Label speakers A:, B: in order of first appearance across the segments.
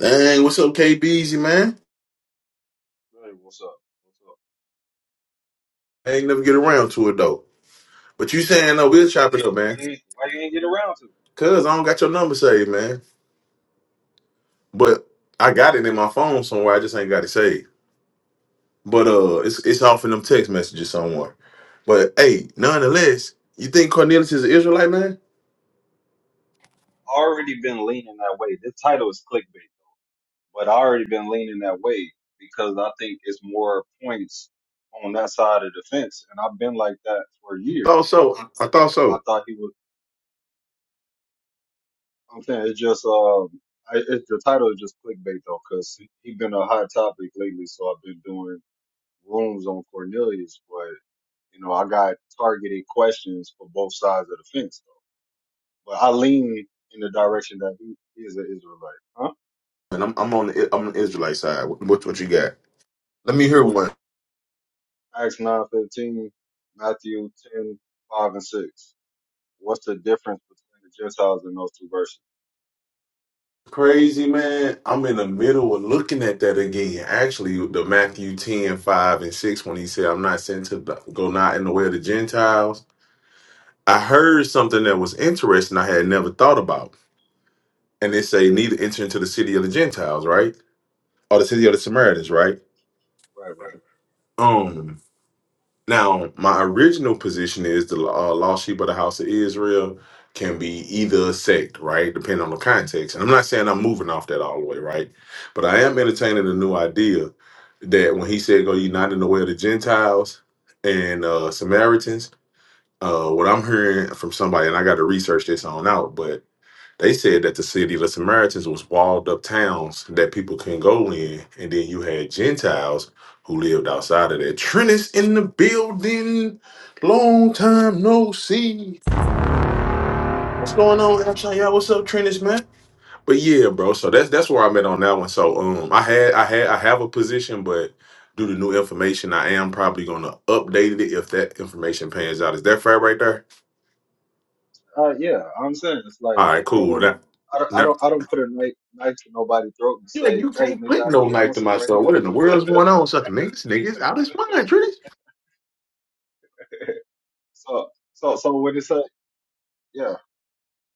A: Dang, what's up, K KBZ, man?
B: Hey, what's up? What's up?
A: I ain't never get around to it though. But you saying no, we'll chop it up, man.
B: Why you ain't, why you ain't get around to it?
A: Cause I don't got your number saved, man. But I got it in my phone somewhere. I just ain't got it saved. But uh it's it's off in them text messages somewhere. But hey, nonetheless, you think Cornelius is an Israelite, man?
B: Already been leaning that way. This title is clickbait, but I already been leaning that way because I think it's more points on that side of the fence, and I've been like that for
A: Thought
B: years.
A: so. I thought
B: And I
A: so.
B: thought he was. I'm saying it's just um, I, it, the title is just clickbait though, because he, he been a hot topic lately. So I've been doing rooms on Cornelius, but you know I got targeted questions for both sides of the fence. but I lean in the direction that he, he is an Israelite. Huh?
A: And I'm I'm on the I'm on the Israelite side. What what you got? Let me hear one.
B: Acts nine fifteen, Matthew ten five and six. What's the difference between the Gentiles and those two verses?
A: crazy, man. I'm in the middle of looking at that again. Actually, the Matthew 10 5 and 6, when he said, I'm not sent to the- go not in the way of the Gentiles. I heard something that was interesting I had never thought about. And they say, neither enter into the city of the Gentiles, right? Or the city of the Samaritans, right?
B: Right, right,
A: Um. Now, my original position is the uh, lost sheep of the house of Israel can be either a sect, right? Depending on the context. And I'm not saying I'm moving off that all the way, right? But I am entertaining a new idea that when he said go ye not in the way of the Gentiles and uh, Samaritans, uh, what I'm hearing from somebody, and I got to research this on out, but they said that the city of the Samaritans was walled up towns that people couldn't go in, and then you had Gentiles who lived outside of that. Trinus in the building. Long time no see. What's going on, Abshai? y'all? What's up, Trinus, man? But yeah, bro. So that's that's where I'm at on that one. So um, I had I had I have a position, but due to new information, I am probably gonna update it if that information pans out. Is that fair right there?
B: right. Uh, yeah, I'm saying it's like
A: All right,
B: I
A: cool.
B: don't,
A: Now,
B: I don't, I
A: now
B: don't, I don't put a knife, knife to nobody's throat and
A: Yeah,
B: say,
A: you
B: "Hey,
A: can't
B: nigga,
A: put
B: I
A: no
B: need an
A: knife to
B: answer right
A: myself. What in the
B: here."
A: world's going on? Sucking niggas, niggas out his mind, Trinity.
B: so, so, so when it say, yeah,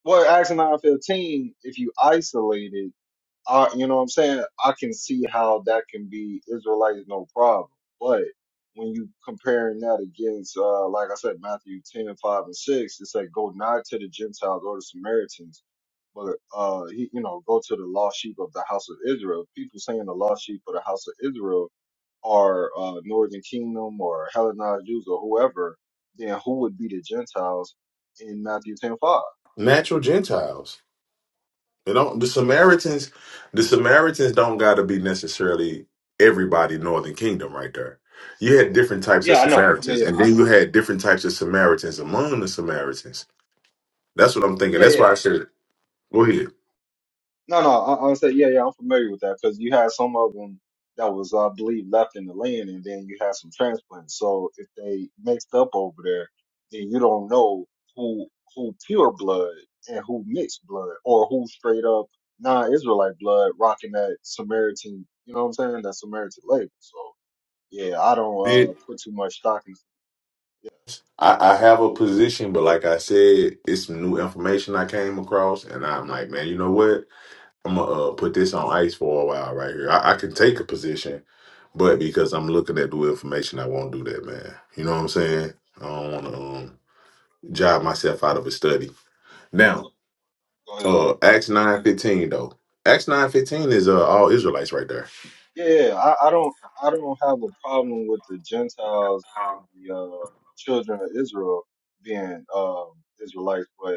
B: well, Acts nine fifteen, if you isolate it I, you know what I'm saying? I can see how that can be Israelites no problem. But when you comparing that against, uh, like I said, Matthew 10 5 and 6, it's like go not to the Gentiles or the Samaritans, but, uh, he, you know, go to the lost sheep of the house of Israel. People saying the lost sheep of the house of Israel are, uh, Northern Kingdom or Hellenized Jews or whoever, then who would be the Gentiles in Matthew 10 5?
A: Natural Gentiles. They don't the Samaritans the Samaritans don't gotta be necessarily everybody northern kingdom right there. You had different types of
B: Yeah, I know. Yeah,
A: Samaritans,
B: yeah,
A: and
B: I
A: then
B: know.
A: you had different types of Samaritans among the Samaritans. That's what I'm thinking.
B: Yeah,
A: That's
B: yeah.
A: why
B: yeah.
A: I said go ahead.
B: No, no, I, I said, yeah, yeah, I'm familiar with that because you had some of them that was, I believe, left in the land, and then you had some transplants. So if they mixed up over there, then you don't know who who pure blood and who mixed blood, or who straight up non-Israelite blood rocking that Samaritan. You know what I'm saying? That Samaritan label. So yeah, I don't uh,
A: It-
B: put too much stock in. Yeah,
A: I, I have a position, but like I said, it's some new information I came across, and I'm like, man, you know what? I'm gonna uh, put this on ice for a while right here. I, I can take a position, but because I'm looking at the information, I won't do that, man. You know what I'm saying? I don't want to
B: uh,
A: um, job myself out of a study.
B: so,
A: Now,
B: go ahead.
A: uh, Acts nine fifteen though. Acts nine fifteen is uh, all Israelites right there.
B: Yeah, I, I don't I don't have a problem with the Gentiles and the uh, children of Israel being um, Israelites, but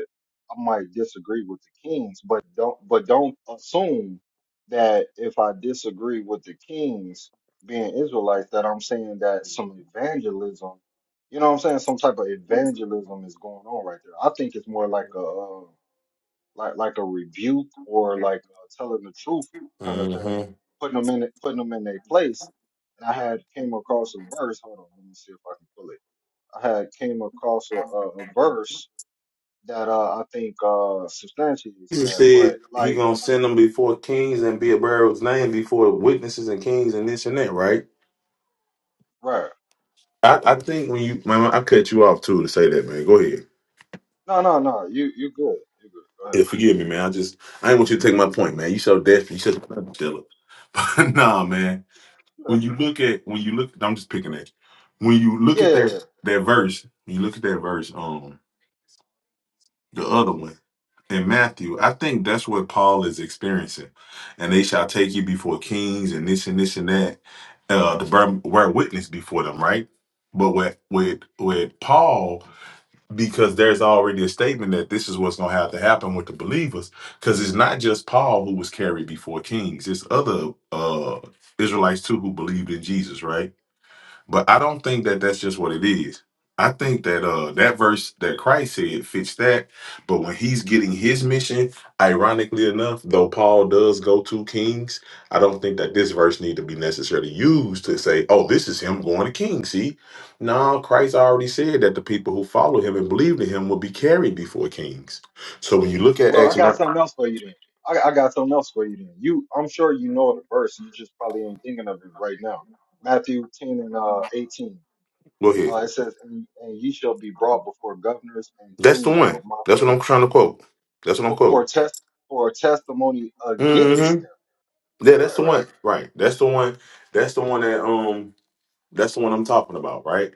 B: I might disagree with the kings. But don't but don't assume that if I disagree with the kings being Israelites, that I'm saying that some evangelism, you know what I'm saying, some type of evangelism is going on right there. I think it's more like a um, like like a rebuke or like uh, telling the truth kind of
A: Mm-hmm.
B: thing, putting them in it, putting them in their place. And I had came across a verse. Hold on, let me see if I can pull it. I had came across a, a, a verse that uh, I think uh, substantiates
A: Jesus
B: that. But
A: said he
B: like
A: gonna
B: like I
A: send
B: s-
A: them before kings and be a bearer of his name before witnesses and kings and this and that, right?
B: right,
A: I, I think when you, man, I cut you off too to say that, man. Go ahead.
B: no no no, you you good, you good.
A: Yeah, forgive me, man. I just I didn't want you to take my point, man. You so desperate. You said blood dealer. But nah, man.
B: Go ahead.
A: When you look at when you look, I'm just picking at you. When you look
B: Yeah.
A: at
B: yeah.
A: that that verse, when you look at that verse, um, the other one in Matthew, I think that's what Paul is experiencing. And they shall take you before kings and this and this and that, uh, to bear, bear witness before them, right? But with with with Paul, because there's already a statement that this is what's going to have to happen with the believers because it's not just paul who was carried before kings it's other uh israelites too who believed in jesus right but I don't think that that's just what it is. I think that uh that verse that Christ said fits that. But when he's getting his mission, ironically enough, though Paul does go to kings, I don't think that this verse need to be necessarily used to say, "Oh, this is him going to kings." See, no, Christ already said that the people who follow him and believe in him will be carried before kings. So when you look at
B: Well, I
A: Acts,
B: got
A: nine-
B: something else for you then. I, I got something else for you then. You, I'm sure you know the verse. You just probably ain't thinking of it right now. Matthew 10 and uh, 18.
A: go ahead.
B: Uh, it says, and, and ye shall be brought before governors and
A: That's the
B: kings for
A: one.
B: my
A: That's what I'm
B: faith,
A: trying to quote. That's what I'm
B: for, for
A: quoting.
B: test for a testimony against them.
A: Yeah, that's
B: Right,
A: the
B: right.
A: one. Right. That's the one. That's the one that um that's the one I'm talking about, right?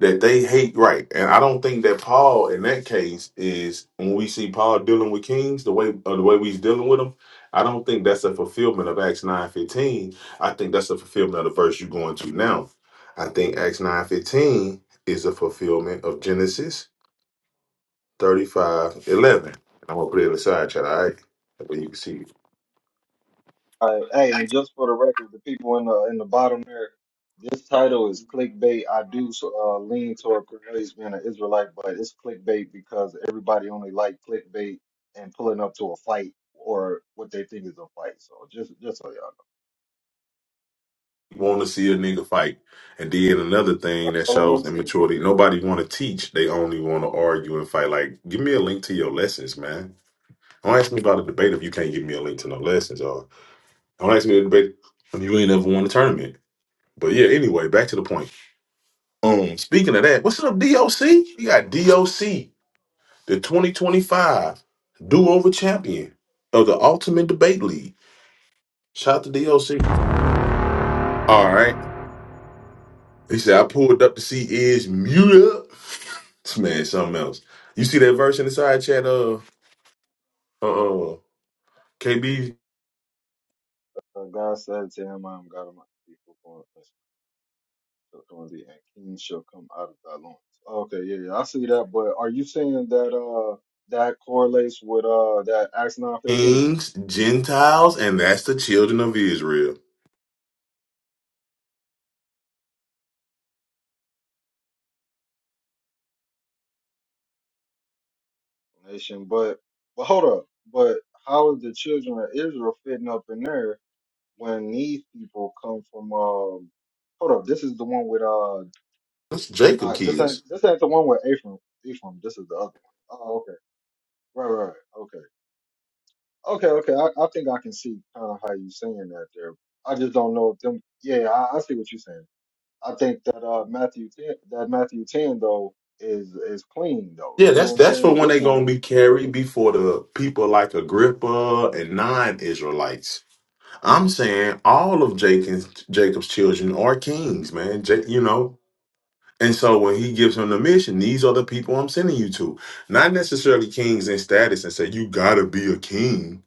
A: That they hate right. And I don't think that Paul in that case is when we see Paul dealing with kings, the way uh, the way we's dealing with them, I don't think that's a fulfillment of Acts 9:15. I think that's a fulfillment of the verse you're going to now. I think Acts 9:15 is a fulfillment of Genesis 35:11. And I'm going to put it in the side chat, all right? That way you can see
B: All right, hey, and just for the record, the people in the in the bottom there, this title is clickbait. I do so, uh, lean toward Cornelius being an Israelite, but it's clickbait because everybody only like clickbait and pulling up to a fight or what they think is a fight. So just just so y'all know,
A: want to see a nigga fight. And then another thing that
B: all I
A: shows
B: want to see.
A: immaturity. Nobody want to teach. They only want to argue and fight. Like, give me a link to your lessons, man. Don't ask me about a debate if you can't give me a link to no lessons, or don't ask me to debate if you ain't ever won a tournament. But yeah, anyway, back to the point. Um, speaking of that, what's up, DOC? You got DOC, the 2025 do-over champion of the Ultimate Debate League. Shout out to DOC. All right. He said, I pulled up to see is mute up. This man, something else. You see that verse in the side chat of uh, uh, KB
B: So God said to him, "I am God of my people." shall come out thee, and kings shall come out of thy loins. Okay, yeah, yeah, I see that. But are you saying that uh that correlates with uh that Acts nine fifteen or
A: kings, Gentiles, and that's the children of Israel.
B: no nation? But but hold up, but how is the children of Israel fitting up in there when these people come from um? Hold up, this is the one with uh
A: That's Jacob
B: not this ain't
A: kids.
B: this ain't the one with Ephraim. Ephraim, this is the other one. Oh, okay, right, right, right. okay, okay, okay. I, I think I can see kind of how you saying that there. I just don't know if them. Yeah, I, I see what you're saying. I think that uh Matthew 10, that Matthew 10 though is is clean though.
A: Yeah,
B: You know
A: that's
B: what I'm
A: that's for
B: saying?
A: when
B: This
A: they
B: one
A: gonna be
B: if
A: carried
B: you
A: before the people like Agrippa and non-Israelites. I'm saying all of Jacob's Jacob's children are kings, man. Ja- you know, And so when he gives him the mission, these are the people I'm sending you to. Not necessarily kings in status and say, you gotta be a king.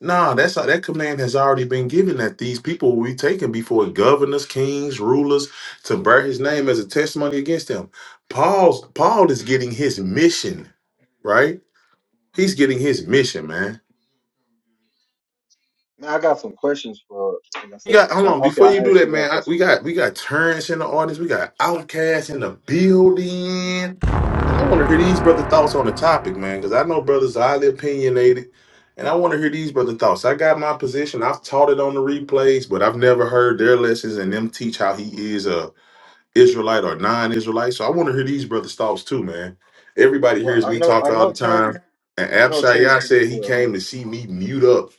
A: Nah, that's that command has already been given that these people will be taken before governors, kings, rulers to bear his name as a testimony against them. Paul's Paul is getting his mission, right? He's getting his mission, man.
B: Man, I got some questions for like I
A: You
B: said.
A: got hold
B: Like
A: on
B: okay,
A: before
B: I
A: you do
B: asked
A: that,
B: you that
A: man. I,
B: question.
A: we got
B: So,
A: we got Terrence in the audience. We got Outcast in the building. I want to hear these brother thoughts on the topic, man, because I know brothers are highly opinionated, and I want to hear these brother thoughts. I got my position. I've taught it on the replays, but I've never heard their lessons and them teach how he is a Israelite or non-Israelite. So I want to hear these brothers' thoughts too, man. Everybody
B: Well,
A: hears
B: I
A: me
B: know
A: talk
B: I
A: all the
B: know
A: time,
B: Terrence
A: and
B: I know Terrence
A: Abshai
B: think
A: said
B: he
A: he
B: will.
A: came
B: 'cause-
A: to see me mute up.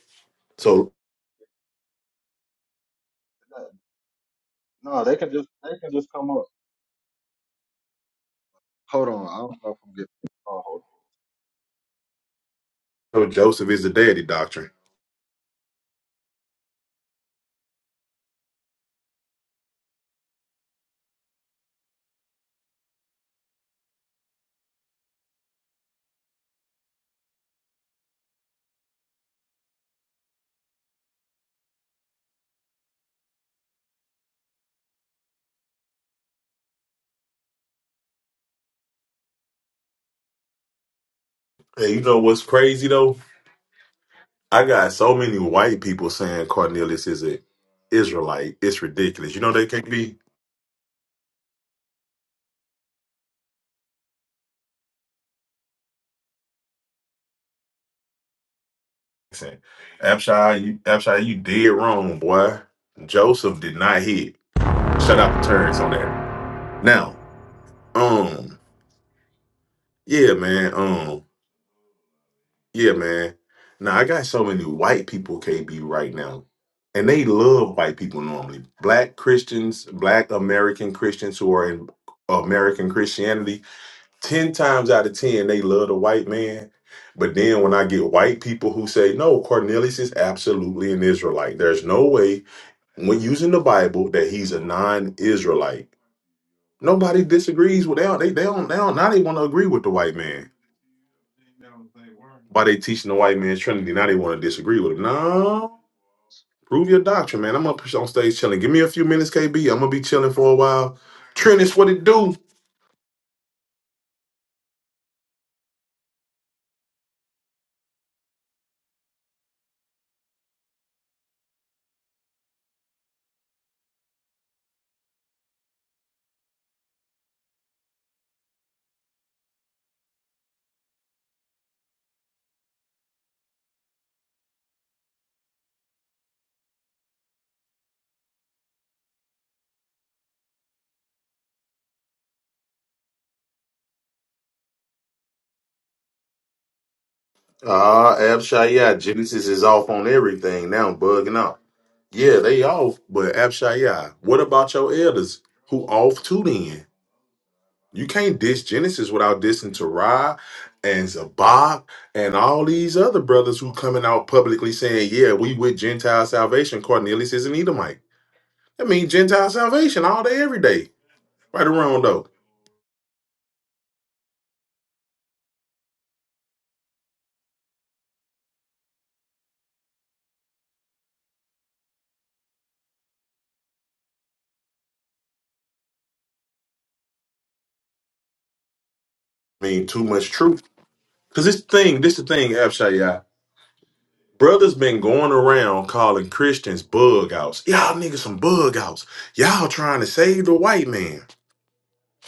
A: So,
B: uh, No, they can just they can just come up. Hold on, I don't know if I'm getting oh hold on.
A: so Joseph is the daddy doctrine. Hey, you know what's crazy though? I got so many white people saying Cornelius is an Israelite. It's ridiculous. You know they can't be. Listen, Abshai, you, Abshai, you did wrong, boy. Joseph did not hit. Shut out the turns on that. Now, um, yeah, man, um, yeah, man. Now I got so many white people KB right now, and they love white people normally. Black Christians, Black American Christians who are in American Christianity 10 times out of 10 they love the white man but then when i get white people who say no cornelius is absolutely an israelite there's no way when using the bible that he's a non-israelite nobody disagrees with that they, they don't they don't now they want to agree with the white man why they teaching the white man trinity now they want to disagree with him no prove your doctrine man i'm gonna push on stage chilling give me a few minutes kb i'm gonna be chilling for a while trinity what it do Ah, Abshaya, Genesis is off on everything now, bugging out. Yeah, they off, but Abshaya, what about your elders who off too then? You can't diss Genesis without dissing Terah and Zabak and all these other brothers who coming out publicly saying, yeah, we with Gentile salvation. Cornelius is an Edomite. That means Gentile salvation all day, every day. Right or wrong, though. I mean, too much truth. Because this thing, this the thing, Abshaya. Brothers been going around calling Christians bug outs. Y'all niggas some bug outs. Y'all trying to save the white man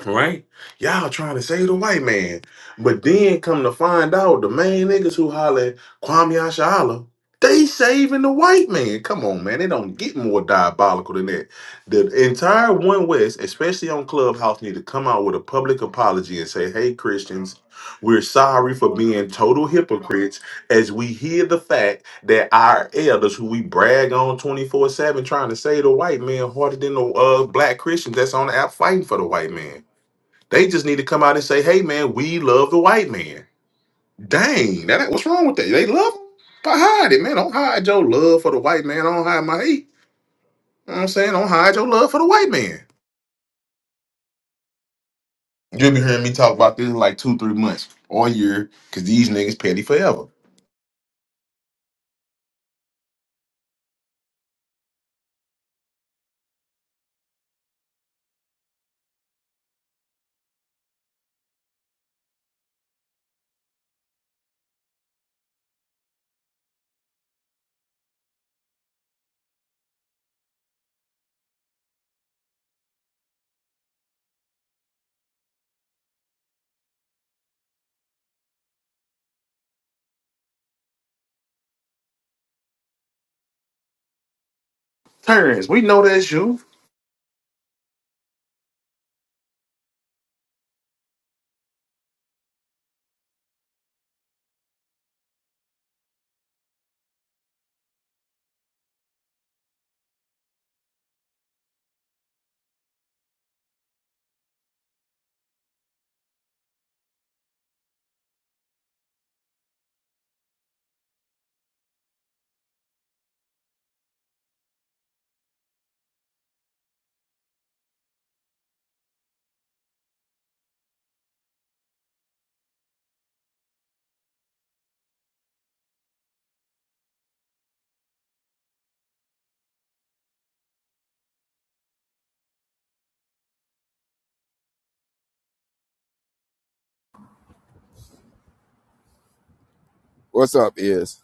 A: right? Y'all trying to save the white man. But then come to find out the main niggas who holler at Kwame Ashala, they saving the white man. Come on, man. It don't get more diabolical than that. The entire One West, especially on Clubhouse, need to come out with a public apology and say, hey, Christians, we're sorry for being total hypocrites as we hear the fact that our elders, who we brag on 24 7, trying to save the white man harder than the uh, black Christians that's on the app fighting for the white man. They just need to come out and say, "Hey, man, we love the white man." Dang, that what's wrong with that? They love him, but hide it, man. Don't hide your love for the white man. Don't hide my hate. You know what I'm saying, don't hide your love for the white man. You'll be hearing me talk about this in like two, three months or a year, because these niggas petty forever. Terrence, we know that's you.
C: What's up, is?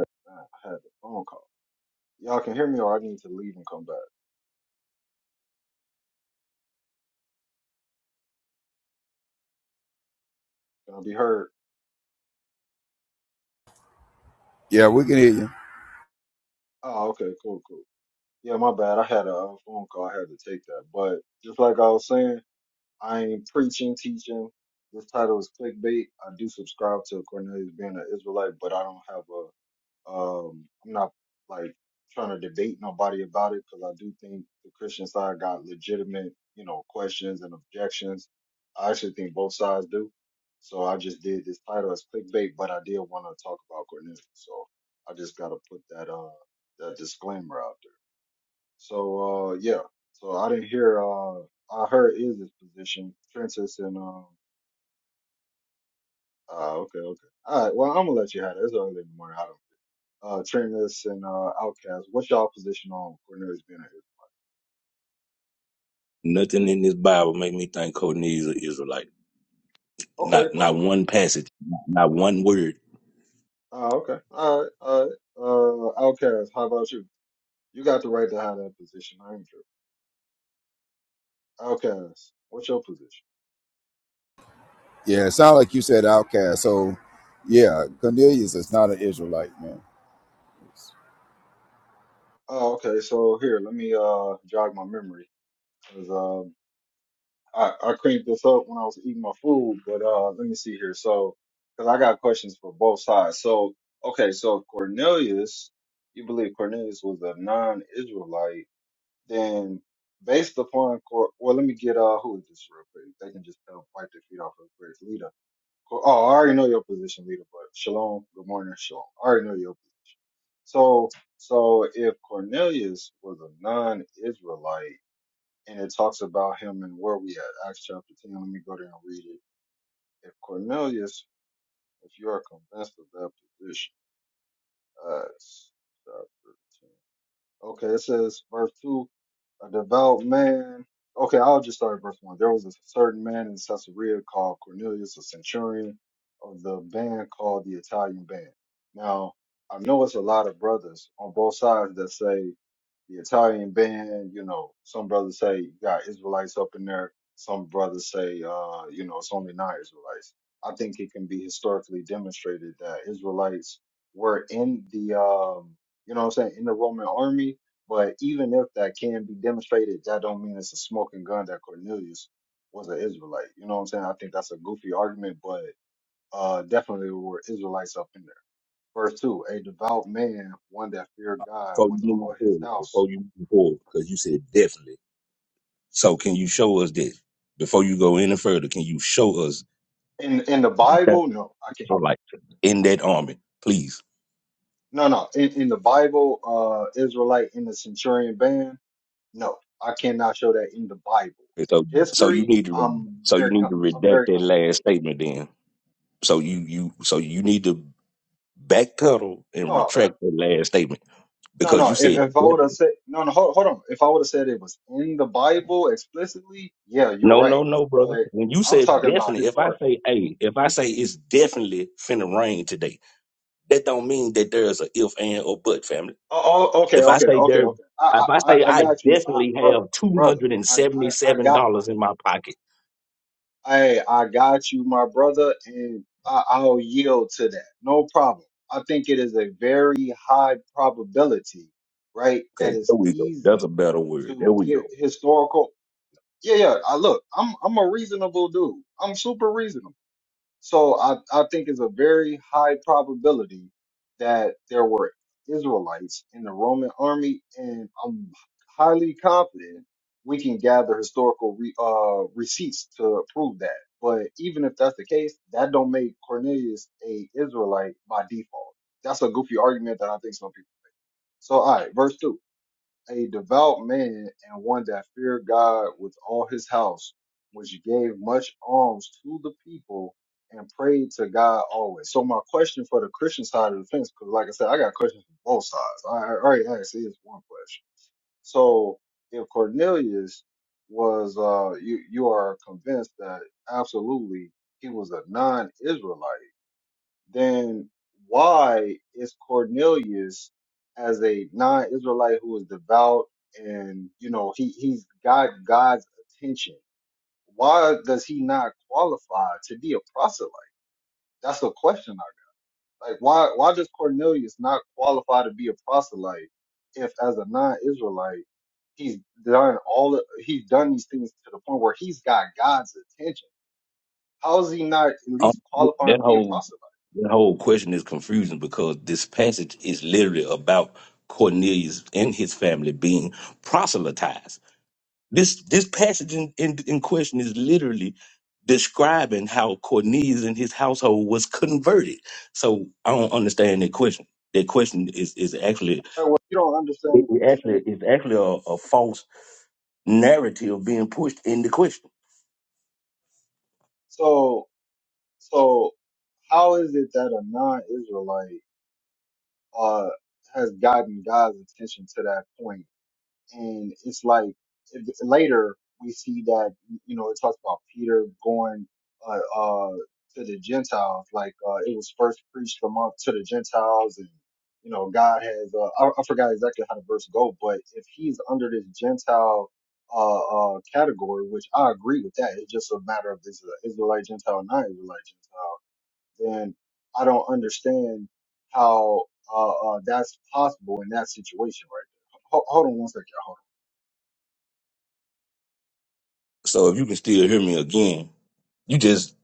B: But man, I had a phone call. Y'all can hear me or I need to leave and come back. Can I be heard?
C: Yeah, we can hear you.
B: Oh, okay, cool, cool. Yeah, my bad. I had a uh, phone call. I had to take that. But just like I was saying, I ain't preaching, teaching. This title is clickbait. I do subscribe to Cornelius being an Israelite, but I don't have a um. I'm not like trying to debate nobody about it because I do think the Christian side got legitimate, you know, questions and objections. I actually think both sides do. So I just did this title as clickbait, but I did want to talk about Cornelius. So I just got to put that uh that disclaimer out there. So uh yeah. So I didn't hear uh I heard Izzy's position. Trentis and um uh okay, okay. All right, well I'm gonna let you have it. It's early in the morning. I don't uh Trentis and uh Outcast. What's y'all position on Cornelius Bennett?
D: Nothing in this Bible make me think Courtney is an Israelite.
B: Okay,
D: Not not
B: cool.
D: one passage, not, not one word.
B: Uh, okay. All right, all right. Uh Outcast, how about you? You got the right to have that position, I ain't sure. Outcast, what's your position?
C: Yeah, it sounds like you said outcast. So, yeah, Cornelius is not an Israelite, man.
B: Oh, okay, so here, let me uh jog my memory. I, I cranked this up when I was eating my food, but uh, let me see here. So, because I got questions for both sides. So, okay, so Cornelius, you believe Cornelius was a non-Israelite? Then, based upon Cor, well, let me get uh, who is this real quick? They can just tell, wipe their feet off real quick. Leader. Cor- Oh, I already know your position, leader. But shalom, good morning, shalom. I already know your position. So, so if Cornelius was a non-Israelite and it talks about him and where we at. Acts chapter 10. Let me go there and read it. If Cornelius, if you are convinced of that position, Acts chapter 10. Okay, it says, verse 2, a devout man. Okay, I'll just start at verse 1. There was a certain man in Caesarea called Cornelius, a centurion of the band called the Italian Band. Now, I know it's a lot of brothers on both sides that say the Italian band, you know, some brothers say you got Israelites up in there. Some brothers say, uh, you know, it's only non-Israelites. I think it can be historically demonstrated that Israelites were in the, um, you know what I'm saying, in the Roman army. But even if that can be demonstrated, that don't mean it's a smoking gun that Cornelius was an Israelite. You know what I'm saying? I think that's a goofy argument, but uh, definitely were Israelites up in there. Verse two, a devout man, one that feared God
D: Before
B: with
D: you move
B: all his
D: forward,
B: house
D: before you move forward, because you said definitely. So can you show us this? Before you go any further, can you show us
B: in in the
D: that
B: Bible, no, I can't.
D: Israelite in that army, please?
B: No, no, in, in the Bible, uh, Israelite in the centurion band, no, I cannot show that in the Bible.
D: And
B: In
D: So so you
B: history,
D: need to re-
B: I'm
D: so you
B: very,
D: need
B: com-
D: to
B: I'm
D: redact
B: very
D: that
B: confident.
D: last statement then. So you you so you need to backpedal and
B: No, no,
D: retract that last statement
B: no.
D: because
B: no.
D: you
B: If
D: said
B: if I would have
D: definitely.
B: said, no, no, hold, hold on. If I would have said it was in the Bible explicitly, yeah, you're
D: No, no,
B: right.
D: no, brother.
B: But
D: When you
B: I'm
D: say
B: talking about
D: definitely, if I
B: historic.
D: say hey, if I say it's definitely finna rain today, that don't mean that there's a if and or but family.
B: Oh, oh okay,
D: If I
B: okay,
D: say
B: okay,
D: there,
B: okay. I,
D: if I
B: I, I
D: say
B: I
D: I
B: got you, I,
D: definitely
B: brother,
D: have two
B: brother.
D: hundred and
B: I,
D: seventy
B: I, I
D: seven
B: got.
D: dollars in my pocket,
B: Hey, I got you, my brother, and I, I'll yield to that. No problem. I think it is a very high probability, right? That
D: okay, there
B: is
D: we go. That's a
B: easy
D: better word. There
B: to
D: we
B: give
D: go.
B: historical. Yeah, yeah. I look, I'm I'm a reasonable dude. I'm super reasonable. So I, I think it's a very high probability that there were Israelites in the Roman army, and I'm highly confident we can gather historical re, uh, receipts to prove that. But even if that's the case, that don't make Cornelius a Israelite by default. That's a goofy argument that I think some people. So, all right, verse two a devout man and one that feared God with all his house, which gave much alms to the people and prayed to God always. So my question for the Christian side of the fence, because like I said, I got questions from both sides. I I already asked is one question. So if Cornelius was uh you you are convinced that absolutely he was a non-Israelite then why is Cornelius, as a non-Israelite who is devout and you know he he's got God's attention, why does he not qualify to be a proselyte? That's the question. I- Like why why does Cornelius not qualify to be a proselyte if, as a non-Israelite, he's done all he's done these things to the point where he's got God's attention? How is he not at
D: Um,
B: least qualifying
D: that
B: to be a
D: whole
B: proselyte?
D: that whole question is confusing because this passage is literally about Cornelius and his family being proselytized. This this passage in, in, in question is literally describing how Cornelius and his household was converted. So I don't understand that question. That question is is actually
B: Like, well, you don't understand
D: it
B: the
D: it actually
B: question
D: is actually a, a false narrative being pushed in the question.
B: So, so how is it that a non-Israelite uh has gotten God's attention to that point? and it's like if- later we see that you know it talks about Peter going uh, uh to the Gentiles, like uh, it was first preached among to the Gentiles, and you know God has uh, I, I forgot exactly how the verse go, but if he's under this Gentile uh, uh category, which I agree with that, it's just a matter of is it Israelite Gentile or non Israelite Gentile, then I don't understand how uh, uh that's possible in that situation right Ho- hold on one second
D: So if you can still hear me again, you just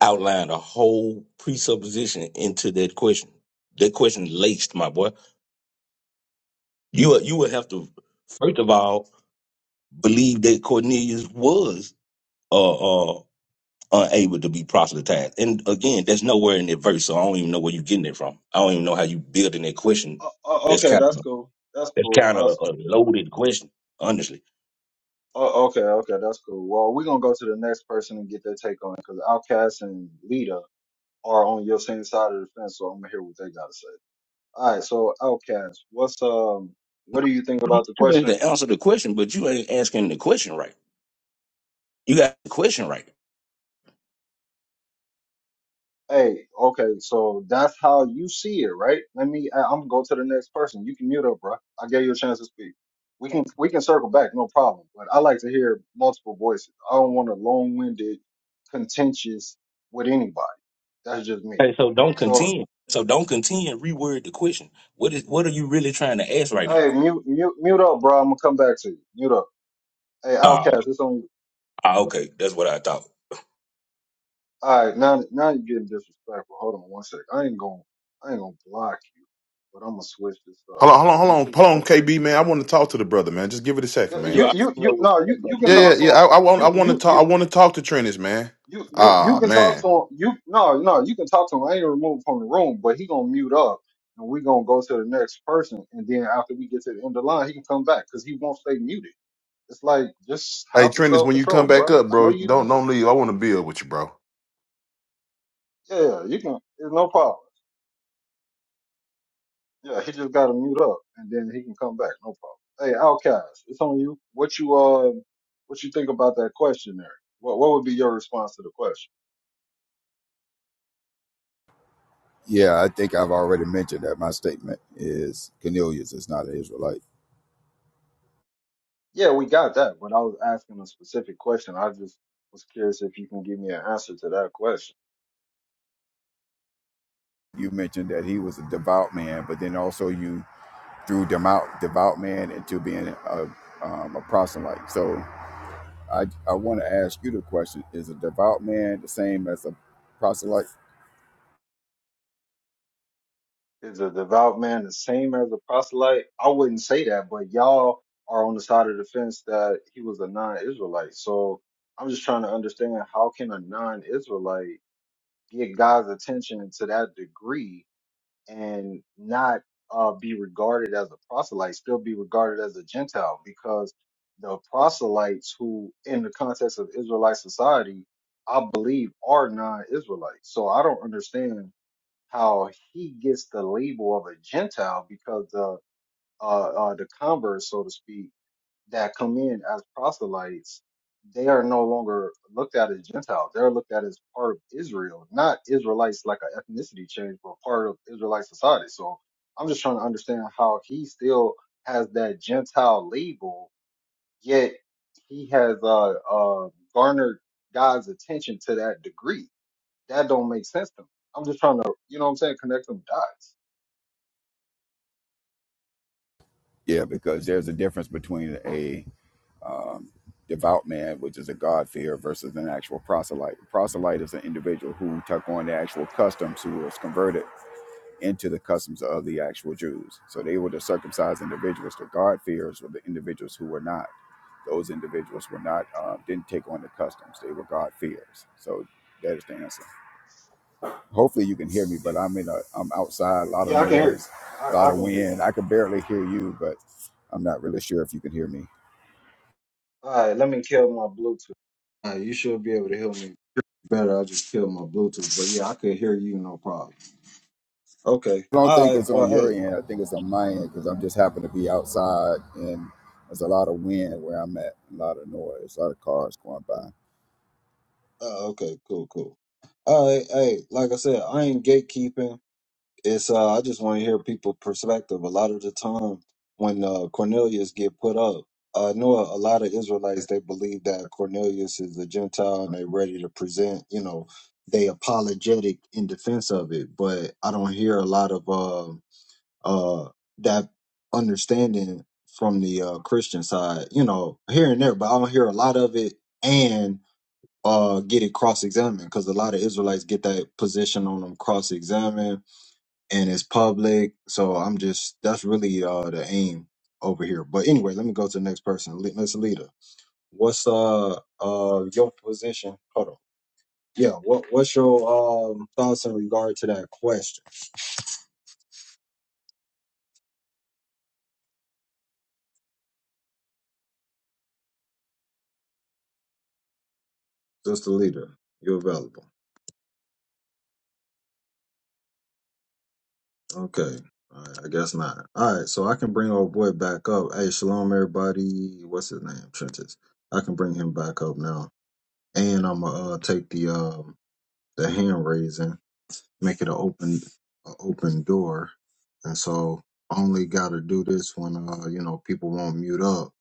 D: outlined a whole presupposition into that question. That question laced, my boy. You would- you would have to first of all believe that Cornelius was uh, uh, unable to be proselytized. And again, that's nowhere in that verse, so I don't even know where you're getting it from. I don't even know how you building that question.
B: Uh, uh,
D: That's
B: okay,
D: kind
B: that's
D: of
B: cool. That's
D: that's
B: cool.
D: kind of
B: That's
D: a
B: cool.
D: loaded question, honestly.
B: Uh, okay, okay, that's cool. Well, we're gonna go to the next person and get their take on it because Outcast and Lita are on your same side of the fence, so I'm gonna hear what they gotta say. All right, so Outcast, what's um, what do you think about the
D: Trying
B: question?
D: To answer the question, but you ain't asking the question right. You got the question right.
B: Hey, okay, so that's how you see it, right? Let me. I- I'm gonna go to the next person. You can mute up, bro. I gave you a chance to speak. We can we can circle back, no problem. But I like to hear multiple voices. I don't want a long-winded, contentious with anybody. That's just me.
D: Okay, so don't
B: So,
D: contend. So don't contend. Reword the question. What is what are you really trying to ask right now?
B: hey, mute mute mute up, bro. I'm gonna come back to you. Mute up. Hey,
D: Uh,
B: Outcast, it's on you.
D: ah, okay, that's what I thought.
B: All right, now now you're getting disrespectful. Hold on one sec. I ain't gonna I ain't gonna block you, but I'm gonna switch this up
A: Hold on, hold on,
B: because it's
A: hold on,
B: too
A: hold
B: early.
A: on, KB man. I want to talk to the brother, man. Just give it a second,
D: You
A: man.
B: You you you
D: already
B: no you you can
A: Yeah,
D: know.
A: yeah,
B: talk to
A: yeah.
B: him.
A: I, I want, I
B: You
A: want to
B: you
A: talk. I
B: you.
A: want to talk to Trennis, man.
B: You you you
A: Ah,
B: can talk
A: man.
B: to him. You no no you can talk to him. I ain't removed from the room, but he gonna mute up, and we gonna go to the next person. And then after we get to the end of the line, he can come back because he won't stay muted. It's like just
A: Hey,
B: have some
A: Trennis,
B: self
A: when you come
B: control,
A: back
B: bruh.
A: up,
B: I know
A: bro,
B: you
A: don't
B: just
A: don't leave. I want to build with you, bro.
B: yeah you can. It's no problem. Yeah, he just gotta mute up, and then he can come back. No problem. Hey, Outcast, it's on you. What you uh, what you think about that question there? What what would be your response to the question?
C: Yeah, I think I've already mentioned that my statement is Cornelius is not an Israelite.
B: Yeah, we got that, but I was asking a specific question. I just was curious if you can give me an answer to that question.
C: You mentioned that he was a devout man, but then also you threw them out, devout man, into being a, um, a proselyte. So, I, I want to ask you the question is a devout man the same as a proselyte?
B: Is a devout man the same as a proselyte? I wouldn't say that, but y'all are on the side of the fence that he was a non-Israelite. So I'm just trying to understand how can a non-Israelite get God's attention to that degree and not uh, be regarded as a proselyte, still be regarded as a Gentile, because the proselytes who, in the context of Israelite society, I believe are non-Israelites. So I don't understand how he gets the label of a Gentile because the uh, uh, the converse, so to speak, that come in as proselytes, they are no longer looked at as Gentiles. They're looked at as part of Israel, not Israelites like an ethnicity change, but part of Israelite society. So I'm just trying to understand how he still has that Gentile label, yet he has uh, uh, garnered God's attention to that degree. That don't make sense to me. I'm just trying to, you know what I'm saying, connect some dots.
C: Yeah, because there's a difference between a um, devout man, which is a God-fearer, versus an actual proselyte. A proselyte is an individual who took on the actual customs, who was converted into the customs of the actual Jews. So they were the circumcised individuals. The God-fearers were the individuals who were not. Those individuals were not, um, didn't take on the customs. They were God-fearers. So that is the answer. Hopefully you can hear me,
B: Yeah,
C: but I'm in a, I'm outside, a lot of
B: yeah, I can hear you.
C: noise, a
B: I,
C: lot
B: I
C: of
B: can hear you.
C: wind. I can barely hear you, but I'm not really sure if you can hear me.
B: All right, let me kill my Bluetooth. All right, you should be able to hear me better. I just killed my Bluetooth, but yeah, I could hear you no problem. Okay.
C: I don't
B: All
C: think
B: right.
C: it's
B: Well,
C: on your
B: hey.
C: end. I think it's on my end because I'm just happen to be outside and there's a lot of wind where I'm at, a lot of noise, a lot of cars going by.
B: Uh, okay. Cool. Cool. All right. Hey, like I said, I ain't gatekeeping. It's uh, I just want to hear people' perspective. A lot of the time, when uh, Cornelius get put up, I know a lot of Israelites they believe that Cornelius is a Gentile and they ready to present, you know, they apologetic in defense of it. But I don't hear a lot of. um uh, that understanding from the uh, Christian side, you know, here and there, but I don't hear a lot of it and uh, get it cross examined because a lot of Israelites get that position on them cross examined and it's public. So I'm just, that's really uh, the aim over here. But anyway, let me go to the next person, Le- Miss Alita. What's uh uh your position? Hold on. Yeah, what what's your um thoughts in regard to that question? Just a leader, you're available. Okay. All right, I guess not. All right, so I can bring old boy back up. Hey, shalom, everybody. What's his name? Trentis. I can bring him back up now, and I'm gonna uh, take the um the hand raising make it an open a open door. And so I only gotta do this when uh, you know, people won't mute up.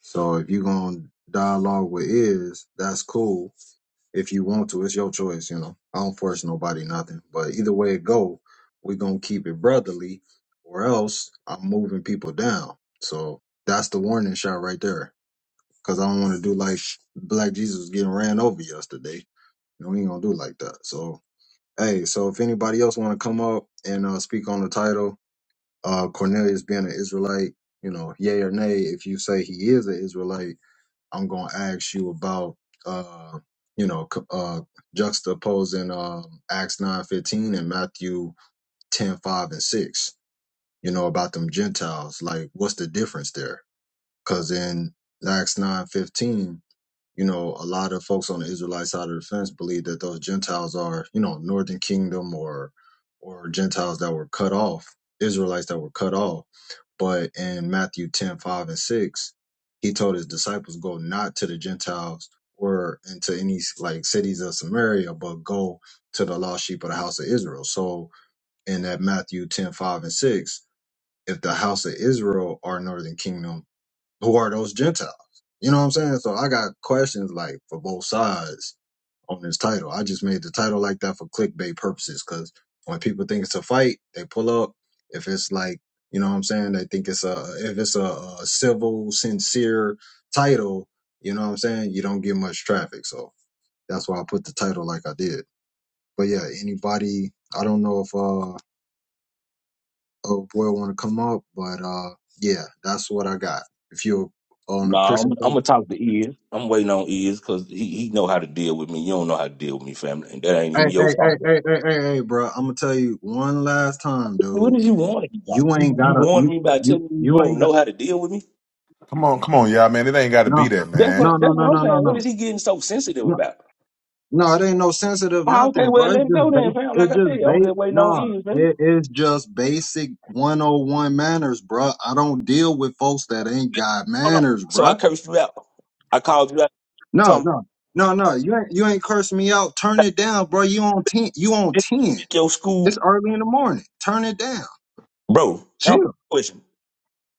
B: So if you gonna dialogue with is, that's cool. If you want to, it's your choice, you know. I don't force nobody nothing. But either way it go, we gonna keep it brotherly or else I'm moving people down. So that's the warning shot right there. Cause I don't wanna do like Black Jesus getting ran over yesterday. You know, we ain't gonna do like that. So Hey, so if anybody else want to come up and uh, speak on the title, uh, Cornelius being an Israelite, you know, yay or nay, if you say he is an Israelite, I'm going to ask you about, uh, you know, c- uh, juxtaposing um, Acts 9.15 and Matthew 10.5 and 6, you know, about them Gentiles. Like, what's the difference there? Because in Acts 9.15, you know, a lot of folks on the Israelite side of the fence believe that those Gentiles are, you know, Northern Kingdom or or Gentiles that were cut off, Israelites that were cut off. But in Matthew 10 5 and 6, he told his disciples, go not to the Gentiles or into any like cities of Samaria, but go to the lost sheep of the house of Israel. So in that Matthew 10 5 and 6, if the house of Israel are Northern Kingdom, who are those Gentiles? You know what I'm saying? So I got questions like for both sides on this title. I just made the title like that for clickbait purposes because when people think it's a fight, they pull up. If it's like, you know what I'm saying? They think it's a, if it's a, a civil, sincere title, you know what I'm saying? You don't get much traffic. So that's why I put the title like I did. But yeah, anybody, I don't know if, uh, oh boy want to come up, but, uh, yeah, that's what I got. If you're on
D: No,
B: the
D: I'm,
B: Christian
D: I'm
B: side,
D: gonna talk to Iz. I'm waiting on Iz because he, he know how to deal with me. You don't know how to deal with me, family, and that ain't
B: Hey,
D: even
B: hey,
D: your
B: hey,
D: fault. Bro.
B: hey, hey, hey, hey, bro. I'm gonna tell you one last time,
D: What
B: dude.
D: did you want me about?
B: You
D: You,
B: ain't
D: you
B: gotta
D: warned
B: you
D: me by
B: you
D: telling me
B: you
D: you
B: ain't
D: don't
B: got
D: know how to deal with me.
A: Come on, come on, y'all, man. It ain't got to be
B: no
A: that,
D: That's what
A: man.
B: no no
D: that's
B: no
D: what I'm
B: no no
D: saying. What is
B: no.
D: he getting so sensitive
B: No,
D: about?
B: no, it ain't no sensitive
D: Oh, okay,
B: nothing, bro.
D: well let
B: It's
D: him go
B: just base
D: then, fam. Like
B: it's
D: I
B: just
D: said, I'm
B: base
D: just waiting on
B: no,
D: Iz, man.
B: it is just basic 101 manners, bro. I don't deal with folks that ain't got
D: Hold on.
B: manners,
D: So I
B: bro.
D: cursed you out. I called you out.
B: No,
D: Something
B: no, no, no. You ain't you ain't cursing me out. Turn it down, bro. You on ten you on
D: This-
B: ten.
D: this your school,
B: It's early in the morning. Turn it down.
D: bro. I'm
B: Chill.
D: question.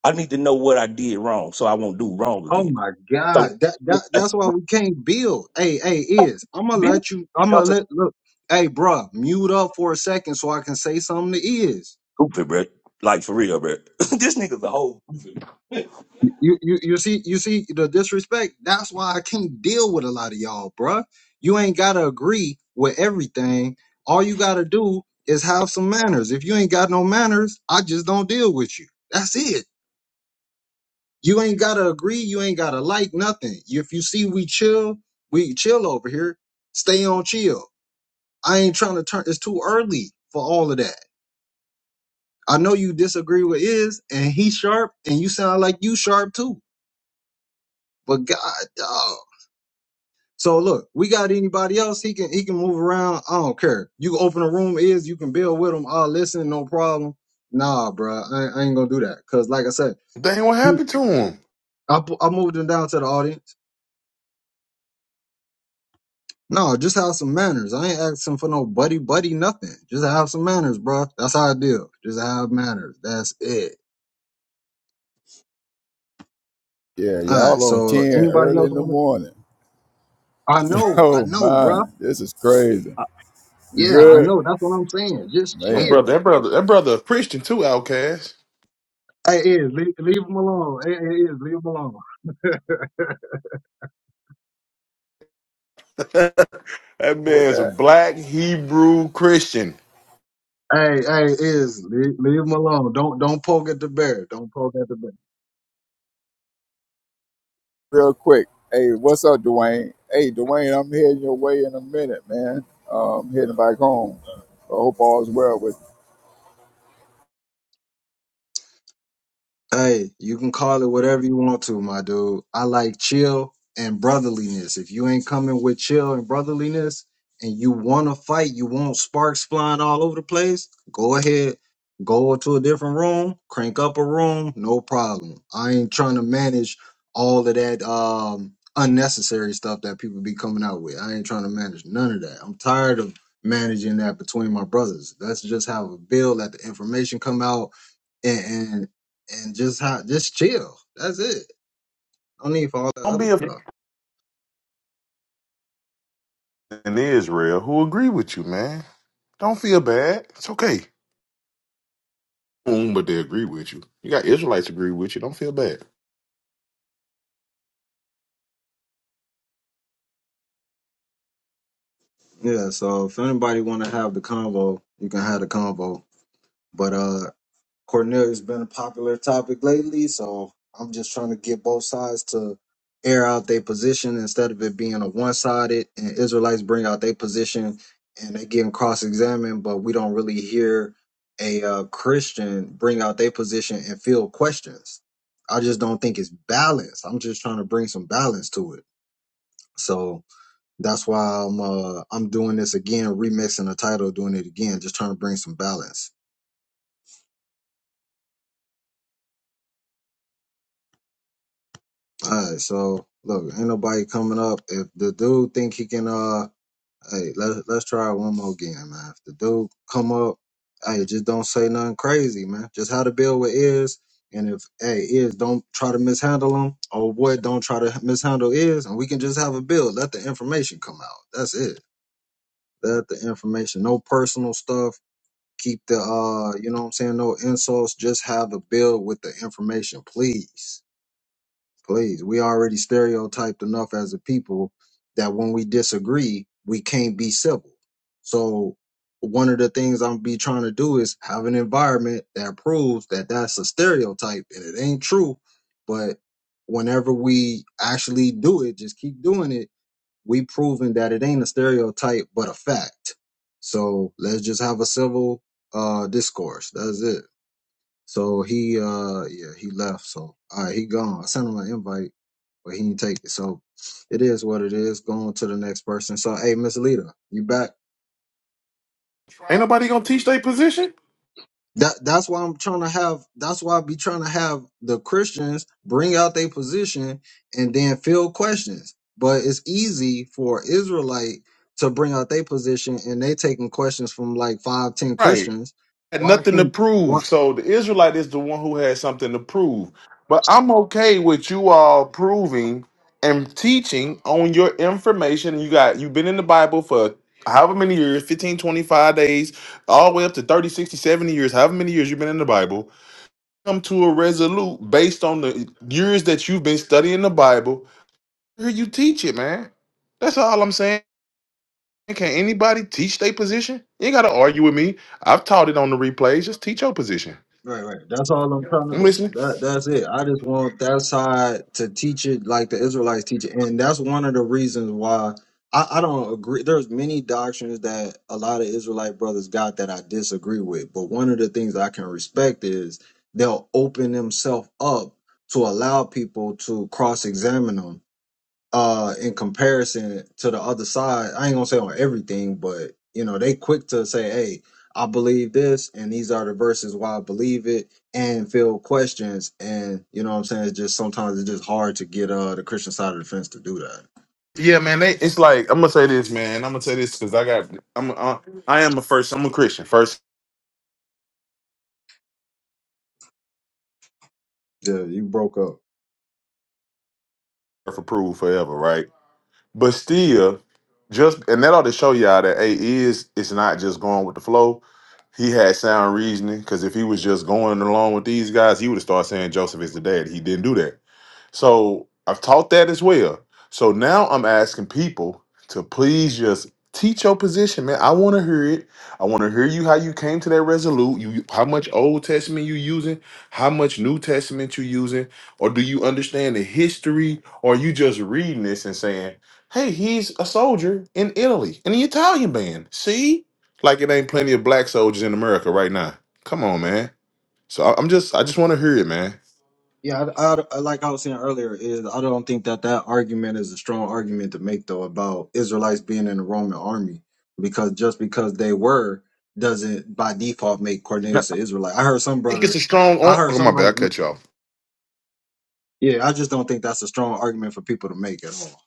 D: I need to know what I did wrong so I won't do wrong
B: Oh
D: again.
B: my
D: So
B: God. That that that's why we can't build. Hey, hey, is I'm gonna
D: Bill
B: let you I'm gonna
D: Gates
B: let look. Hey, bruh, mute up for a second so I can say something to is.
D: stupid, bro. Like for real, bro. this nigga's a whole goofy.
B: You you you see you see the disrespect. That's why I can't deal with a lot of y'all, bruh. You ain't gotta agree with everything. All you gotta do is have some manners. If you ain't got no manners, I just don't deal with you. That's it. You ain't gotta agree. You ain't gotta like nothing. If you see we chill, we chill over here stay on chill. I ain't trying to turn. It's too early for all of that. I know you disagree with is, and he sharp, and you sound like you sharp too. But God, dog. So look, we got anybody else? He can he can move around. I don't care. You can open a room is you can build with him. I'll listen, no problem. Nah, bro, I, I ain't gonna do that. Cause like I said,
A: Dang, what
B: you-
A: happened to him?
B: I pu- I moved him down to the audience. No, just have some manners. I ain't asking for no buddy buddy nothing. Just have some manners, bro. That's how I deal. Just have manners. That's it.
C: Yeah,
B: All right.
C: y'all on 10
B: So anybody
C: early
B: else
C: in the
B: want
C: morning.
B: to? I know, I
C: Oh,
B: know, bruh.
C: man, this is crazy.
B: I,
C: You
B: yeah, I
C: good?
B: know. That's what I'm saying. Just
A: One
C: Man,
B: chill.
A: brother, that brother, that brother, a Christian too, outcast.
B: Hey, is leave, leave him alone. Hey, hey, is leave him alone. hey,
A: That
C: with
A: man's a
C: that,
A: black Hebrew Christian.
B: hey, is leave, leave him alone. Don't don't poke at the bear. Don't poke at the bear.
C: real quick. Hey, what's up, Dwayne? Hey, Dwayne, I'm heading your way in a minute, man. Um, heading back home. I hope all's well with you,
B: Hey, you can call it whatever you want to, my dude. I like chill and brotherliness. If you ain't coming with chill and brotherliness and you want to fight, you want sparks flying all over the place, go ahead, go to a different room, crank up a room, no problem. I ain't trying to manage all of that um unnecessary stuff that people be coming out with. I ain't trying to manage none of that. I'm tired of managing that between my brothers. Let's just have a bill, let the information come out and and just how just chill. That's it. No need for all that
A: Don't
B: other
A: be a f-
B: stuff.
A: in Israel who agree with you, man. Don't feel bad. It's okay. Mm, But they agree with you. You got Israelites agree with you. Don't feel bad.
B: Yeah, so if anybody wanna have the convo, you can have the convo. But uh Cornelia's been a popular topic lately, so I'm just trying to get both sides to air out their position instead of it being a one sided and Israelites bring out their position and they getting cross examined, but we don't really hear a uh, Christian bring out their position and field questions. I just don't think it's balanced. I'm just trying to bring some balance to it So that's why I'm uh, I'm doing this again, remixing the title, doing it again, just trying to bring some balance. All right, so look, ain't nobody coming up. If the dude think he can, uh, hey, let let's try it one more game, man. If the dude come up, hey, just don't say nothing crazy, man. Just how to build with ears, and if hey ears don't try to mishandle them, or boy, don't try to mishandle ears, and we can just have a build. Let the information come out. That's it. Let the information, no personal stuff Keep the uh, you know what I'm saying, no insults, just have a bill with the information, please. Please. We already stereotyped enough as a people that when we disagree, we can't be civil. So one of the things I'm be trying to do is have an environment that proves that that's a stereotype and it ain't true. But whenever we actually do it, just keep doing it we proven that it ain't a stereotype but a fact. So let's just have a civil uh discourse. That's it. So he uh yeah, he left. So all right, he gone. I sent him an invite, but he didn't take it. So it is what it is. Going to the next person. So hey Miss Lita, you back?
A: Ain't nobody gonna teach their position,
B: That that's why I'm trying to have. That's why I be trying to have the Christians bring out their position and then field questions. But it's easy for Israelite to bring out their position and they taking questions from like five, ten
A: right?
B: Christians.
A: had
B: Why
A: nothing to
B: can't?
A: prove. So the Israelite is the one who has something to prove. But I'm okay with you all proving and teaching on your information. You got you've been in the Bible for however many years fifteen, twenty-five days all the way up to 30, 60, 70 years however many years you've been in the bible come to a resolute based on the years that you've been studying the bible here you teach it man that's all i'm saying can anybody teach their position you ain't gotta argue with me i've taught it on the replays just teach your position
B: Right, right. That's all I'm trying to
A: I'm
B: do.
A: listening.
B: That that's it. I just want that side to teach it like the Israelites teach it. And that's one of the reasons why I, I don't agree. There's many doctrines that a lot of Israelite brothers got that I disagree with. But one of the things I can respect is they'll open themselves up to allow people to cross examine them uh in comparison to the other side i ain't gonna say on everything but you know they quick to say hey i believe this and these are the verses why i believe it and field questions and you know what i'm saying it's just sometimes it's just hard to get uh the christian side of the fence to do that
A: Yeah, man. They, it's like I'm gonna say this, man. I'm gonna say this because I got. I'm. I, I am a first. I'm a Christian. First
B: yeah you broke up
A: approved forever, right? But still, just and that ought to show y'all that a is it's not just going with the flow. He had sound reasoning because if he was just going along with these guys, he would have started saying Joseph is the dad. He didn't do that. So I've taught that as well. So now I'm asking people to please just teach your position, man. I want to hear it. I want to hear you how you came to that resolute. You how much Old Testament you using, how much New Testament you using, or do you understand the history, or you just reading this and saying? Hey, he's a soldier in Italy, in the Italian band. See? Like it ain't plenty of black soldiers in America right now. Come on, man. So I- I'm just, I just want to hear it, man.
B: Yeah, I, I- like I was saying earlier, is I don't think that that argument is a strong argument to make though about Israelites being in the Roman army, because just because they were doesn't by default make
A: I
B: Cornelius an Israelite. I heard some
A: think it's
B: brothers,
A: a strong.
B: I
A: On-
B: heard
A: oh my
B: some
A: bad, I
B: brothers.
A: cut you off
B: Yeah, I just don't think that's a strong argument for people to make at all.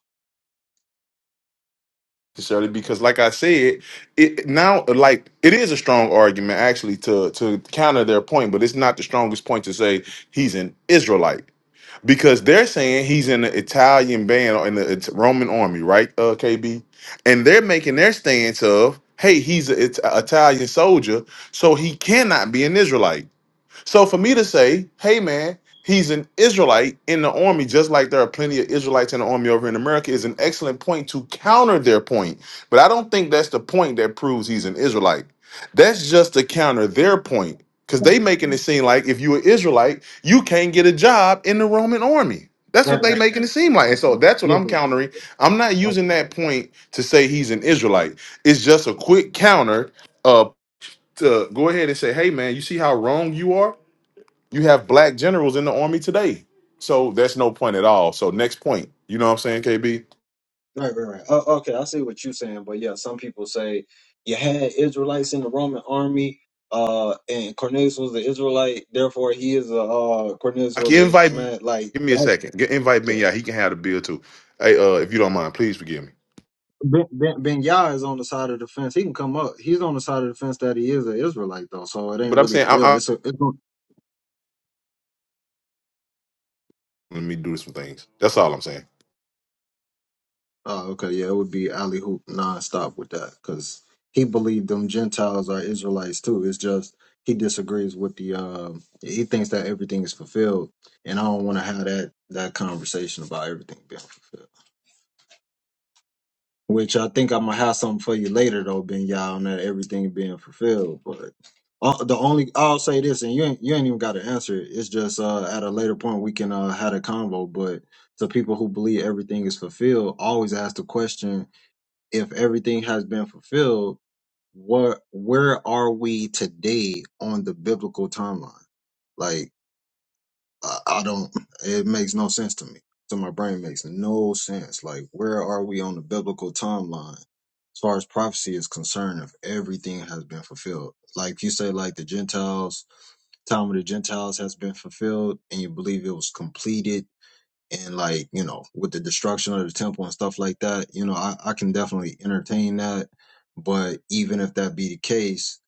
A: necessarily because, like I said, it now like it is a strong argument actually to to counter their point, but it's not the strongest point to say he's an Israelite. because they're saying he's in the Italian band or in the It- Roman army, right? Uh, KB, and they're making their stance of, hey, he's an Italian soldier, so he cannot be an Israelite. So for me to say, hey man, he's an Israelite in the army, just like there are plenty of Israelites in the army over in America, is an excellent point to counter their point. But I don't think that's the point that proves he's an Israelite. That's just to counter their point. Because they making it seem like if you're an Israelite, you can't get a job in the Roman army. That's
B: Right,
A: what they
B: right,
A: making
B: right.
A: it seem like. And
B: right.
A: so that's what
B: Yeah,
A: I'm countering.
B: yeah,
A: I'm not
B: yeah.
A: using that point to say he's an Israelite. It's just a quick counter uh to go ahead and say, hey man, you see how wrong you are? You have black generals in the army today. So that's no point at all. So next point. You know what I'm saying, KB?
B: Right, right, right. Oh, okay, I see what you're saying, but yeah, some people say you had Israelites in the Roman army, uh, and Cornelius was an Israelite, therefore he is a uh, Cornelius
A: I
B: was
A: can
B: a Is-
A: invite
B: man. Like,
A: give me a
B: that-
A: second. Get invite me,
B: yeah,
A: yeah. He can have the bill too. Hey, uh, if you don't mind, please forgive me.
B: Ben Ben Ben Yah is on the side of the fence. He can come up. He's on the side of the fence that he is an Israelite, though. So it ain't
A: But I'm
B: really a
A: saying I,
B: bill.
A: I
B: It's a it's,
A: let me do some things. That's all I'm saying.
B: Oh, okay. Yeah, it would be alley hoop nonstop with that because he believed them Gentiles are Israelites too. It's just he disagrees with the. um he thinks that everything is fulfilled, and I don't want to have that that conversation about everything being fulfilled. Which I think I'm gonna have something for you later though, Ben Yah, on that everything being fulfilled. But uh, the only I'll say this, and you ain't, you ain't even got to answer it. It's just uh, at a later point we can uh, have a convo. But to people who believe everything is fulfilled, always ask the question if everything has been fulfilled, what where are we today on the biblical timeline? Like I, I don't it makes no sense to me. To my brain makes no sense. Like where are we on the biblical timeline as far as prophecy is concerned if everything has been fulfilled? Like you say like the Gentiles, time of the Gentiles has been fulfilled and you believe it was completed and like you know with the destruction of the temple and stuff like that you know I, I can definitely entertain that but even if that be the case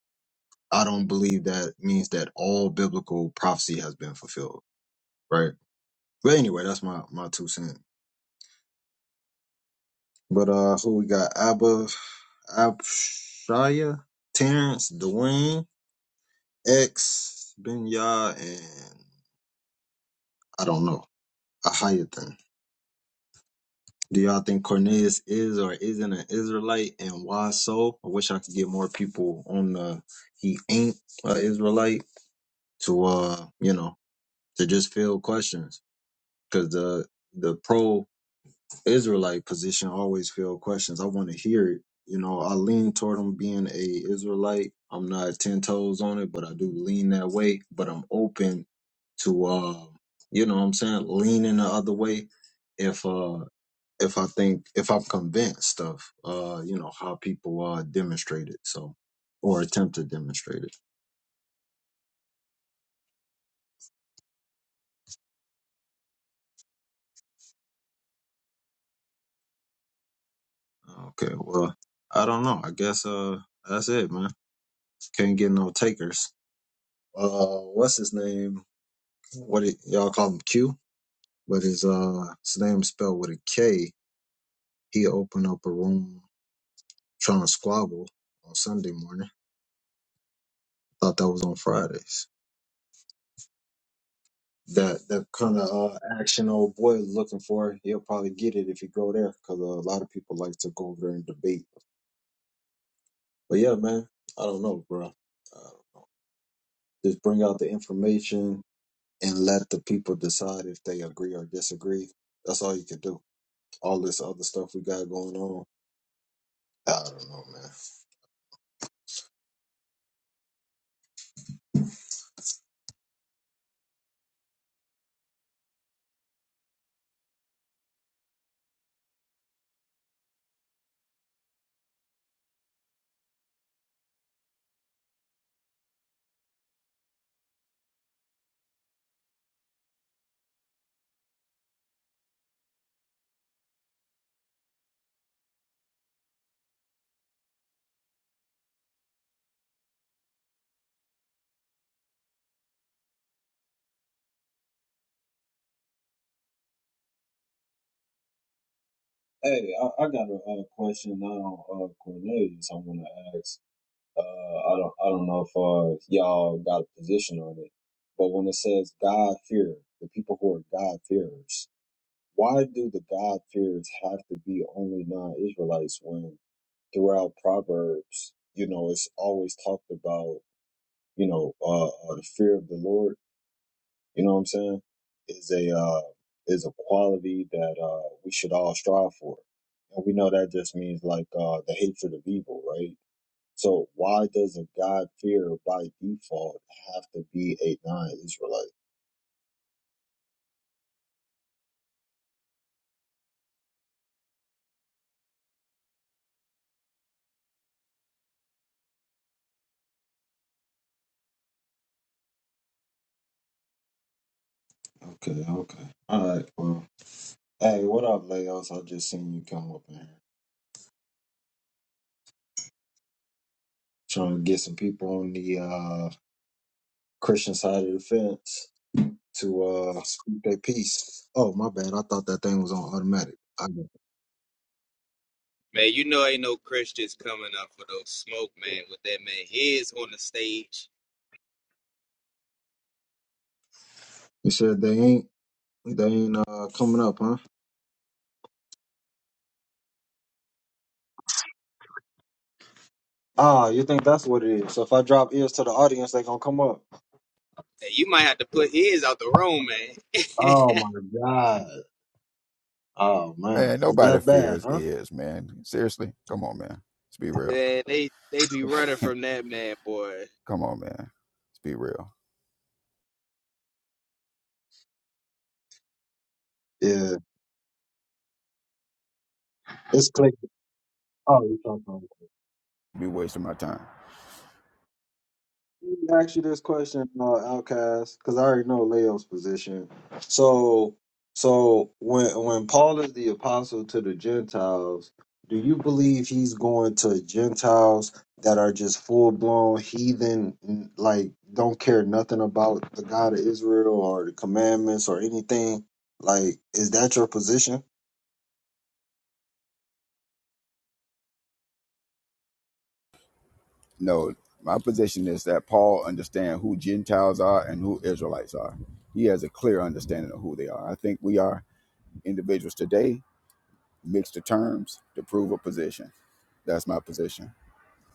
B: i don't believe that means that all biblical prophecy has been fulfilled right but anyway that's my my two cents but uh who we got abba abshaya terrence dwayne x benya and i don't know a Do y'all think Cornelius is or isn't an Israelite and why so? I wish I could get more people on the he ain't an Israelite to uh, you know, to just field questions. Cause the the pro Israelite position always field questions. I wanna hear it. You know, I lean toward him being a Israelite. I'm not ten toes on it, but I do lean that way. But I'm open to uh, you know what I'm saying, leaning the other way if uh if I think if I'm convinced of uh you know how people uh demonstrate it so or attempt to demonstrate it. Okay, well I don't know. I guess uh that's it, man. Can't get no takers. Uh, what's his name? What do y- y'all call him Q? But his uh his name spelled with a K. He opened up a room trying to squabble on Sunday morning. Thought that was on Fridays. the the kind of uh, action old boy is looking for. He'll probably get it if you go there, because uh, a lot of people like to go over there and debate. But yeah, man, I don't know, bro. Uh, just bring out the information and let the people decide if they agree or disagree. That's all you can do. All this other stuff we got going on, I don't know, man. Hey, I, I got a, uh question now, uh, Cornelius. I want to ask. Uh, I don't I don't know if uh, y'all got a position on it, but when it says God fear, the people who are God fearers, why do the God fearers have to be only non-Israelites when throughout Proverbs, you know, it's always talked about, you know, uh, uh, the fear of the Lord. You know what I'm saying? Is a uh, is a quality that uh, we should all strive for, and we know that just means like uh, the hatred of evil, right? So why doesn't God fear by default have to be a non-Israelite? Okay, okay. All right, well. Hey, what up, Leos? I just seen you come up in here. Trying to get some people on the uh Christian side of the fence to uh speak their piece. Oh, my bad. I thought that thing was on automatic. I got it.
E: Man, you know ain't no Christians coming up for those smoke, man, with that man his on the stage.
B: You said they ain't they ain't uh coming up, huh? Ah, you think that's what it is. So if I drop ears to the audience, they gonna come up.
E: Hey, you might have to put his out the room, man.
B: Oh my god. Oh man,
C: Man,
B: is
C: nobody
B: that bad,
C: fears
B: huh?
C: is, man. Seriously, come on, man. Let's be real.
E: man, they they be running from that man, boy.
C: Come on, man. Let's be real.
B: Yeah, it's click. Oh, you talking about?
C: Be wasting my time.
B: Let me ask you this question, uh, Outcast, because I already know Leo's position. So, so when when Paul is the apostle to the Gentiles, do you believe he's going to Gentiles that are just full blown heathen, n- like don't care nothing about the God of Israel or the commandments or anything? Like, is that your position?
C: No, my position is that Paul understands who Gentiles are and who Israelites are. He has a clear understanding of who they are. I think we are individuals today, mixed the terms to prove a position. That's my position.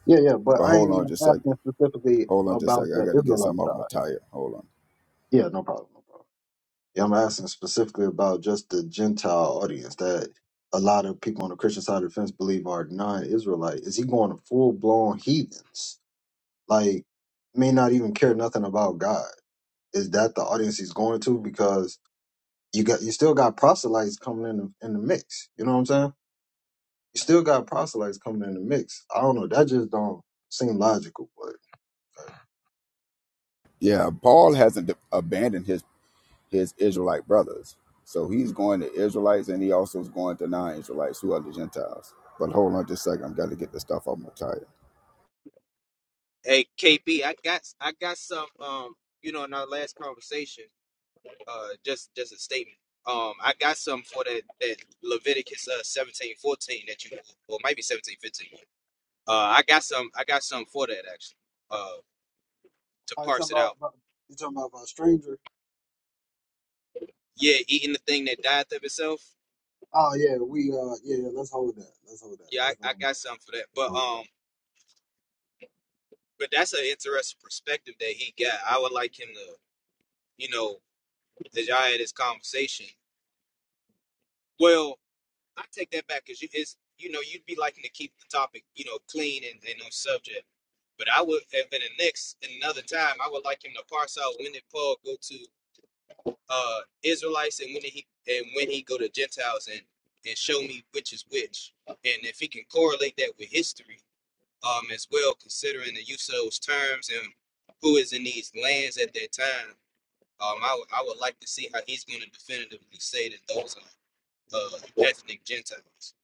B: Yeah, yeah, but
C: But
B: I
C: hold
B: ain't
C: on
B: even
C: just a second.
B: asking specifically
C: Hold on just a
B: about
C: second. I
B: the
C: got to get
B: Israelite
C: something off my
B: side.
C: tire. Hold on.
B: Yeah, no problem. Yeah, I'm asking specifically about just the Gentile audience that a lot of people on the Christian side of the fence believe are non-Israelite. Is he going to full-blown heathens? Like, may not even care nothing about God. Is that the audience he's going to? Because you got you still got proselytes coming in the, in the mix. You know what I'm saying? You still got proselytes coming in the mix. I don't know. That just don't seem logical. But
C: Yeah, Paul hasn't abandoned his his Israelite brothers. So he's going to Israelites and he also is going to non Israelites who are the Gentiles. But hold on just a second, I've got to get this stuff off my tire.
E: Hey, KP, I got I got some um, you know, in our last conversation, uh just just a statement. Um, I got some for that that Leviticus uh seventeen fourteen that you or it might be seventeen fifteen. Uh I got some I got some for that actually. Uh to
B: oh, you talking
E: parse it
B: about
E: out.
B: about- you talking about, about a stranger?
E: Yeah, eating the thing that dieth of itself
B: Oh yeah, we uh yeah let's hold that. Let's hold that.
E: Yeah,
B: That's
E: I, I got
B: going.
E: something for that. But um, but that's an interesting perspective that he got. I would like him to, you know, that y'all had this conversation. Well, I take that back because you is you know you'd be liking to keep the topic you know clean and, and on subject. But I would if in the next in another time I would like him to parse out when did Paul go to uh Israelites and when did he and when he go to Gentiles and and show me which is which and if he can correlate that with history um, as well, considering the use of those terms and who is in these lands at that time. Um, I would I would like to see how he's going to definitively say that those are uh, ethnic Gentiles.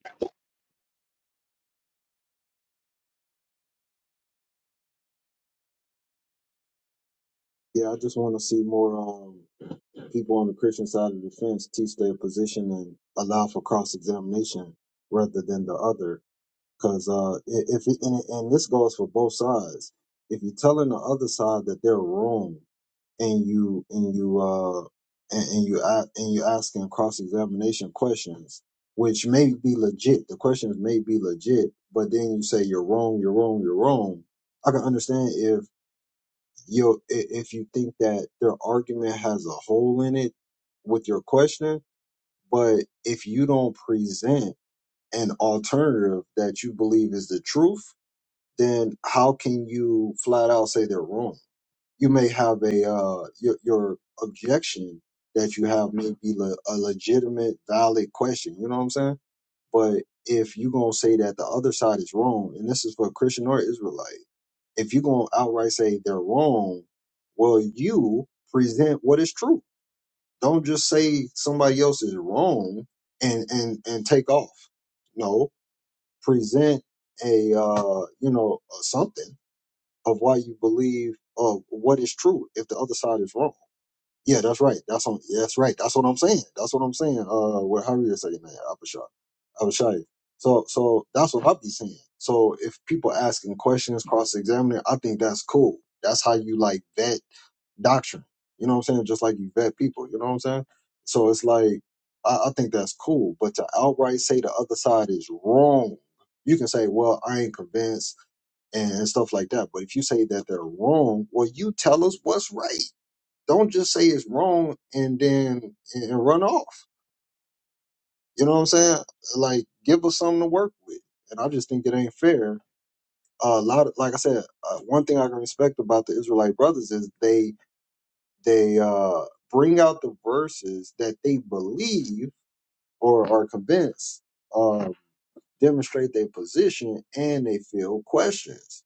B: Yeah, I just want to see more um, people on the Christian side of the fence teach their position and allow for cross examination rather than the other. Because uh, i- if it, and, and this goes for both sides, if you're telling the other side that they're wrong and you and you uh, and, and you a- and you asking cross examination questions, which may be legit, the questions may be legit, but then you say you're wrong, you're wrong, you're wrong. I can understand if you if you think that their argument has a hole in it with your question but if you don't present an alternative that you believe is the truth then how can you flat out say they're wrong you may have a uh your, your objection that you have may be le- a legitimate valid question you know what i'm saying but if you gonna say that the other side is wrong and this is for christian or israelite if you're going to outright say they're wrong, well, you present what is true. Don't just say somebody else is wrong and and and take off. No, present a uh, you know something of why you believe of what is true if the other side is wrong. Yeah, that's right. That's on. yeah, That's right. That's what I'm saying. That's what I'm saying. Uh, what Harry is saying, man, Abishai, Abishai. So, so that's what I've saying. So, if people asking questions, cross examining, I think that's cool. That's how you like vet doctrine. You know what I'm saying? Just like you vet people. You know what I'm saying? So it's like I, I think that's cool. But to outright say the other side is wrong, you can say, well, I ain't convinced and, and stuff like that. But if you say that they're wrong, well, you tell us what's right don't just say it's wrong and then and run off. You know what I'm saying? Like give us something to work with. And I just think it ain't fair. a lot of, like I said, uh, one thing I can respect about the Israelite brothers is they they uh, bring out the verses that they believe or are convinced. uh, demonstrate their position and they field questions.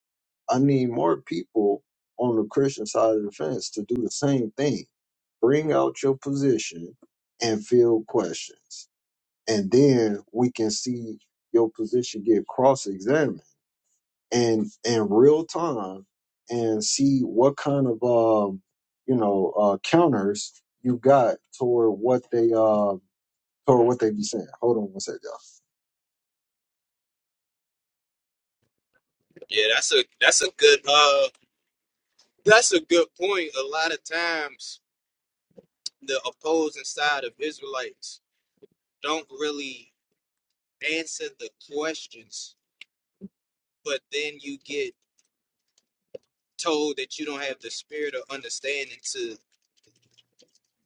B: I need more people on the Christian side of the fence to do the same thing. Bring out your position and field questions. And then we can see your position get cross examined and in real time and see what kind of um you know uh counters you got toward what they uh toward what they be saying. Hold on one second. second, y'all.
E: Yeah, that's a that's a good uh that's a good point. A lot of times the opposing side of Israelites don't really answer the questions, but then you get told that you don't have the spirit of understanding to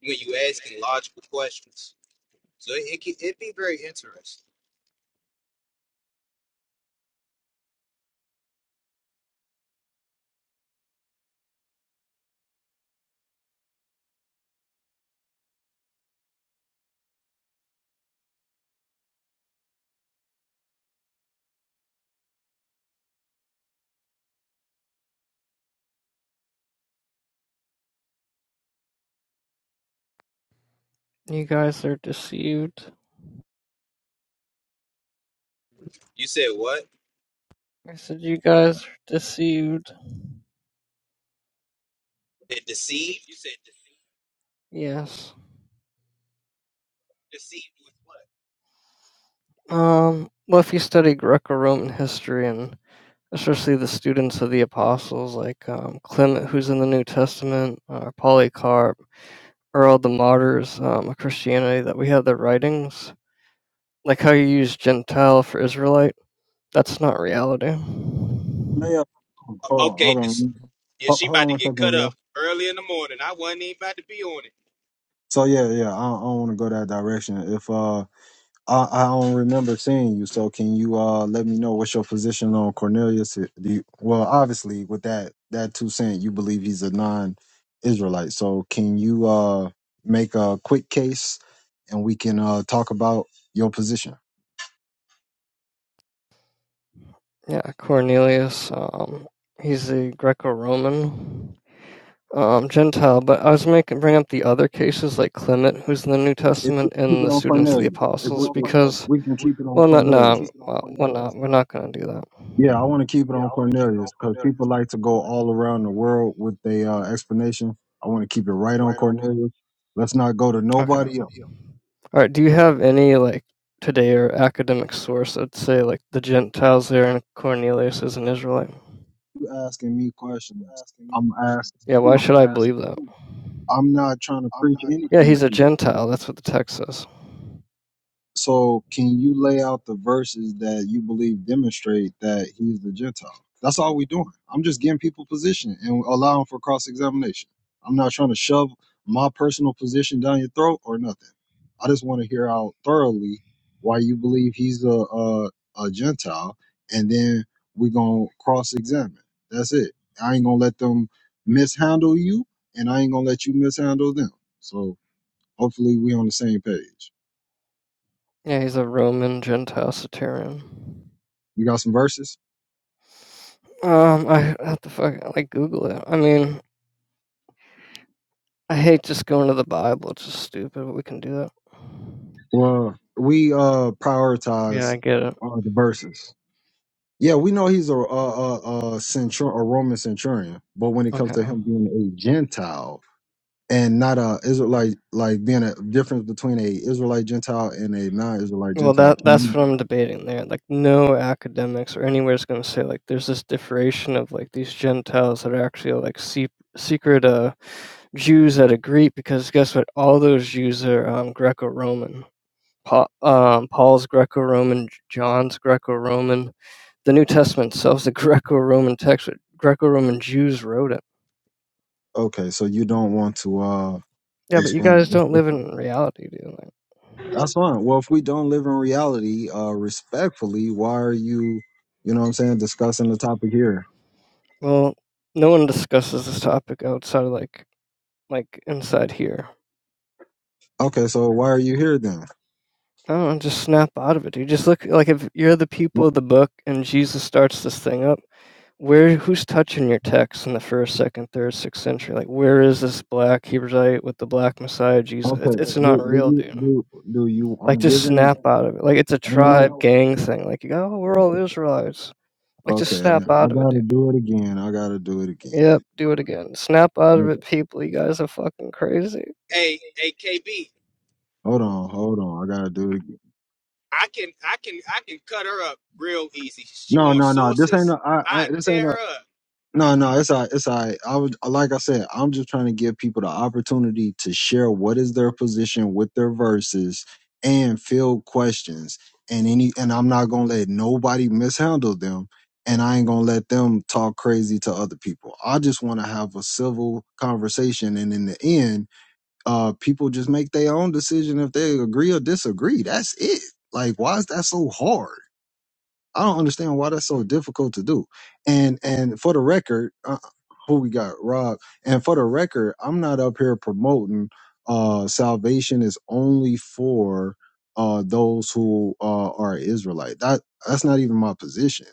E: when you asking logical questions. So it it it'd be very interesting. You said what?
F: I said you guys are deceived.
E: It
F: You
E: deceived.
F: said deceived? Yes. Deceived with what? Um. Well, if you start Roman, especially the students of the apostles, like um, Clement, who's in the New Testament, uh, Polycarp, or all the martyrs um, of Christianity that we have their writings, like how you use Gentile for Israelite, that's not reality.
B: No, Yeah,
E: Okay,
B: hold on,
E: Okay,
B: hold
E: 'cause-
B: on,
E: yeah,
B: Ho-
E: she
B: hold
E: about
B: on
E: to
B: one
E: get
B: second,
E: cut
B: bro.
E: up early in the morning. I wasn't even about to be on it.
B: So yeah, yeah, I don't, I don't want to go that direction. If uh, I, I don't remember seeing you, so can you uh let me know what's your position on Cornelius? Do you, well, obviously with that that two cent, you believe he's a non-Israelite. So can you uh make a quick case, and we can uh talk about your position.
F: Yeah, Cornelius. Um, he's a Greco-Roman. um, Gentile, but I was making bring up the other cases like Clement, who's in the New
B: If we
F: Testament,
B: keep it
F: and the
B: on
F: students of the
B: Cornelius, if we
F: apostles,
B: if
F: because
B: we can keep it on
F: well, not
B: Cornelius.
F: no, well, we're not we're not gonna do that.
B: Yeah, I want to keep it on Cornelius because people like to go all around the world with their uh, explanation. I want to keep it right on Cornelius. Let's not go to
F: Okay.
B: nobody
F: All
B: else.
F: right. Do you have any like today or academic source that say like the Gentiles there and Cornelius is an Israelite? You're
B: You asking me questions.
F: asking me
B: I'm
F: questions.
B: asking
F: Yeah. Why
B: you.
F: should I believe that?
B: I'm not trying to preach
F: Yeah,
B: anything
F: he's a
B: to you.
F: Gentile. That's what the text says.
B: So, can you lay out the verses that you believe demonstrate that he's the Gentile? That's all we're doing. I'm just getting people position and allowing for cross examination. I'm not trying to shove my personal position down your throat or nothing. I just want to hear out thoroughly why you believe he's a a, a Gentile, and then we're gonna cross examine. That's it. I ain't gonna let them mishandle you, and I ain't gonna let you mishandle them. So, hopefully, we on the same page.
F: Yeah, he's a Roman Gentile centurion.
B: You got some verses?
F: Um, I have to fuck like Google it. I mean, I hate just going to the Bible, it's just stupid, we can do that.
B: Well, we uh prioritize
F: Yeah, I get it.
B: uh, the verses. Yeah, we know he's a a a, a, centur- a Roman centurion, but when it comes
F: Okay.
B: to him being a Gentile and not a Israelite, like being a difference between a Israelite Gentile and a non-Israelite
F: Well,
B: Gentile.
F: that
B: Can
F: that's
B: you,
F: what I'm debating there. Like, no academics or anywhere is going to say like there's this differentiation of like these Gentiles that are actually like se- secret uh Jews that agree because guess what? All those Jews are um, Greco-Roman. Pa- um, Paul's Greco-Roman, J- John's Greco-Roman. The New Testament itself is a Greco-Roman text. But Greco-Roman Jews wrote it.
B: okay, so you don't want to uh
F: Yeah, but you
B: explain.
F: guys
B: it.
F: don't
B: That's
F: live
B: fine.
F: in reality, do you?
B: That's fine. Well, if we don't live in reality, uh, respectfully, why are you, you know, what I'm saying, discussing the topic here?
F: Well, no one discusses this topic outside of like like inside here.
B: Okay, so why are you here then?
F: I don't know, just snap out of it, dude. Just look like if you're the people of the book and Jesus starts this thing up, where who's touching your text in the first, second, third, sixth century? Like where is this black Hebrewite with the black Messiah Jesus? It's
B: Okay.
F: it's
B: Do
F: not
B: do
F: real,
B: you
F: dude.
B: do do you?
F: Like
B: I'm
F: just
B: giving.
F: snap out of it. Like it's a
B: Ain't no.
F: tribe gang thing. Like you go, oh, we're all Israelites. Like just
B: Okay.
F: snap
B: I, I
F: out of it,
B: gotta
F: dude.
B: do it again. I gotta do it again.
F: Yep, do it again. Snap out of it,
B: Okay.
F: people. You guys are fucking crazy.
E: Hey, hey, KB,
B: Hold on. Hold on. I gotta do it again.
E: I can, I can, I can cut her up real easy. She
B: No,
E: wants
B: no, no. This ain't
E: sources.
B: no. I, I
E: I
B: this ain't
E: tear
B: no.
E: her up.
B: No, no, it's all right. It's all right. I was like I said, I'm just trying to give people the opportunity to share what is their position with their verses and field questions. And any and I'm not gonna let nobody mishandle them and I ain't gonna let them talk crazy to other people. I just wanna have a civil conversation and in the end, uh people just make their own decision if they agree or disagree. That's it. Like why is that so hard? I don't understand why that's so difficult to do. And and for the record, uh, who we got, Rob. And for the record, I'm not up here promoting uh, salvation is only for uh, those who uh, are Israelite. That that's not even my position.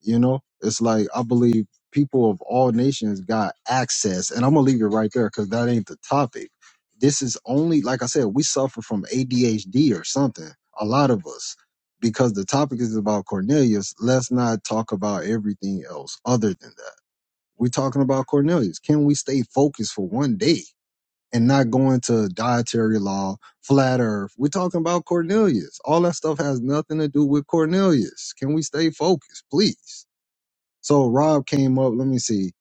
B: You know, it's like I believe people of all nations got access, and I'm gonna leave it right there because that ain't the topic. This is only, like I said, we suffer from ADHD or something. A lot of us because the topic is about Cornelius, let's not talk about everything else other than that. We're talking about Cornelius. Can we stay focused for one day and not go into dietary law, flat earth? We're talking about Cornelius. All that stuff has nothing to do with Cornelius. Can we stay focused, please? So Rob came up, let me see.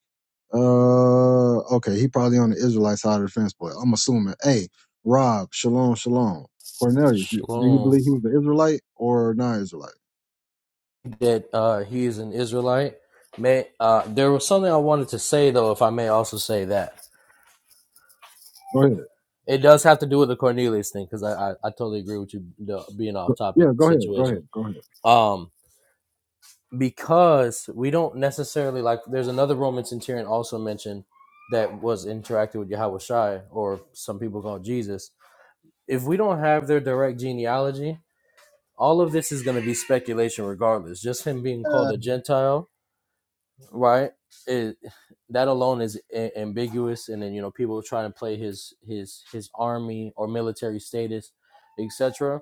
B: Uh okay, he probably on the Israelite side of the fence, but I'm assuming. Hey, Rob, shalom, shalom. Cornelius, do do you
G: Shalom.
B: believe he was an Israelite or not Israelite?
G: That uh, he is an Israelite. May uh, there was something I wanted to say though, if I may also say that
B: Go ahead.
G: it does have to do with the Cornelius thing because I, I I totally agree with you the being off
B: Go-
G: topic
B: Yeah, go ahead. Go
G: situation.
B: ahead. Go ahead.
G: Um, because we don't necessarily like. There's another Roman centurion also mentioned that was interacted with Yahweh Shai or some people call Jesus. If we don't have their direct genealogy, all of this is going to be speculation regardless. Just him being called
B: Uh,
G: a Gentile right? It, that alone is a- ambiguous, and then you know people try to play his his his army or military status, etc.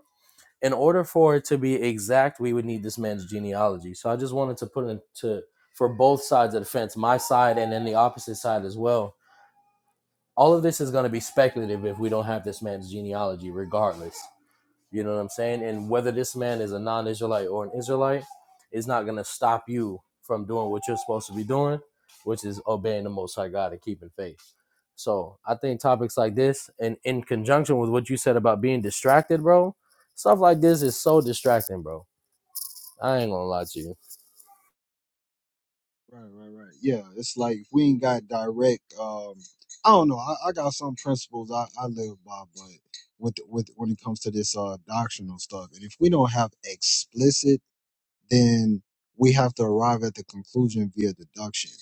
G: In order for it to be exact, we would need this man's genealogy. So I just wanted to put into for both sides of the fence, my side and then the opposite side as well. All of this is going to be speculative if we don't have this man's genealogy, regardless. You know what I'm saying? And whether this man is a non Israelite or an Israelite, it's not going to stop you from doing what you're supposed to be doing, which is obeying the Most High God and keeping faith. So I think topics like this, and in conjunction with what you said about being distracted, bro, stuff like this is so distracting, bro. I ain't gonna lie to you.
B: right, right, right. Yeah, it's like if we ain't got direct. Um, I don't know. I, I got some principles I, I live by, but with with when it comes to this uh doctrinal stuff, and if we don't have explicit, then we have to arrive at the conclusion via deduction.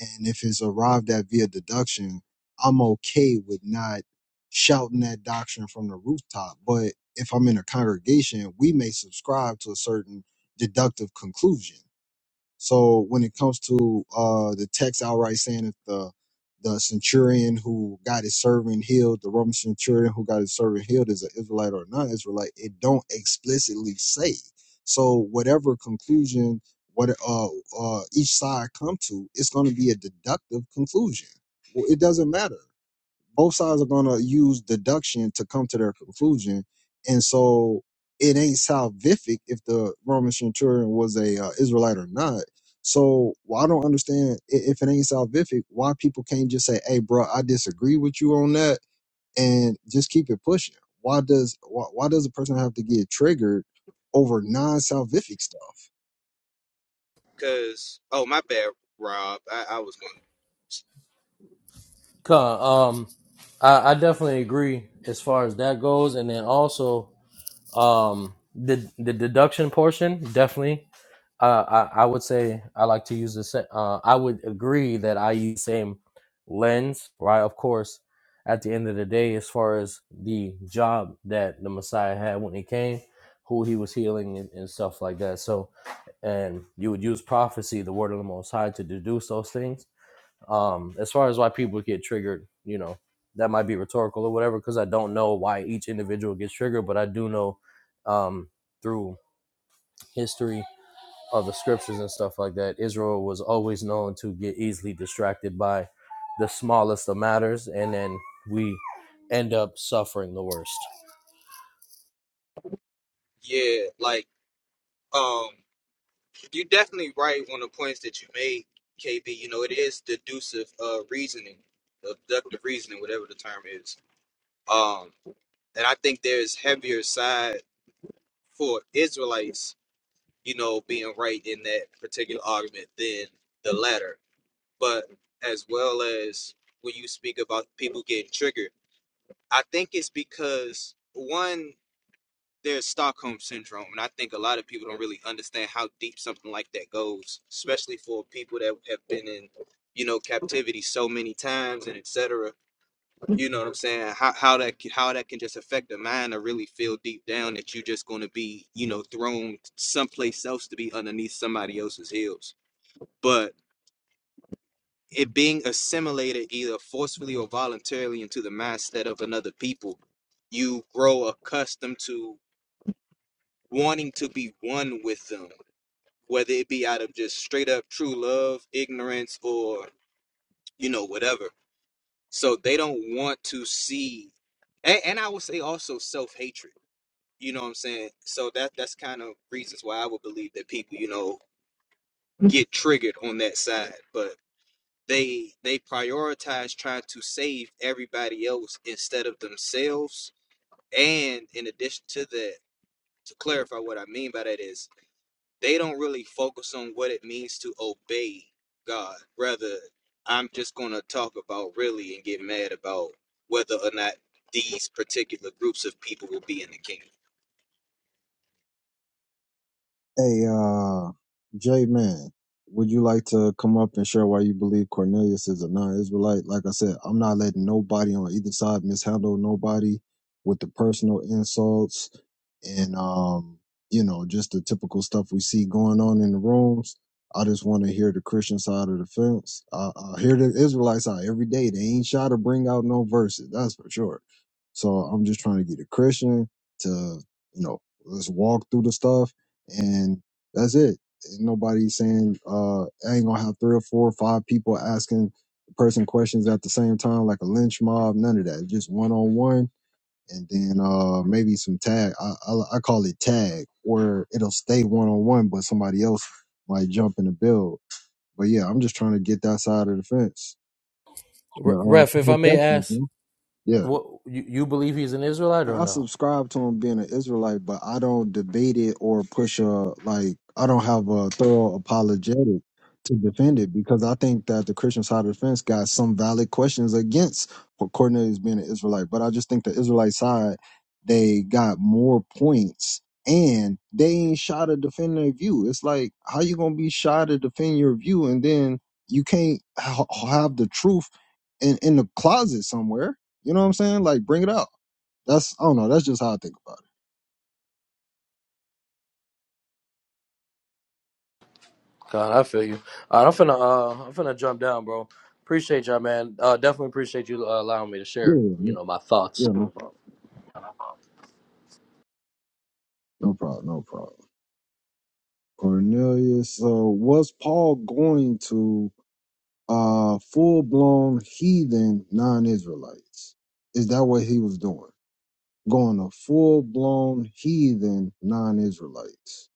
B: And if it's arrived at via deduction, I'm okay with not shouting that doctrine from the rooftop. But if I'm in a congregation, we may subscribe to a certain deductive conclusion So when it comes to uh, the text outright saying that the the centurion who got his servant healed, the Roman centurion who got his servant healed is an Israelite or non-Israelite, it don't explicitly say. So whatever conclusion what uh, uh, each side come to, it's going to be a deductive conclusion. Well, it doesn't matter both sides are going to use deduction to come to their conclusion and so it ain't salvific if the roman centurion was a uh, israelite or not so well, i don't understand i- if it ain't salvific why people can't just say hey bro i disagree with you on that and just keep it pushing why does why, why does a person have to get triggered over non-salvific stuff
E: Cause oh my bad, Rob. I, I was going.
G: Cuh, Um, I, I definitely agree as far as that goes, and then also um the the deduction portion definitely Uh, I, I would say I like to use the same. Uh, I would agree that I use the same lens, right? Of course, at the end of the day, as far as the job that the Messiah had when he came, who he was healing and, and stuff like that. So, and you would use prophecy, the word of the Most High, to deduce those things. Um, as far as why people get triggered, you know, that might be rhetorical or whatever, because I don't know why each individual gets triggered, but I do know um, through history of the scriptures and stuff like that, Israel was always known to get easily distracted by the smallest of matters, and then we end up suffering the worst.
E: Yeah, like um, you definitely right on the points that you made, KB. You know it is deductive uh reasoning, abductive reasoning, whatever the term is. Um. And I think there's heavier side for Israelites, you know, being right in that particular argument than the latter. But as well as when you speak about people getting triggered, I think it's because one, there's Stockholm syndrome, and I think a lot of people don't really understand how deep something like that goes, especially for people that have been in, you know, captivity so many times and etc. You know what I'm saying? How how that c- how that can just affect the mind or really feel deep down that you're just going to be you know thrown someplace else to be underneath somebody else's heels. But it being assimilated either forcefully or voluntarily into the mindset of another people, you grow accustomed to wanting to be one with them, whether it be out of just straight up true love, ignorance, or you know whatever. So they don't want to see, and, and I would say also self hatred You know what I'm saying? So that that's kind of reasons why I would believe that people, you know, get triggered on that side. But they they prioritize trying to save everybody else instead of themselves. And in addition to that, to clarify what I mean by that is they don't really focus on what it means to obey God. Rather, I'm just gonna talk about really and get mad about whether or not these particular groups of people will be in the kingdom.
B: Hey, uh, J Man, would you like to come up and share why you believe Cornelius is a non Israelite? Like I said, I'm not letting nobody on either side mishandle nobody with the personal insults and, um, you know, just the typical stuff we see going on in the rooms. I just want to hear the Christian side of the fence. I, I hear the Israelite side every day. They ain't shy to bring out no verses, that's for sure. So I'm just trying to get a Christian to, you know, let's walk through the stuff and that's it. Ain't nobody saying uh I ain't gonna have three or four or five people asking the person questions at the same time like a lynch mob. None of that. Just one on one, and then uh maybe some tag. I, I I call it tag, where it'll stay one on one, but somebody else might jump in the build. But yeah, I'm just trying to get that side of the fence.
G: Re-
B: Uh,
G: Ref, if I
B: people
G: may
B: catching it,
G: ask,
B: man. Yeah.
G: what you, you believe he's an Israelite or
B: I
G: no?
B: subscribe to him being an Israelite, but I don't debate it or push a like. I don't have a thorough apologetic to defend it because I think that the Christian side of the fence got some valid questions against Cornelius being an Israelite. But I just think the Israelite side they got more points and they ain't shy to defend their view. It's like how you gonna be shy to defend your view and then you can't ha- have the truth in in the closet somewhere. You know what I'm saying? Like bring it out. That's I don't know. That's just how I think about it.
G: God, I feel you. All right, I'm finna, uh, I'm finna jump down, bro. Appreciate y'all, man. Uh, definitely appreciate you uh, allowing me to share,
B: Yeah,
G: you
B: no-
G: know, my thoughts.
B: yeah, no problem, no problem, no problem. Cornelius, so was Paul going to uh full blown heathen non Israelites? Is that what he was doing? Going to full blown heathen non Israelites.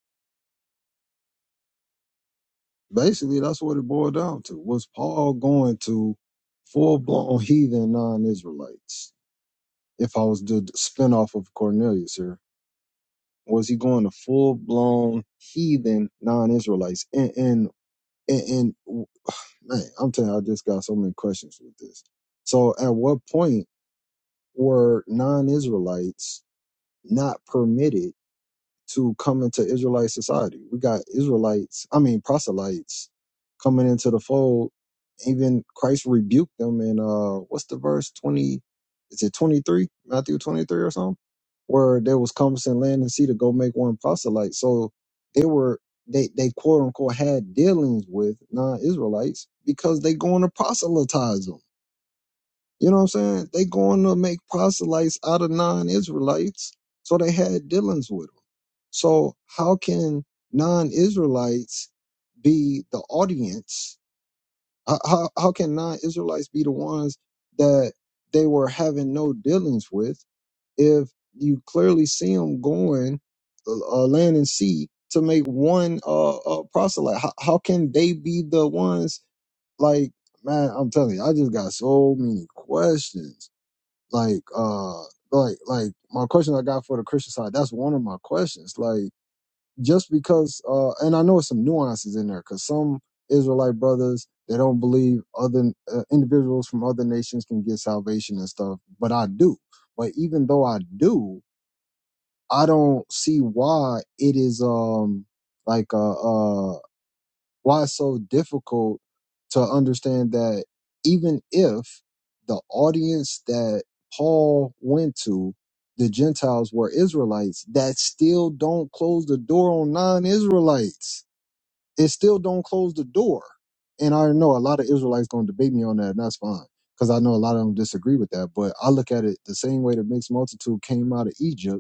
B: Basically, that's what it boiled down to. Was Paul going to full blown heathen non Israelites? If I was the spin off of Cornelius here. was he going to full blown heathen non Israelites? And and and, and w- man, I'm telling you, I just got so many questions with this. So, at what point were non Israelites not permitted? to come into Israelite society. We got Israelites, I mean proselytes, coming into the fold. Even Christ rebuked them in uh what's the verse twenty? Is it twenty three? Matthew twenty three or something? Where there was compassing land and sea to go make one proselyte. So they were they they quote unquote had dealings with non Israelites because they going to proselytize them. You know what I'm saying? They going to make proselytes out of non-Israelites. So they had dealings with them. So how can non-Israelites be the audience? How, how, how can non-Israelites be the ones that they were having no dealings with if you clearly see them going uh, land and sea to make one uh, uh, proselyte? How, how can they be the ones like, man, I'm telling you, I just got so many questions like, uh, like, like my question I got for the Christian side. That's one of my questions. Like, just because, uh, and I know it's some nuances in there because some Israelite brothers they don't believe other uh, individuals from other nations can get salvation and stuff, but I do. But even though I do, I don't see why it is um like uh. uh, why it's so difficult to understand that even if the audience that Paul went to, the Gentiles were Israelites, that still don't close the door on non-Israelites. It still don't close the door. And I know a lot of Israelites gonna debate me on that, and that's fine. Because I know a lot of them disagree with that. But I look at it the same way the mixed multitude came out of Egypt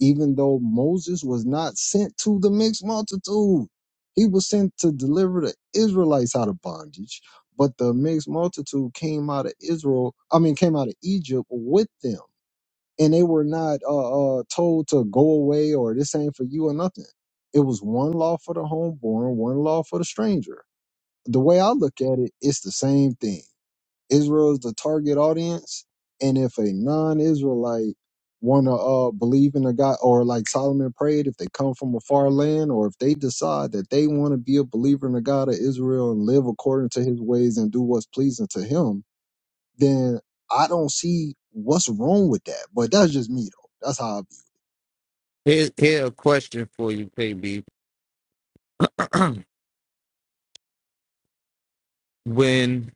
B: even though Moses was not sent to the mixed multitude. He was sent to deliver the Israelites out of bondage, but the mixed multitude came out of Israel, I mean, came out of Egypt with them. And they were not uh, uh, told to go away or this ain't for you or nothing. It was one law for the homeborn, one law for the stranger. The way I look at it, it's the same thing Israel is the target audience, and if a non-Israelite want to uh, believe in a God, or like Solomon prayed, if they come from a far land, or if they decide that they want to be a believer in the God of Israel and live according to His ways and do what's pleasing to Him, then I don't see what's wrong with that. But that's just me, though. That's how I
E: Here's here a question for you, KB. when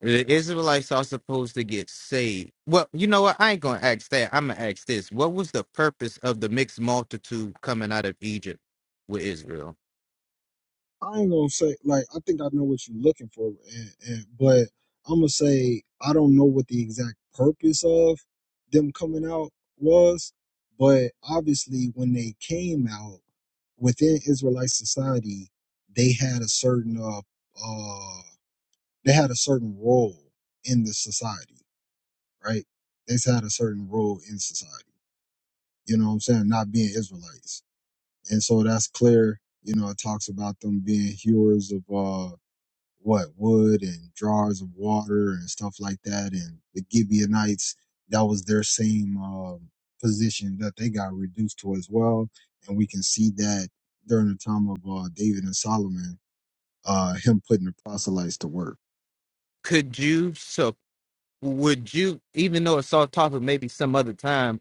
E: the Israelites are supposed to get saved. Well, you know what? I ain't gonna ask that. I'm gonna ask this. What was the purpose of the mixed multitude coming out of Egypt? Will
B: I ain't gonna say like I think I know what you're looking for, and, and but I'm gonna say I don't know what the exact purpose of them coming out was, but obviously when they came out within Israelite society, they had a certain uh, uh they had a certain role in the society, right? They had a certain role in society. You know what I'm saying? Not being Israelites, and so that's clear. You know, it talks about them being hewers of uh what wood and jars of water and stuff like that. And the Gibeonites, that was their same um, position that they got reduced to as well. And we can see that during the time of uh, David and Solomon, uh, him putting the proselytes to work.
E: could you so would you even though it's off topic maybe some other time,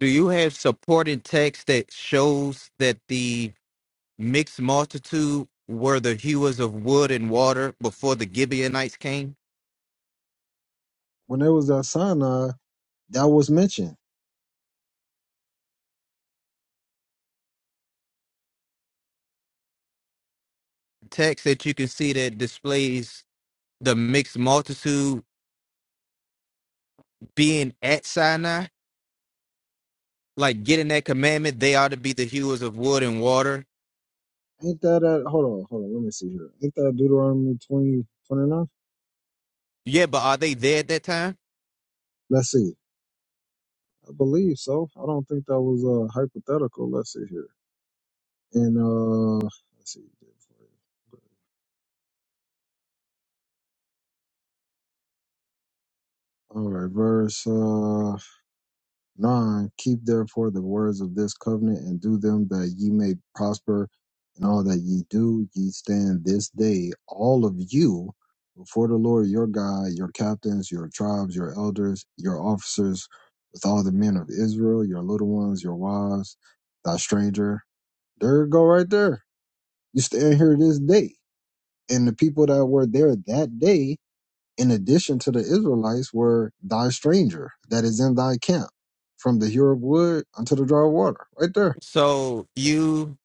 E: do you have supporting text that shows that the mixed multitude were the hewers of wood and water before the Gibeonites came?
B: When there was that Sinai, that was mentioned.
E: Text that you can see that displays the mixed multitude being at Sinai, like getting that commandment, they ought to be the hewers of wood and water.
B: Ain't that at, hold on, hold on, let me see here. Ain't that Deuteronomy twenty twenty-nine?
E: Yeah, but are they there at that time?
B: Let's see. I believe so. I don't think that was uh, hypothetical. Let's see here. And uh, let's see. All right, verse uh, nine. Keep therefore the words of this covenant and do them that ye may prosper in all that ye do. Ye stand this day, all of you, before the Lord your God, your captains, your tribes, your elders, your officers, with all the men of Israel, your little ones, your wives, thy stranger. There you go, right there. You stand here this day, and the people that were there that day in addition to the Israelites, were thy stranger that is in thy camp, from the Horeb wood unto the dry water, right there.
E: So you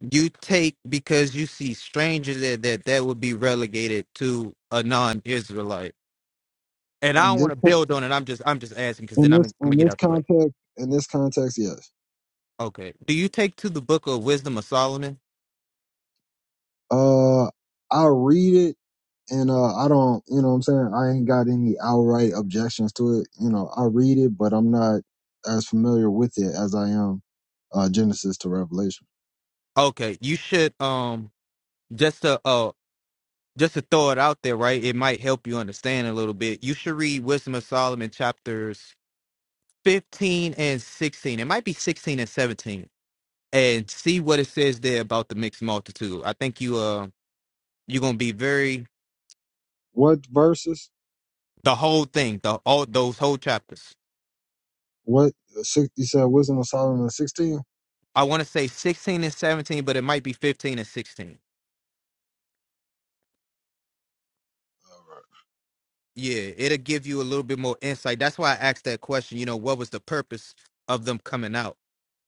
E: you take because you see strangers there that that would be relegated to a non-Israelite. And I
B: In
E: don't
B: this,
E: want to build on it. I'm just I'm just asking because
B: in
E: then I'm
B: this,
E: I'm gonna
B: in
E: get
B: this
E: out the way.
B: context, in this context, yes.
E: Okay. Do you take to the book of wisdom of Solomon?
B: Uh, I read it, and uh, I don't, you know, what I'm saying I ain't got any outright objections to it. You know, I read it, but I'm not as familiar with it as I am uh, Genesis to Revelation.
E: Okay. You should um just to uh just to throw it out there, right? It might help you understand a little bit. You should read Wisdom of Solomon chapters 15 and 16. It might be 16 and 17. And see what it says there about the mixed multitude. I think you uh you're gonna be very
B: What verses?
E: the whole thing, the all those whole chapters.
B: What six, you said? Wisdom of Solomon 16.
E: I wanna say 16 and 17, but it might be 15 and 16. Yeah, it'll give you a little bit more insight. That's why I asked that question, you know, what was the purpose of them coming out?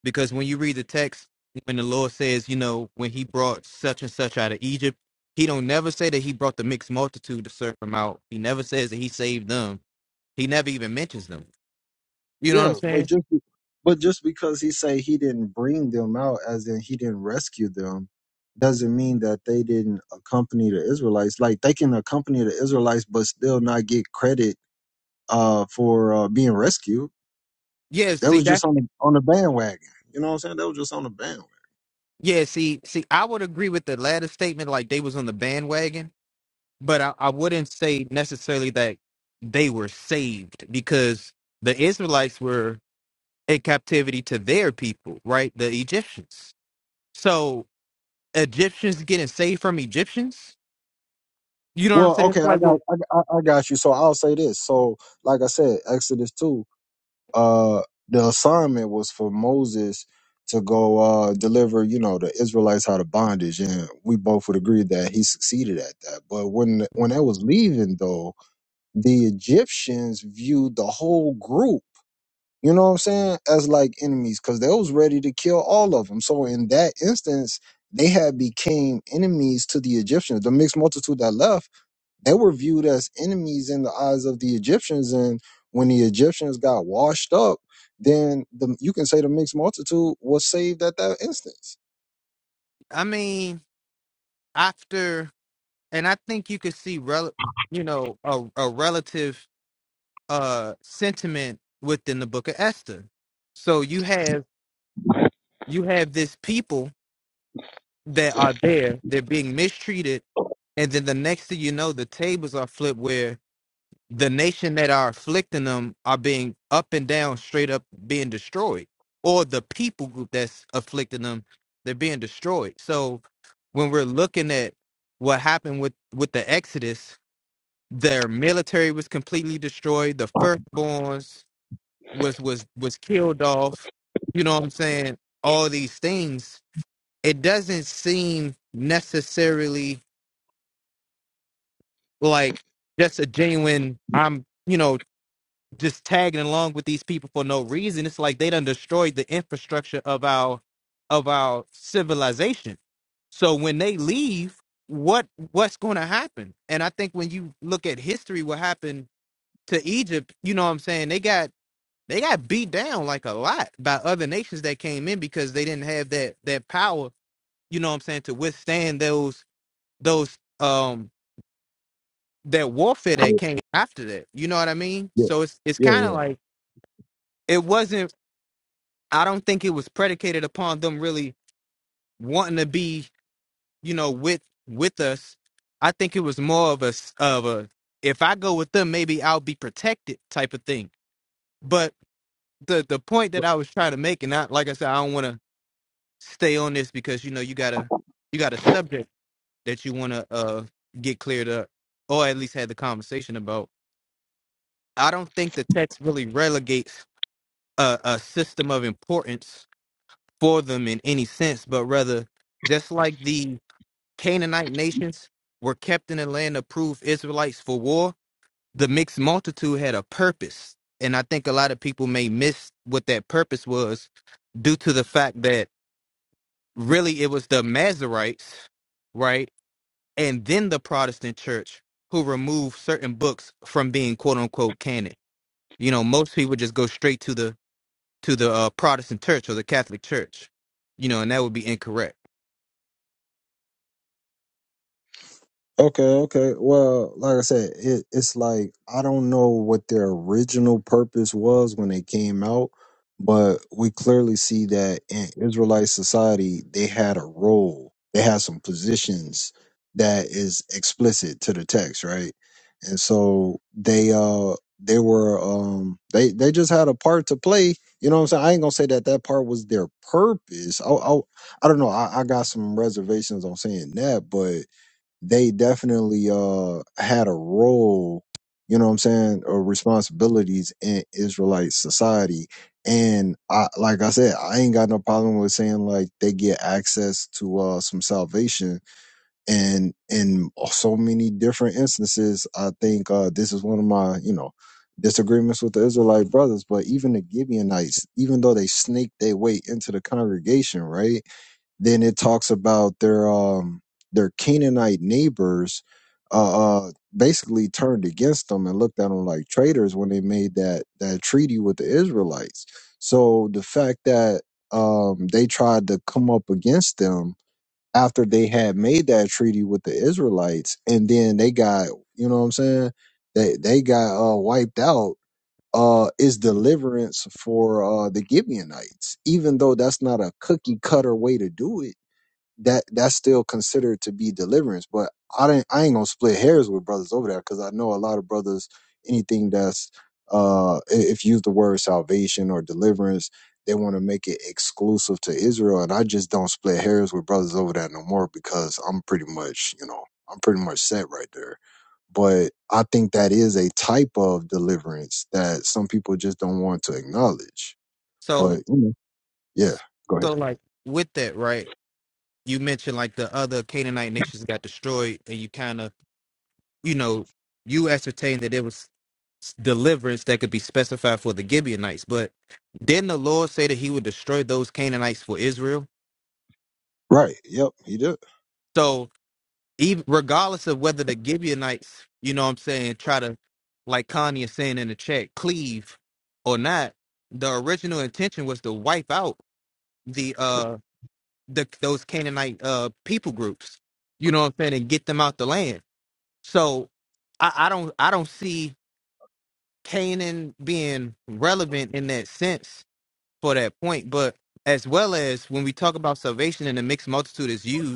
E: because when you read the text when the lord says you know when he brought such and such out of egypt he don't never say that he brought the mixed multitude to serve him out he never says that he saved them he never even mentions them you know what
B: Yeah,
E: i'm
B: but
E: saying
B: just be- but just because he say he didn't bring them out, as in he didn't rescue them, doesn't mean that they didn't accompany the Israelites. Like they can accompany the Israelites, but still not get credit uh, for uh, being rescued.
E: yeah
B: That
E: see
B: was
E: that
B: just on the on the bandwagon. You know what I'm saying? That was just on the bandwagon.
E: yeah see see i would agree with the latter statement like they was on the bandwagon but i, I wouldn't say necessarily that they were saved because the israelites were in captivity to their people right the egyptians So. Egyptians getting saved from Egyptians. You know what I'm
B: Well,
E: saying? It's
B: okay, I
E: like, well,
B: got I, I I got you. So I'll say this. So like I said, Exodus two. uh the assignment was for Moses to go uh deliver, you know, the Israelites out of bondage. And we both would agree that he succeeded at that. But when when that was leaving though, the Egyptians viewed the whole group, you know what I'm saying, as like enemies because they was ready to kill all of them. So in that instance, they had became enemies to the Egyptians, the mixed multitude that left they were viewed as enemies in the eyes of the Egyptians, and when the Egyptians got washed up, then the you can say the mixed multitude was saved at that instance.
E: I mean, after, and I think you could see, rel- you know, a, a relative uh sentiment within the Book of Esther. So you have you have this people. that are there. They're being mistreated. And then the next thing you know, the tables are flipped where the nation that are afflicting them are being up and down, straight up being destroyed. Or the people group that's afflicting them, they're being destroyed. So when we're looking at what happened with, with the Exodus, their military was completely destroyed. The firstborns was was was killed off. You know what I'm saying? All these things it doesn't seem necessarily like just a genuine i'm you know just tagging along with these people for no reason it's like they done destroyed the infrastructure of our of our civilization so when they leave what what's going to happen and i think when you look at history what happened to egypt you know what i'm saying they got they got beat down like a lot by other nations that came in because they didn't have that that power you know what i'm saying to withstand those those um that warfare that came after that. You know what I mean?
B: Yeah,
E: So it's it's
B: yeah,
E: kind of like it wasn't. I don't think it was predicated upon them really wanting to be, you know, with with us. I think it was more of a s- of a if I go with them, maybe I'll be protected type of thing. But the the point that I was trying to make, and I like I said, I don't want to stay on this because you know you got a you got a subject that you want to uh get cleared up or at least had the conversation about. I don't think the text really relegates a, a system of importance for them in any sense, but rather just like the Canaanite nations were kept in the land of proof Israelites for war, the mixed multitude had a purpose. And I think a lot of people may miss what that purpose was due to the fact that really it was the Mazarites, right? And then the Protestant church who removed certain books from being quote unquote canon. You know, most people just go straight to the to the uh, Protestant church or the Catholic church, you know, and that would be incorrect.
B: Okay, okay. Well, like I said, it, it's like I don't know what their original purpose was when they came out, but we clearly see that in Israelite society, they had a role. They had some positions that is explicit to the text, right? And so they uh they were um they they just had a part to play. You know what I'm saying? I ain't gonna say that that part was their purpose. I I, I don't know. I, I got some reservations on saying that, but they definitely uh had a role, you know what I'm saying, or responsibilities in Israelite society. And I like I said, I ain't got no problem with saying like they get access to uh some salvation and in so many different instances, I think uh this is one of my, you know, disagreements with the Israelite brothers, but even the Gibeonites, even though they snaked their way into the congregation, right? Then it talks about their um their Canaanite neighbors uh, uh basically turned against them and looked at them like traitors when they made that that treaty with the Israelites. So the fact that um they tried to come up against them after they had made that treaty with the Israelites and then they got you know what I'm saying they they got uh wiped out uh is deliverance for uh the Gibeonites even though that's not a cookie cutter way to do it that that's still considered to be deliverance. But I didn't I ain't gonna split hairs with brothers over there because I know a lot of brothers anything that's uh i- if you use the word salvation or deliverance, they want to make it exclusive to Israel. And I just don't split hairs with brothers over that no more because I'm pretty much, you know, I'm pretty much set right there. But I think that is a type of deliverance that some people just don't want to acknowledge. But
E: So,
B: you know, yeah, go ahead.
E: so like with that, right? You mentioned like the other Canaanite nations got destroyed, and you kind of, you know, you ascertained that there was s- deliverance that could be specified for the Gibeonites. But didn't the Lord say that He would destroy those Canaanites for Israel?
B: Right. Yep, he did.
E: So even regardless of whether the Gibeonites, you know what I'm saying, try to, like Connie is saying in the chat, cleave or not, the original intention was to wipe out the uh the those Canaanite uh people groups, you know what I'm saying, and get them out the land. So I, I don't I don't see Canaan being relevant in that sense for that point, but as well as when we talk about salvation and the mixed multitude is used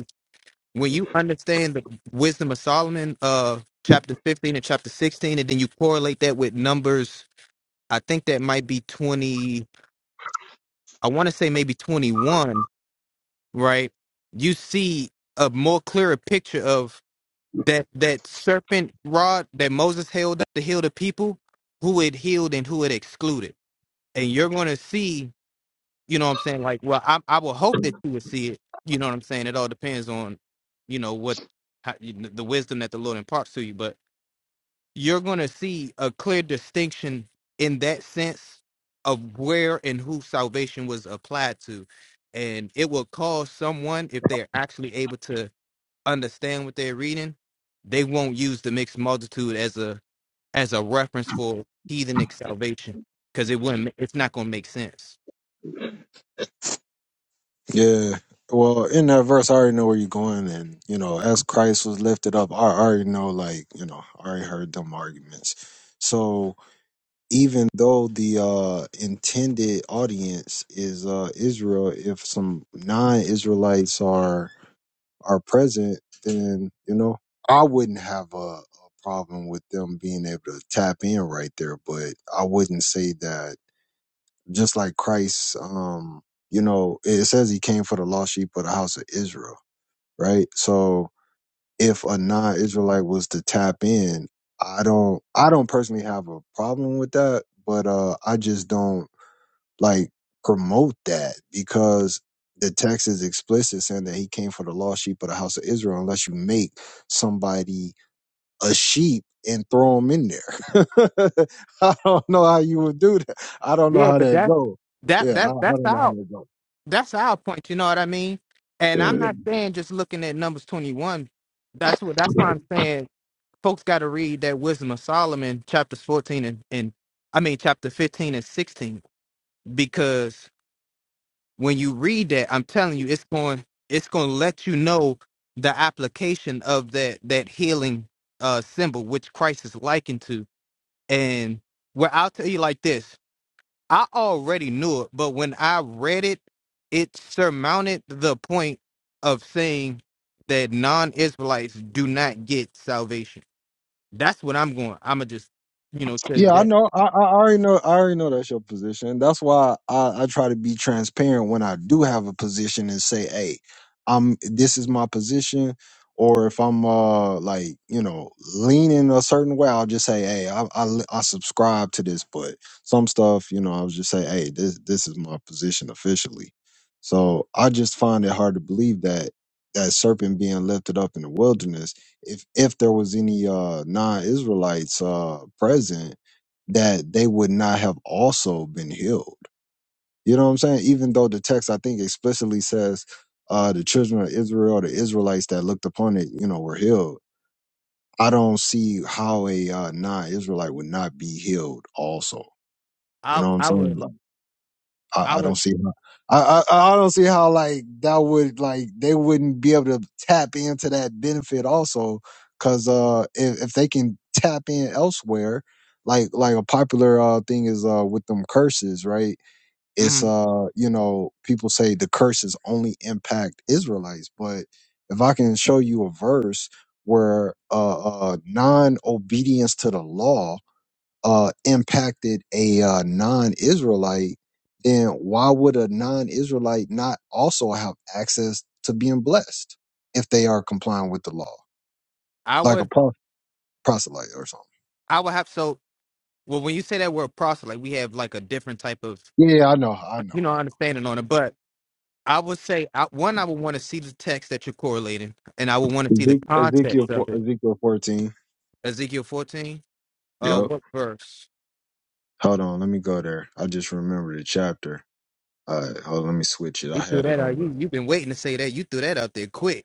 E: when you understand the wisdom of Solomon, uh, chapter 15 and chapter 16, and then you correlate that with numbers, I think that might be 20, I want to say maybe 21, right? You see a more clearer picture of that that serpent rod that Moses held up to heal the people, who it healed and who it excluded. And you're going to see you know what I'm saying? Like, well, I I will hope that you would see it. You know what I'm saying? It all depends on, you know, what how, you, kn- the wisdom that the Lord imparts to you. But you're going to see a clear distinction in that sense of where and who salvation was applied to, and it will cause someone if they're actually able to understand what they're reading, they won't use the mixed multitude as a as a reference for heathenic salvation because it wouldn't. ma- It's not going to make sense.
B: Yeah. Well, in that verse, I already know where you're going. And, you know, as Christ was lifted up, I already know, like, you know, I already heard them arguments. So even though the uh, intended audience is uh, Israel, if some non Israelites are are present, then, you know, I wouldn't have a, a problem with them being able to tap in right there. But I wouldn't say that just like Christ, um, you know, it says he came for the lost sheep of the house of Israel, right? So if a non-Israelite was to tap in, I don't, I don't personally have a problem with that, but uh, I just don't like promote that because the text is explicit saying that he came for the lost sheep of the house of Israel. Unless you make somebody a sheep and throw them in there. I don't know how you would do that. I don't know
E: Yeah,
B: how
E: but
B: that
E: that's
B: go.
E: that
B: Yeah, I,
E: that
B: I
E: that's
B: don't know how
E: our
B: that go.
E: that's our point. You know what I mean? And I'm
B: Yeah,
E: not saying just looking at numbers 21. That's what that's why I'm saying folks got to read that Wisdom of Solomon chapters 14 and, and I mean chapter 15 and 16 because when you read that, I'm telling you, it's going it's going to let you know the application of that that healing uh symbol which
B: yeah.
E: Christ is likened to. And well, I'll tell you like this. I already knew it, but when I read it, it surmounted the point of saying that non-Israelites do not get salvation. That's what I'm going. I'ma just, you know, tell you
B: Yeah, I
E: that.
B: know. I, I already know. I already know that's your position. That's why I, I try to be transparent when I do have a position and say, "Hey, I'm. This is my position." Or if I'm uh like you know leaning a certain way, I'll just say, "Hey, I I, I subscribe to this." But some stuff, you know, I'll just say, "Hey, this this is my position officially." So I just find it hard to believe that that serpent being lifted up in the wilderness if if there was any uh non-Israelites uh present that they would not have also been healed. You know what I'm saying? Even though the text, I think, explicitly says uh, the children of Israel, the Israelites that looked upon it, you know, were healed. I don't see how a uh, non-Israelite would not be healed also. You
E: I
B: know what I'm
E: I
B: saying?
E: would
B: Like,
E: I
B: I, I
E: would
B: don't see how I, I I don't see how like that would like they wouldn't be able to tap into that benefit also because uh if, if they can tap in elsewhere like like a popular uh thing is uh with them curses right it's
E: mhm.
B: uh you know people say the curses only impact Israelites but if I can show you a verse where uh, uh non obedience to the law uh, impacted a uh, non-Israelite, then why would a non-Israelite not also have access to being blessed if they are complying with the law,
E: I
B: like a
E: would
B: pro- proselyte or something?
E: I would have so well when you say that word proselyte, we have like a different type of
B: Yeah, I know, I know.
E: you know understanding on it. But I would say I, one, I would want to see the text that you're correlating, and I would want to see the
B: Ezek- Ezekiel,
E: context
B: four-
E: of it.
B: Ezekiel fourteen.
E: Ezekiel 14. Uh,
B: Yep.
E: what verse?
B: Hold on, let me go there. I just remembered the chapter. All right, hold on, let me switch it.
E: We
B: I
E: threw
B: had it
E: that
B: on.
E: on you. You've been with it quick.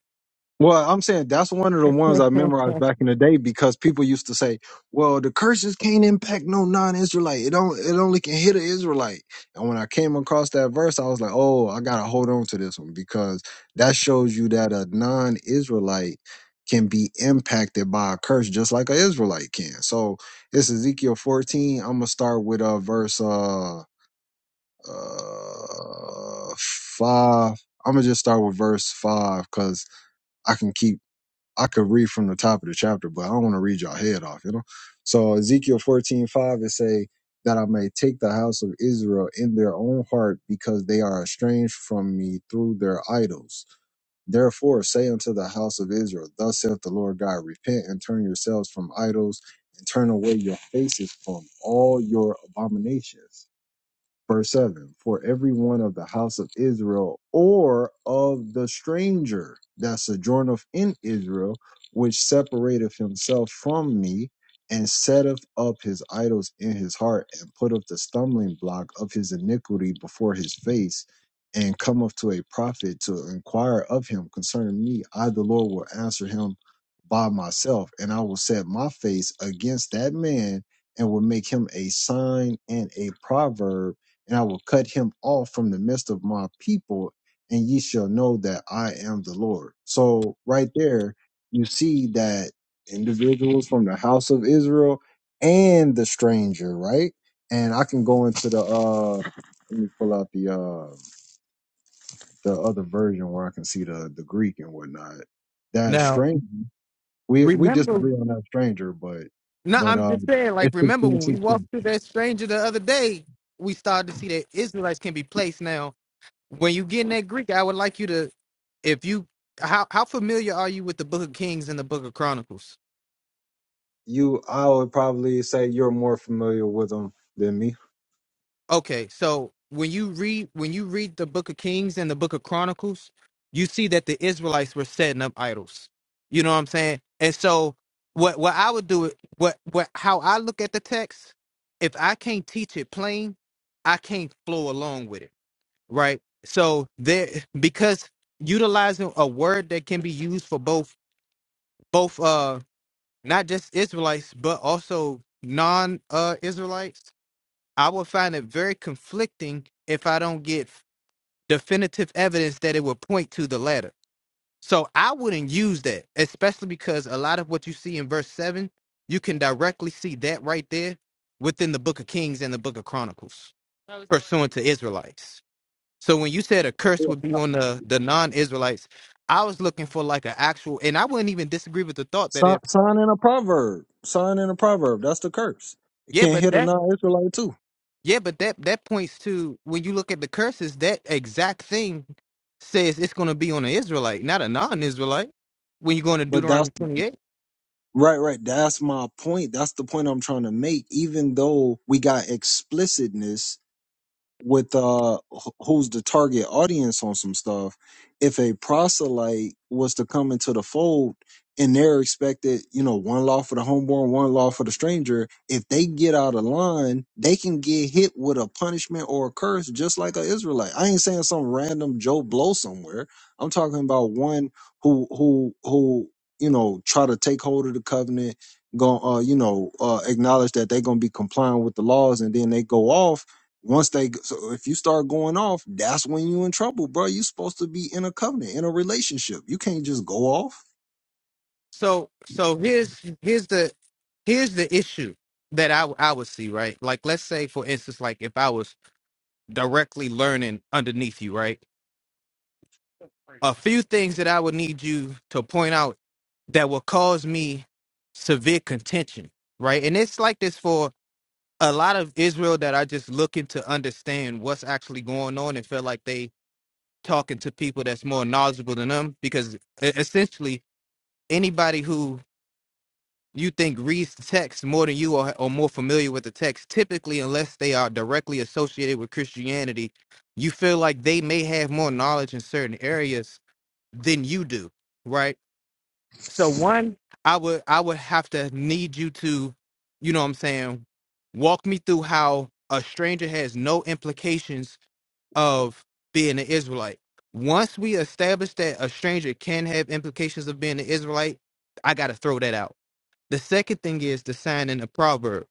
B: Well, I'm saying that's one of the ones I memorized back in the day because people used to say, "Well, the curses can't impact no non-Israelite. It don't. It only can hit an Israelite." And when I came across that verse, I was like, "Oh, I gotta hold on to this one because that shows you that a non-Israelite can be impacted by a curse just like an Israelite can." So it's Ezekiel 14. I'm gonna start with uh, verse uh, uh five. I'm gonna just start with verse five because. I can keep I could read from the top of the chapter, but I don't want to read your head off, you know? So Ezekiel fourteen five it say that I may take the house of Israel in their own heart because they are estranged from me through their idols. Therefore say unto the house of Israel, Thus saith the Lord God, repent and turn yourselves from idols and turn away your faces from all your abominations. Verse 7 For every one of the house of Israel or of the stranger that sojourneth in Israel, which separateth himself from me, and setteth up his idols in his heart, and putteth the stumbling block of his iniquity before his face, and cometh to a prophet to inquire of him concerning me, I, the Lord, will answer him by myself, and I will set my face against that man, and will make him a sign and a proverb and I will cut him off from the midst of my people, and ye shall know that I am the Lord. So, right there, you see that individuals from the house of Israel and the stranger, right? And I can go into the uh let me pull out the uh the other version where I can see the the Greek and whatnot. That
E: Now,
B: stranger we we
E: remember,
B: disagree on that stranger, but
E: no,
B: but
E: I'm
B: uh
E: just saying, like,
B: it's
E: remember
B: sixteen
E: when we walked
B: sixteen.
E: through that stranger the other day, we started to see that Israelites can be placed. Now, when you get in that Greek, I would like you to, if you, how, how familiar are you with the book of Kings and the book of Chronicles?
B: You I would probably say you're more familiar with them than me.
E: Okay, so when you read when you read the book of Kings and the book of Chronicles, you see that the Israelites were setting up idols. You know what I'm saying? And so what what I would do what what how I look at the text, if I can't teach it plain, I can't flow along with it, right? So there because utilizing a word that can be used for both both uh not just Israelites but also non uh Israelites I would find it very conflicting if I don't get definitive evidence that it would point to the latter. So I wouldn't use that, especially because a lot of what you see in verse 7, you can directly see that right there within the book of Kings and the book of Chronicles, pursuant to Israelites. So when you said a curse
B: Yeah.
E: would be on the, the non Israelites, I was looking for like an actual, and I wouldn't even disagree with the thought that
B: Sign,
E: if,
B: sign in a proverb. Sign in a proverb. That's the curse. It
E: yeah,
B: can't
E: but
B: hit a
E: that's
B: non-Israelite too.
E: Yeah, but that that points to when you look at the curses, that exact thing says it's going to be on an Israelite, not a non-Israelite. When you go into
B: But that's
E: Deuteronomy 28,
B: right, right. That's my point. That's the point I'm trying to make. Even though we got explicitness with uh wh- who's the target audience on some stuff if a proselyte was to come into the fold and they're expected you know one law for the homeborn one law for the stranger if they get out of line they can get hit with a punishment or a curse just like a israelite i ain't saying some random joe blow somewhere i'm talking about one who who who you know try to take hold of the covenant go uh you know uh acknowledge that they're gonna be complying with the laws and then they go off once they, so if you start going off, that's when you in trouble, bro. You supposed to be in a covenant, in a relationship. You can't just go off.
E: so so here's here's the here's the issue that I I would see right. Like let's say for instance, like if I was directly learning underneath you, right? A few things that I would need you to point out that will cause me severe contention, right? And it's like this for a lot of Israel that are just looking to understand what's actually going on and feel like they talking to people that's more knowledgeable than them because e- essentially anybody who you think reads the text more than you or, or more familiar with the text typically unless they are directly associated with christianity you feel like they may have more knowledge in certain areas than you do right so one, I would I would have to need you to, you know what I'm saying, walk me through how a stranger has no implications of being an Israelite. Once we establish that a stranger can have implications of being an Israelite, I gotta throw that out. The second thing is the sign in the proverb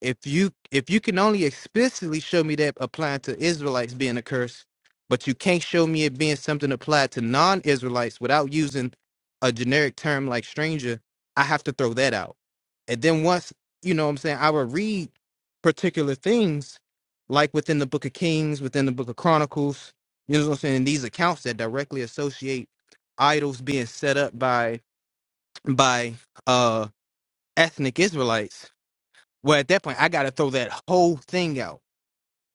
E: if you if you can only explicitly show me that applying to Israelites being a curse, but you can't show me it being something applied to non-Israelites without using a generic term like stranger, I have to throw that out. And then once you know what I'm saying, I would read particular things like within the Book of Kings, within the Book of Chronicles, you know what I'm saying, and these accounts that directly associate idols being set up by by uh ethnic Israelites. Well, at that point, I got to throw that whole thing out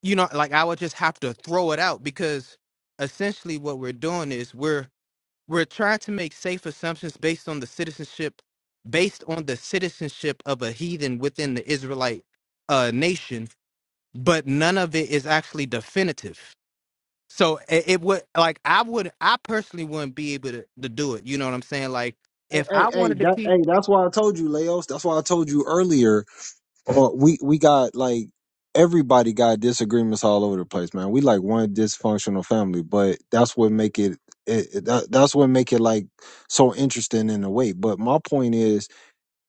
E: you know like i would just have to throw it out because essentially what we're doing is we're we're trying to make safe assumptions based on the citizenship based on the citizenship of a heathen within the israelite uh nation but none of it is actually definitive so it, it would like i would i personally wouldn't be able to, to do it you know what i'm saying like
B: Hey,
E: if i
B: hey, hey,
E: wanted to
B: that,
E: teach
B: hey, that's why I told you, Leos. That's why I told you earlier. Uh, we we got like everybody got disagreements all over the place, man. We like one dysfunctional family, but that's what make it. it, it that, that's what make it like so interesting in a way. But my point is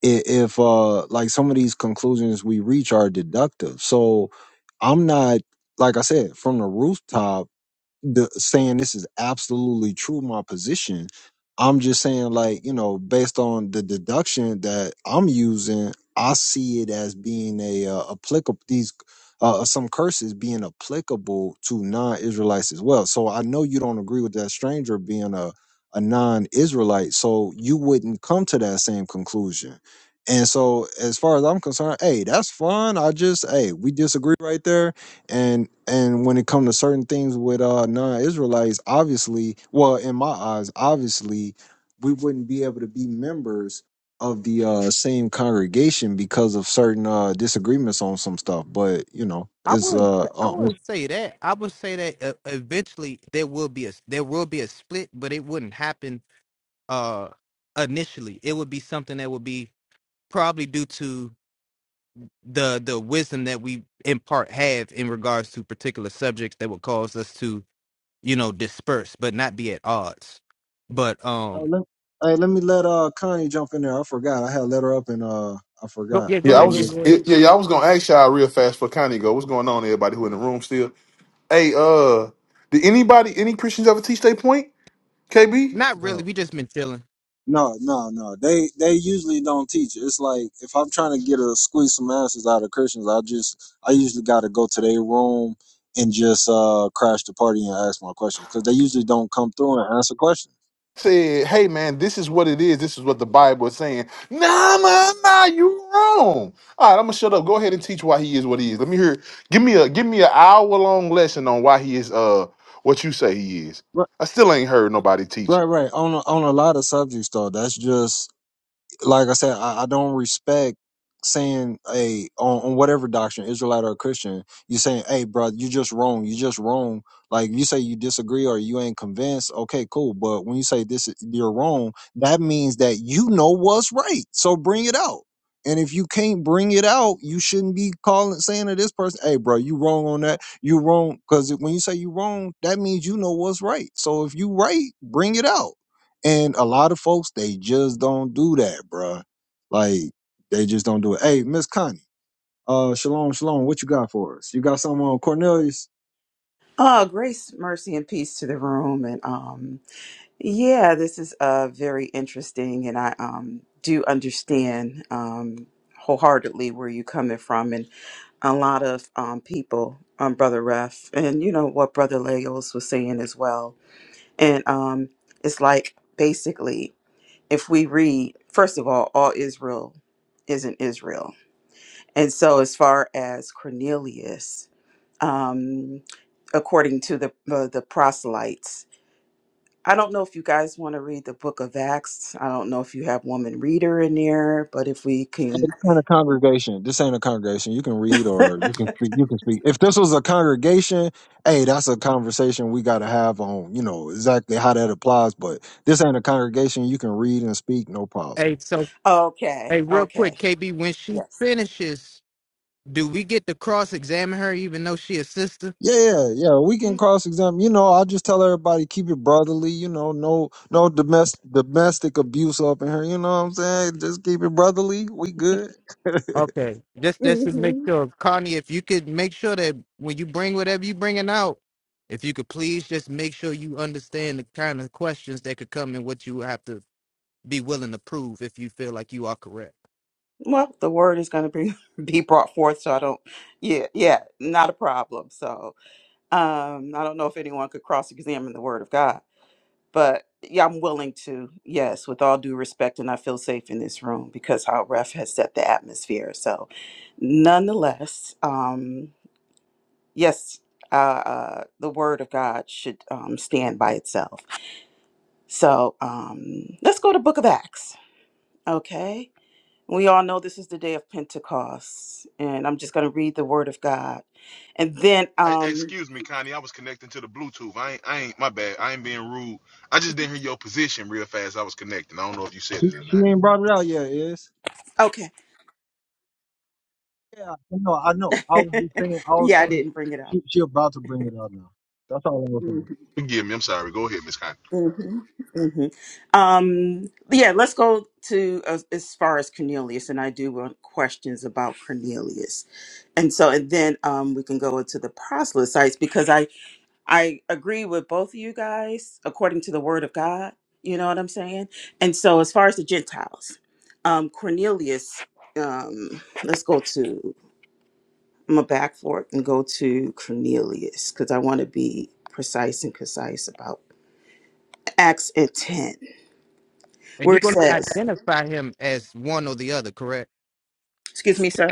B: i- if uh like some of these conclusions we reach are deductive so i'm not like i said from the rooftop the, saying this is absolutely true, my position. I'm just saying, like, you know, based on the deduction that I'm using, I see it as being a uh, applicable, these, uh, uh, some curses being applicable to non Israelites as well. So I know you don't agree with that stranger being a, a non Israelite. So you wouldn't come to that same conclusion. And so, as far as I'm concerned, hey, that's fun. I just, hey, we disagree right there and and when it comes to certain things with uh non-israelites obviously well in my eyes obviously we wouldn't be able to be members of the uh same congregation because of certain uh disagreements on some stuff but you know
E: i
B: it's
E: wouldn't
B: uh,
E: s- i
B: uh
E: wouldn't say that i would say that uh, eventually there will be a there will be a split but it wouldn't happen uh initially it would be something that would be probably due to the the wisdom that we in part have in regards to particular subjects that would cause us to you know disperse but not be at odds but
B: oh,
E: um
B: let, hey, let me let uh connie jump in there i forgot i had let her up and uh i
E: go,
B: forgot
E: yeah
A: Yeah,
E: go
B: i
A: I
E: ahead
A: was
B: don't
E: go,
A: just
E: go ahead
A: it, yeah, yeah, I was gonna ask y'all real fast for Connie go. What's going on, everybody who in the room still? Hey, uh, did anybody any Christians ever teach their point, KB?
E: not
B: know
E: really we just been chilling
B: No, no, no. They they usually don't teach. It's like if I'm trying to get a squeeze some asses out of Christians, I just I usually got to go to their room and just uh crash the party and ask my questions because they usually don't come through and answer questions.
A: said, "Hey man, this is what it is. This is what the Bible is saying." Nah, nah, nah, you wrong. All right, I'm gonna shut up. Go ahead and teach why he is what he is. Let me hear. Give me a give me an hour long lesson on why he is uh what you say he is.
B: Right,
A: I still ain't heard nobody teach
B: right,
A: it.
B: right. On a, on a lot of subjects though, that's just like I said, I, I don't respect saying, hey, on, on whatever doctrine, Israelite or Christian, you saying, hey, bro, you just wrong. You just wrong. Like you say you disagree or you ain't convinced. Okay, cool. But when you say this, is- you're wrong, that means that you know what's right. So bring it out. And if you can't bring it out, you shouldn't be calling saying to this person, "Hey, bro, you wrong on that. You wrong." Because when you say you wrong, that means you know what's right. So if you right, bring it out and a lot of folks, they just don't do that, bruh. Like, they just don't do it. Hey, Miss Connie, uh, shalom, shalom. What you got for us? You got something on Cornelius?
H: Oh, grace, mercy, and peace to the room. And um, yeah, this is uh very interesting, and I um do understand um wholeheartedly where you're coming from, and a lot of um people, um, brother Ref, and you know what brother Leos was saying as well. And um, it's like basically if we read, first of all, all Israel isn't Israel, and so as far as Cornelius um, according to the uh, the proselytes. I don't know if you guys want to read the book of Acts. I don't know if you have woman reader in there, but if we
B: Hey,
H: can,
B: this ain't a congregation. This ain't a congregation. You can read or you can speak. You can speak. If this was a congregation, hey, that's a conversation we got to have on, you know, exactly how that applies. But this ain't a congregation. You can read and speak, no problem.
E: hey so
H: okay,
E: hey real
H: okay,
E: quick kb when she
H: yes.
E: finishes do we get to cross examine her even though she a sister
B: Yeah, yeah, yeah. We can cross examine. You know, I just tell everybody keep it brotherly. You know, no, no domestic domestic abuse up in here. You know what I'm saying? Just keep it brotherly. We good.
E: Okay, just just to make
H: hmm
E: sure, Connie, if you could make sure that when you bring whatever you bringing out, if you could please just make sure you understand the kind of questions that could come and what you have to be willing to prove if you feel like you are correct.
H: Well, the word is going to be be brought forth, so I don't. Yeah, yeah, not a problem. So um, I don't know if anyone could cross examine the word of God but yeah, I'm willing to, yes, with all due respect, and I feel safe in this room because how ref has set the atmosphere. So, nonetheless, um, yes, uh, uh, the word of God should um, stand by itself. So, um, let's go to Book of Acts. Okay, we all know this is the day of Pentecost, and I'm just going to read the word of God, and then,
A: Hey, hey,
H: um,
A: excuse me, Connie. I was connecting to the Bluetooth. I ain't, I ain't, my bad. I ain't being rude. I just didn't hear your position real fast. I was connecting. I don't know if you said
B: she,
A: it or
B: she
A: not.
B: ain't brought it out yet. Is
H: okay,
B: Yeah, I know, I know. I was just saying, I was
H: yeah, I
B: saying
H: didn't bring it up.
B: she, she about to bring it out now. That's all I was
H: Mm.
B: saying.
A: Forgive me. I'm sorry. Go ahead, Miss Connie.
H: hmm hmm Um, yeah, let's go to uh, as far as Cornelius, and I do want questions about Cornelius, and so and then um, we can go into the proselytes because I I agree with both of you guys according to the Word of God. You know what I'm saying? And so as far as the Gentiles, um, Cornelius, um, let's go to I'm gonna back for it and go to Cornelius because I want to be precise and concise about Acts and 10.
E: And
H: where
E: you're
H: it
E: going to
H: says,
E: identify him as one or the other, correct?
H: Excuse me, sir.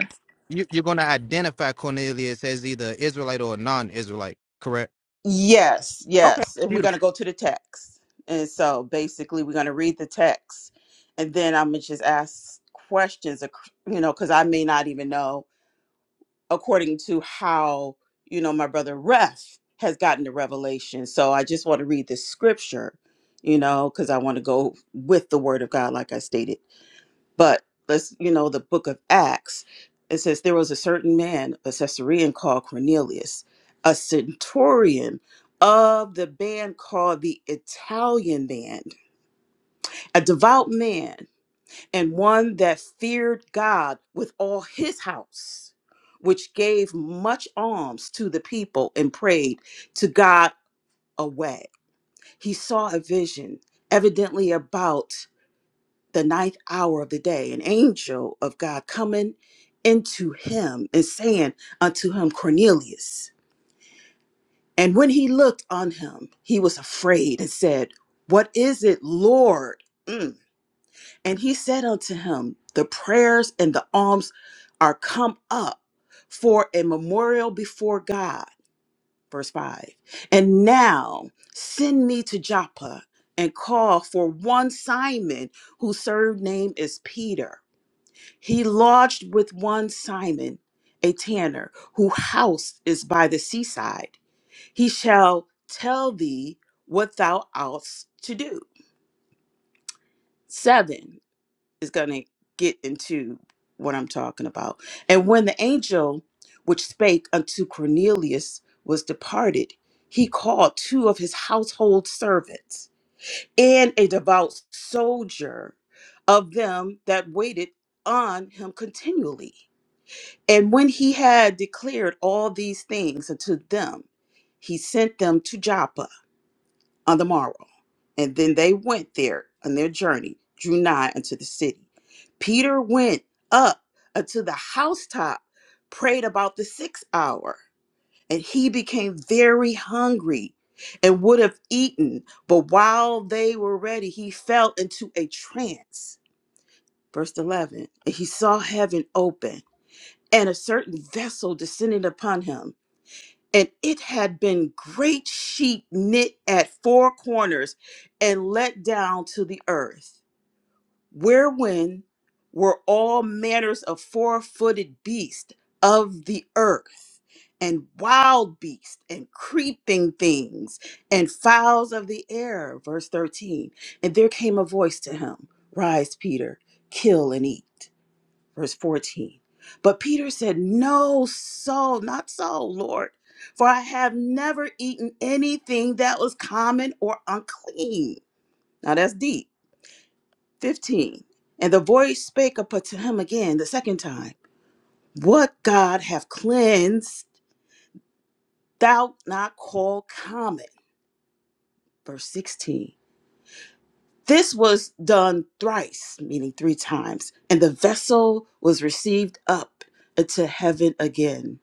E: You, you're going to identify Cornelius as either Israelite or a non-Israelite, correct?
H: Yes,
E: Okay,
H: yes. And we're
E: beautiful.
H: going to go to the text. And so basically, we're going to read the text. And then I'm going to just ask questions, ac- you know, because I may not even know according to how, you know, my brother Ref has gotten the revelation. So I just want to read the scripture, you know, because I want to go with the word of God, like I stated. But let's, you know, the book of Acts, it says there was a certain man, a Caesarean called Cornelius, a centurion of the band called the Italian band, a devout man, and one that feared God with all his house, which gave much alms to the people and prayed to God away. He saw a vision, evidently about the ninth hour of the day, an angel of God coming into him and saying unto him, Cornelius. And when he looked on him, he was afraid and said, What is it, Lord? Mm. And he said unto him, The prayers and the alms are come up for a memorial before God. Verse 5. And now send me to Joppa and call for one Simon, whose surname is Peter He lodged with one Simon, a tanner, whose house is by the seaside. He shall tell thee what thou oughtest to do. Seven is going to get into what I'm talking about. And when the angel which spake unto Cornelius was departed, he called two of his household servants and a devout soldier of them that waited on him continually And when he had declared all these things unto them, he sent them to Joppa on the morrow. And then they went there on their journey, drew nigh unto the city. Peter went up unto the housetop, prayed about the sixth hour, and he became very hungry and would have eaten. But while they were ready, he fell into a trance. Verse 11, and he saw heaven open and a certain vessel descended upon him. And it had been great sheet knit at four corners and let down to the earth, wherein were all manners of four footed beasts of the earth, and wild beasts, and creeping things, and fowls of the air. Verse 13. And there came a voice to him Rise, Peter, kill and eat verse 14. But Peter said, No, so, not so, Lord, for I have never eaten anything that was common or unclean. Now that's deep. 15. And the voice spake up unto him again the second time, What God hath cleansed, thou not call common. Verse 16. This was done thrice, meaning three times, and the vessel was received up into heaven again.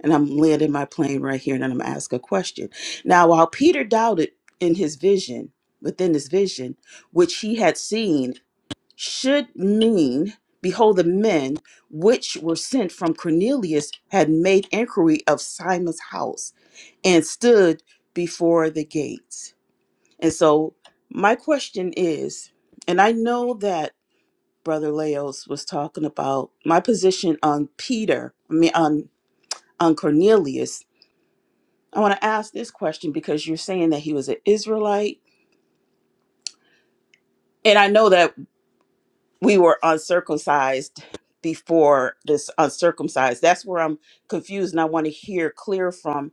H: and I'm landing my plane right here, and then I'm gonna ask a question. Now, while Peter doubted in his vision, within his vision, which he had seen, should mean, behold, the men which were sent from Cornelius had made inquiry of Simon's house and stood before the gates. And so, my question is, and I know that Brother Laos was talking about my position on Peter, I mean, on on Cornelius I want to ask this question because you're saying that he was an Israelite. And I know that we were uncircumcised before this uncircumcised. That's where I'm confused. And I want to hear clear from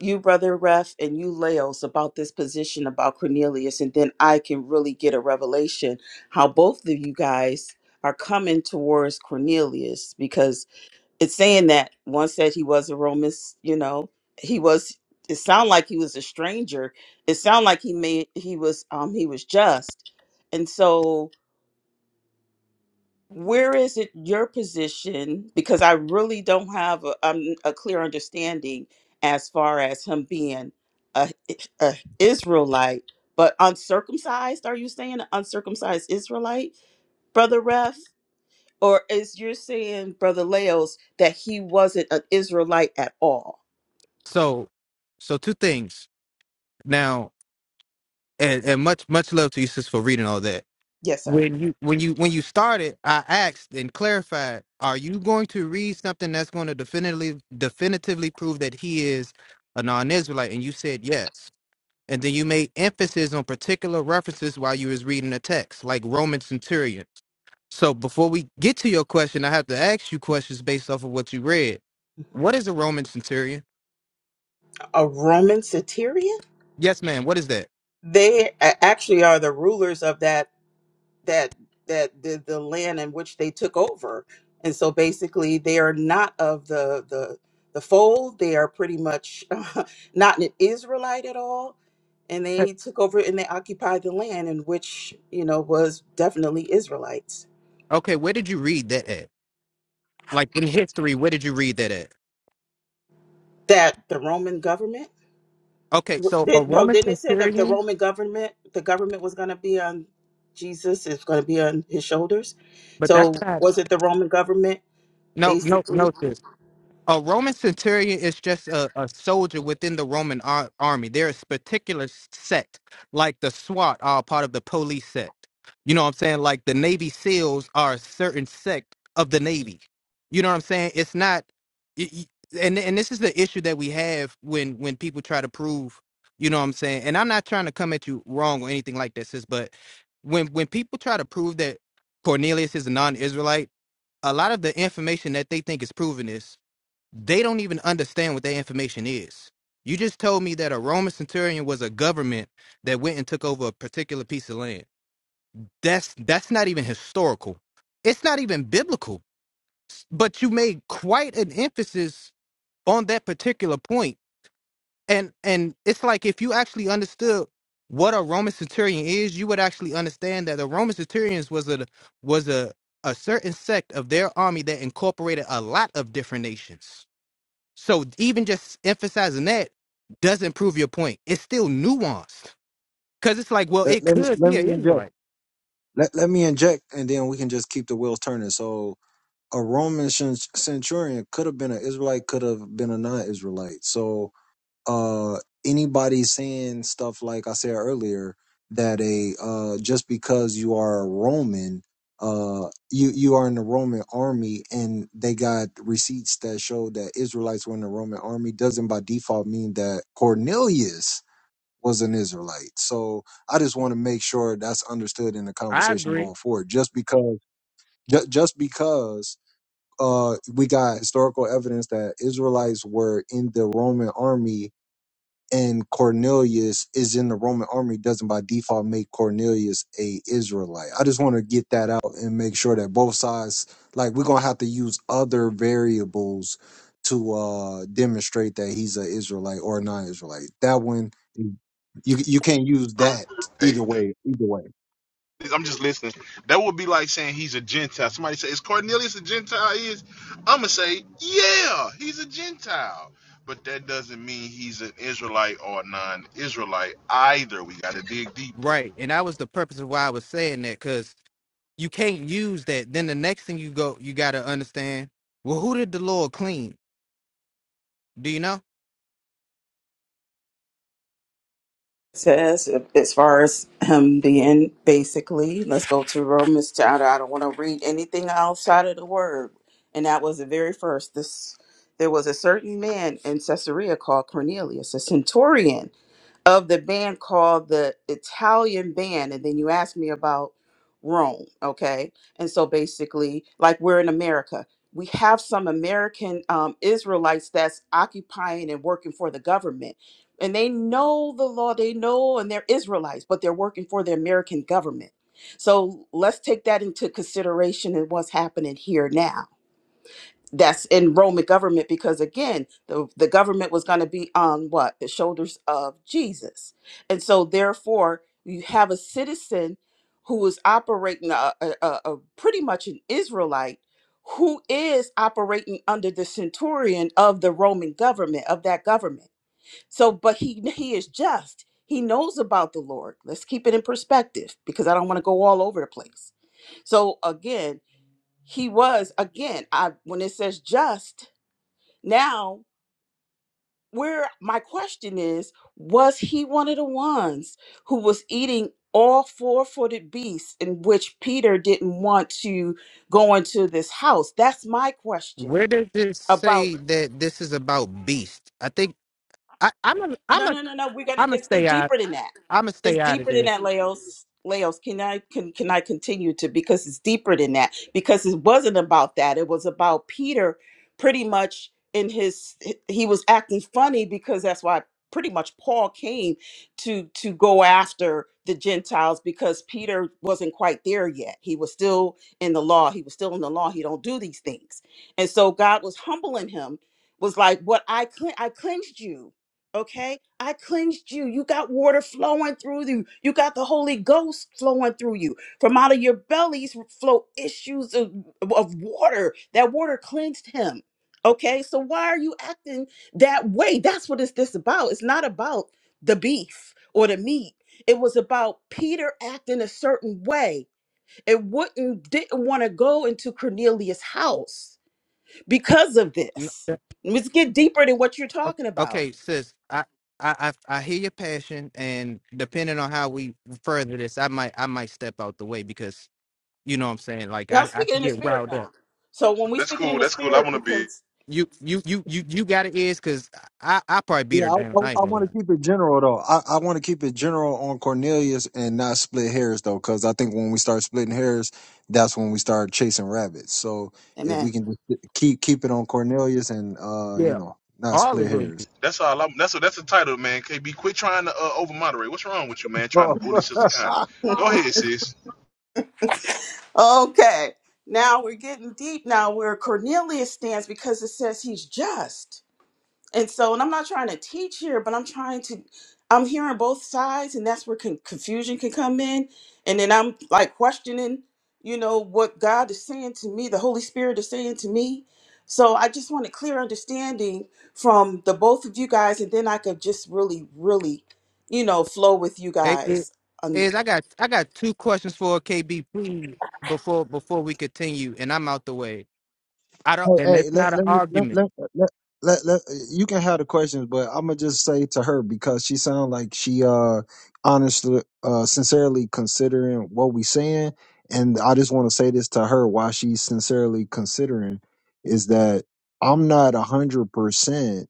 H: you, Brother Ref, and you, Laos, about this position about Cornelius. And then I can really get a revelation how both of you guys are coming towards Cornelius because it's saying that one said he was a Roman, s- you know, he was it sounded like he was a stranger. It sounded like he made he was um he was just. And so where is it your position because I really don't have a, um, a clear understanding as far as him being a, a Israelite but uncircumcised are you saying an uncircumcised Israelite brother ref or is you're saying brother Leos that he wasn't an Israelite at all
E: So, so two things now, and, and much much love to you, sis, for reading all that.
H: Yes, sir.
E: when you when you when you started i asked and clarified are you going to read something that's going to definitively definitively prove that he is a non-israelite and you said yes and then you made emphasis on particular references while you was reading the text like roman centurion so before we get to your question i have to ask you questions based off of what you read what is a roman centurion
H: a Roman centurion.
E: yes ma'am what is that
H: They a- actually are the rulers of that that that the, the land in which they took over, and so basically they are not of the the the fold. They are pretty much not an Israelite at all, and they took over and they occupied the land in which you know was definitely Israelites.
E: okay where did you read that at like in history where did you read that at
H: That the Roman government.
E: okay so a
H: Did, no,
E: roman
H: didn't it say that the
E: centurion
H: Roman government, the government was going to be on Jesus, is going to be on his shoulders?
E: but that's
H: So
E: not
H: was it the Roman government,
E: No, no, no,
H: basically?
E: sis. A Roman centurion is just a, a soldier within the Roman ar- army. There is particular sect, like the SWAT are part of the police sect. You know what I'm saying? Like the Navy SEALs are a certain sect of the Navy. You know what I'm saying? It's not, y- y- and and this is the issue that we have when when people try to prove. You know what I'm saying? And I'm not trying to come at you wrong or anything like that, sis. But when when people try to prove that Cornelius is a non-Israelite a lot of the information that they think is proven is they don't even understand what that information is. You just told me that a Roman centurion was a government that went and took over a particular piece of land. That's that's not even historical. It's not even biblical. But you made quite an emphasis on that particular point and and it's like if you actually understood what a Roman centurion is, you would actually understand that the Roman centurions was a was a a certain sect of their army that incorporated a lot of different nations. So even just emphasizing that doesn't prove your point. It's still nuanced because it's like, well,
B: let
E: it
B: let me,
E: could
B: let
E: be
B: me
E: an
B: inject.
E: Israelite,
B: Let let me inject, and then we can just keep the wheels turning. So a Roman cen- centurion could have been an Israelite, could have been a non-Israelite. So uh anybody saying stuff like I said earlier that a uh just because you are a Roman uh you you are in the Roman army and they got receipts that show that Israelites were in the Roman army doesn't by default mean that Cornelius was an Israelite. So I just want to make sure that's understood in the conversation
E: right?
B: going forward. Just because ju- just because uh we got historical evidence that Israelites were in the Roman army and Cornelius is in the Roman army doesn't by default make Cornelius a Israelite. I just want to get that out and make sure that both sides like we're going to have to use other variables to uh demonstrate that he's an Israelite or a non-Israelite. That one you you can't use that either way either way.
A: I'm just listening. That would be like saying he's a Gentile. Somebody say, "Is Cornelius a Gentile?" He Is I'm gonna say, "Yeah, he's a Gentile." But that doesn't mean he's an Israelite or a non-Israelite either. We got to dig deeper.
E: Right, and that was the purpose of why I was saying that because you can't use that. Then the next thing you go, you got to understand. Well, who did the Lord clean? Do you know?
H: says uh, as far as him being basically let's go to romans chapter i don't want to read anything outside of the word and that was the very first this there was a certain man in caesarea called cornelius a centurion of the band called the Italian Band. And then you asked me about Rome, okay? And so basically, like we're in America, we have some American um, Israelites that's occupying and working for the government. And they know the law, they know, and they're Israelites, but they're working for the American government. So let's take that into consideration in what's happening here now that's in Roman government because again, the, the government was going to be on what? The shoulders of Jesus. And so therefore, you have a citizen who is operating a, a, a, a pretty much an Israelite who is operating under the centurion of the Roman government of that government. So but he he is just. He knows about the Lord. Let's keep it in perspective because I don't want to go all over the place. So again, he was again, I when it says just now, where my question is, was he one of the ones who was eating all four footed beasts in which Peter didn't want to go into this house? That's my question
E: Where does this
H: about
E: say that this is about beast? I think I, I'm a I'm
H: No,
E: a
H: no, no, no. We're gonna.
E: I'm gonna
H: It's, it's
E: stay out.
H: deeper than that.
E: I'm gonna
H: It's
E: stay out of
H: deeper than
E: this.
H: that, Laos. Laos, can I can can I continue to because it's deeper than that because it wasn't about that. It was about Peter, pretty much in his he was acting funny because that's why pretty much Paul came to to go after the Gentiles because Peter wasn't quite there yet. He was still in the law. He was still in the law. He don't do these things, and so God was humbling him. Was like, what I cle- I cleansed you. Okay. I cleansed you. You got water flowing through you. You got the Holy Ghost flowing through you. From out of your bellies flow issues of, of water. That water cleansed him. Okay. So why are you acting that way? That's what it's this about. It's not about the beef or the meat. It was about Peter acting a certain way. It wouldn't didn't want to go into Cornelius' house because of
E: N-
H: this.
E: uh,
H: Let's get deeper than what you're talking about
E: Okay, sis. I, I I I hear your passion, and depending on how we further this, I might I might step out the way because you know what I'm saying. Like
H: Now I'm
E: I I
H: speaking
E: can
H: in the
E: get
H: spirit
E: riled up.
H: now. So when we
A: That's
H: speaking
A: cool.
H: in the
A: That's cool. I
H: spirit,
A: want to be.
H: because
E: You you you you you got it is because I I probably beat
B: Yeah,
E: her
B: I,
E: down.
B: I,
E: I ain't
B: I
E: gonna lie.
B: want to keep it general though. I, I want to keep it general on Cornelius and not split hairs though, because I think when we start splitting hairs, that's when we start chasing rabbits. So if we
H: Amen.
B: can just keep keep it on Cornelius and uh, you
E: Yeah,
B: know, not
E: all
B: split
E: of us.
B: hairs.
A: That's all. I'm, that's a, that's the title, man. KB, quit trying to uh, over moderate. What's wrong with you, man? Trying to bully Sister Connie. Go ahead, sis.
H: Okay. Now we're getting deep. Now where Cornelius stands because it says he's just. And so, and I'm not trying to teach here, but I'm trying to, I'm hearing both sides, and that's where con- confusion can come in. And then I'm like questioning, you know, what God is saying to me, the Holy Spirit is saying to me. So I just want a clear understanding from the both of you guys, and then I could just really, really, you know, flow with you
E: Hey, hey,
H: guys.
E: Is I got I got two questions for KB, please, before before we continue, and I'm out the way. I don't,
B: Hey,
E: and it's
B: hey,
E: not
B: let
E: an
B: let me let
E: argument.
B: let let. Let, let, you can have the questions, but I'm gonna just say to her because she sounds like she uh honestly uh sincerely considering what we saying, and I just want to say this to her why she's sincerely considering is that I'm not a hundred percent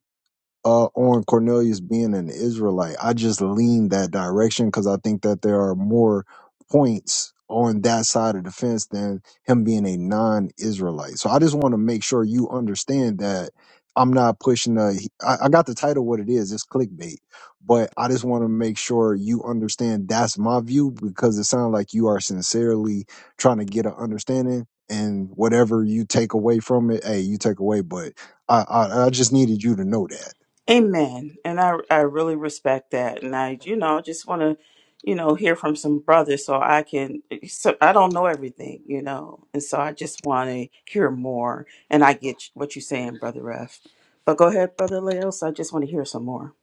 B: uh, on Cornelius being an Israelite. I just lean that direction because I think that there are more points on that side of the fence than him being a non Israelite. So I just want to make sure you understand that I'm not pushing a. I, I got the title what it is, it's clickbait. But I just want to make sure you understand that's my view because it sounds like you are sincerely trying to get an understanding. And whatever you take away from it, hey, you take away. But I, I, I just needed you to know that.
H: Amen. And I I really respect that. And I, you know, just want to, you know, hear from some brothers so I can so I don't know everything, you know. And so I just want to hear more and I get what you're saying, brother Ref. But go ahead, brother Leos. I just want to hear some more.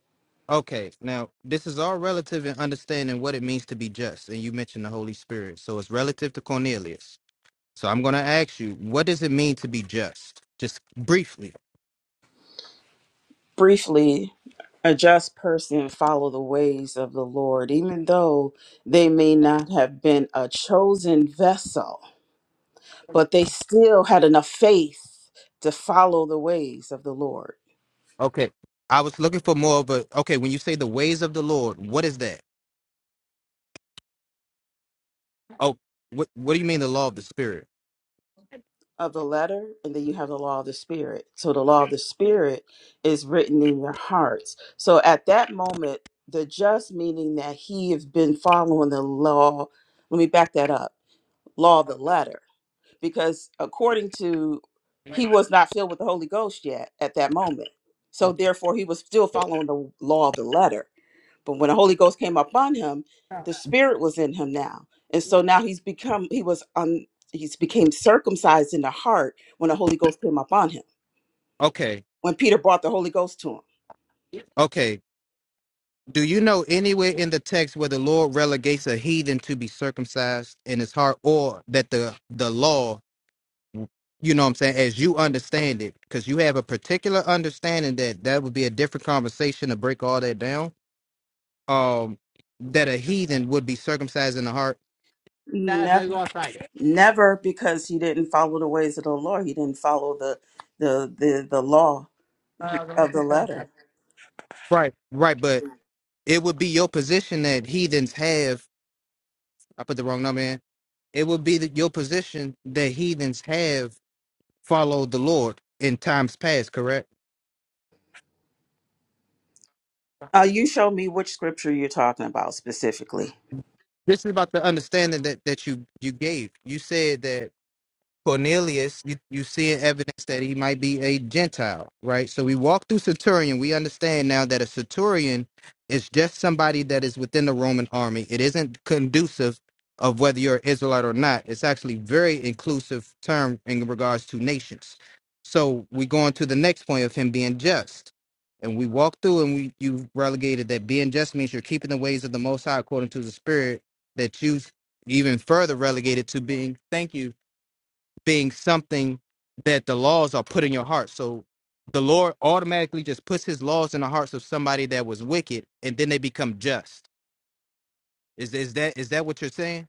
E: Okay, now this is all relative in understanding what it means to be just, and you mentioned the Holy Spirit, so it's relative to Cornelius. So I'm going to ask you, what does it mean to be just? Just briefly.
H: Briefly, a just person follow the ways of the Lord, even though they may not have been a chosen vessel, but they still had enough faith to follow the ways of the Lord.
E: Okay. I was looking for more of a, okay, when you say the ways of the Lord, what is that? Oh, what, what do you mean the law of the Spirit?
H: of the letter and then you have the law of the spirit so the law of the spirit is written in your hearts so at that moment the just meaning that he has been following the law let me back that up law of the letter because according to he was not filled with the holy ghost yet at that moment so therefore he was still following the law of the letter but when the Holy Ghost came upon him, the spirit was in him now. And so now he's become he was um he's became circumcised in the heart when the Holy Ghost came upon him.
E: Okay.
H: When Peter brought the Holy Ghost to him.
E: Okay. Do you know anywhere in the text where the Lord relegates a heathen to be circumcised in his heart or that the, the law, you know what I'm saying, as you understand it, because you have a particular understanding that that would be a different conversation to break all that down, um, that a heathen would be circumcised in the heart?
H: Never never because he didn't follow the ways of the Lord. He didn't follow the the the, the law of the letter.
E: Right, right, but it would be your position that heathens have. I put the wrong number in. It would be that your position that heathens have followed the Lord in times past. Correct.
H: Uh, you show me which scripture you're talking about specifically.
E: This is about the understanding that that you you gave. You said that Cornelius, you, you see evidence that he might be a Gentile, right? So we walk through Centurion. We understand now that a Centurion is just somebody that is within the Roman army. It isn't conducive of whether you're Israelite or not. It's actually very inclusive term in regards to nations. So we go on to the next point of him being just. And we walk through and we you relegated that being just means you're keeping the ways of the most high according to the spirit that you even further relegated to being thank you being something that the laws are put in your heart. So the Lord automatically just puts his laws in the hearts of somebody that was wicked and then they become just. Is is that is that what you're saying?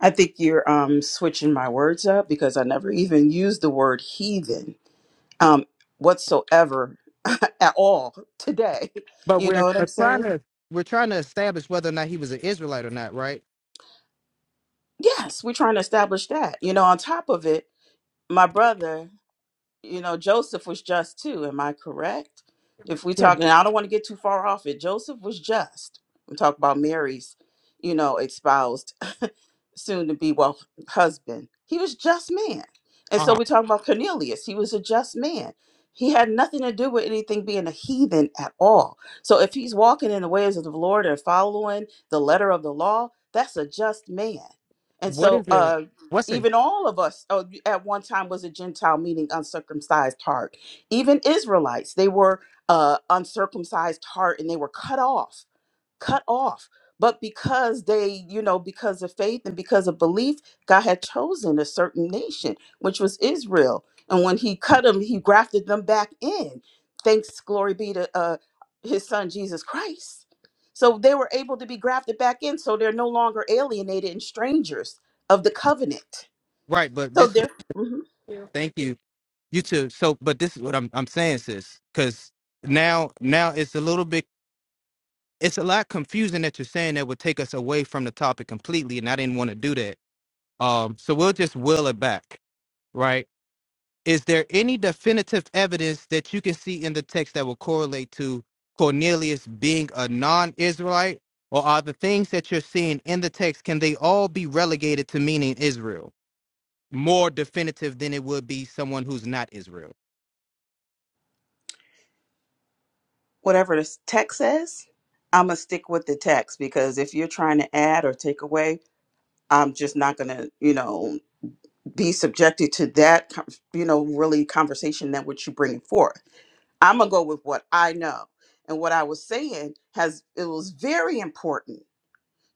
H: I think you're um, switching my words up because I never even used the word heathen um, whatsoever at all today. You know what I'm saying?
E: Yes. We're trying to establish whether or not he was an Israelite or not, right?
H: Yes, we're trying to establish that. You know, on top of it, my brother, you know, Joseph was just too. Am I correct? If we're talking, I don't want to get too far off it. Joseph was just. I'm talking about Mary's, you know, espoused soon to be well husband. He was just man. And so we're talking about Cornelius. He was a just man. He had nothing to do with anything being a heathen at all. So if he's walking in the ways of the Lord and following the letter of the law, that's a just man. And
E: Wh-
H: so uh
E: What's it?
H: even all of us uh, at one time was a Gentile, meaning uncircumcised heart. Even Israelites, they were uh, uncircumcised heart and they were cut off cut off. But because they, you know, because of faith and because of belief, God had chosen a certain nation, which was Israel. And when he cut them, he grafted them back in. Thanks, glory be to uh, his son, Jesus Christ. So they were able to be grafted back in. So they're no longer alienated and strangers of the covenant.
E: Right, but
H: So
E: this
H: they're, Mhm.
E: thank you. You too. So but this is what I'm I'm saying, sis, because now now it's a little bit it's a lot confusing that you're saying that would take us away from the topic completely, and I didn't want to do that. Um so we'll just will it back, right? Is there any definitive evidence that you can see in the text that will correlate to Cornelius being a non-Israelite? Or are the things that you're seeing in the text, can they all be relegated to meaning Israel? More definitive than it would be someone who's not Israel.
H: whatever the text says, I'm going to stick with the text because if you're trying to add or take away, I'm just not gonna, you know. be subjected to that con- you know really conversation that what you're bringing forth i'm gonna go with what i know and what i was saying has it was very important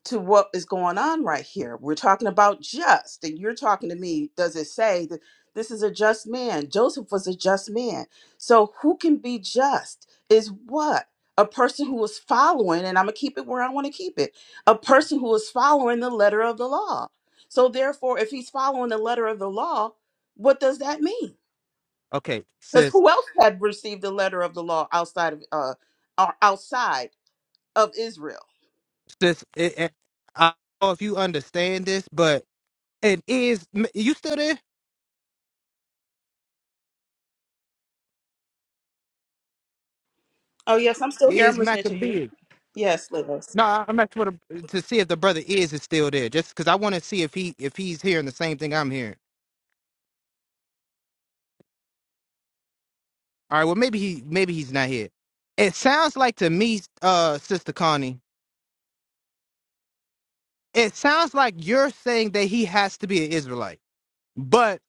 H: to what is going on right here. We're talking about just, and you're talking to me. Does it say that this is a just man? Joseph was a just man. So who can be just is what? A person who is following, and I'm going to keep it where I want to keep it. A person who is following the letter of the law. So therefore, if he's following the letter of the law, what does that mean?
E: Okay,
H: Because
E: sis,
H: who else had received the letter of the law outside of uh or outside of Israel?
E: sis, it, it- I don't know if you understand this, but it is, you still there?
H: Oh yes, I'm still here. I'm
E: Is
H: listening to you.
E: Maccabees?
H: Yes, Liz.
E: No, I- I'm not sure to, to see if the brother is is still there, just because I want to see if he if he's hearing the same thing I'm hearing. All right. Well, maybe he maybe he's not here. It sounds like to me, uh, Sister Connie, it sounds like you're saying that he has to be an Israelite, but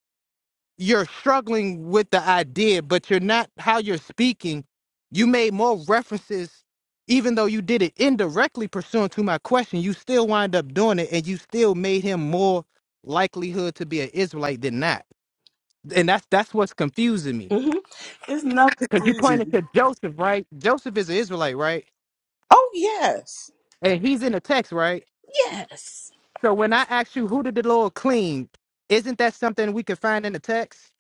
E: you're struggling with the idea, but you're not how you're speaking. You made more references, even though you did it indirectly pursuant to my question. You still wind up doing it, and you still made him more likelihood to be an Israelite than not. And that's that's what's confusing me,
H: hmm There's no
E: because you pointed
H: confusion.
E: to Joseph, right? Joseph is an Israelite, right?
H: Oh, yes.
E: and he's in the text, right?
H: Yes.
E: So when I ask you who did the Lord clean, isn't that something we could find in the text?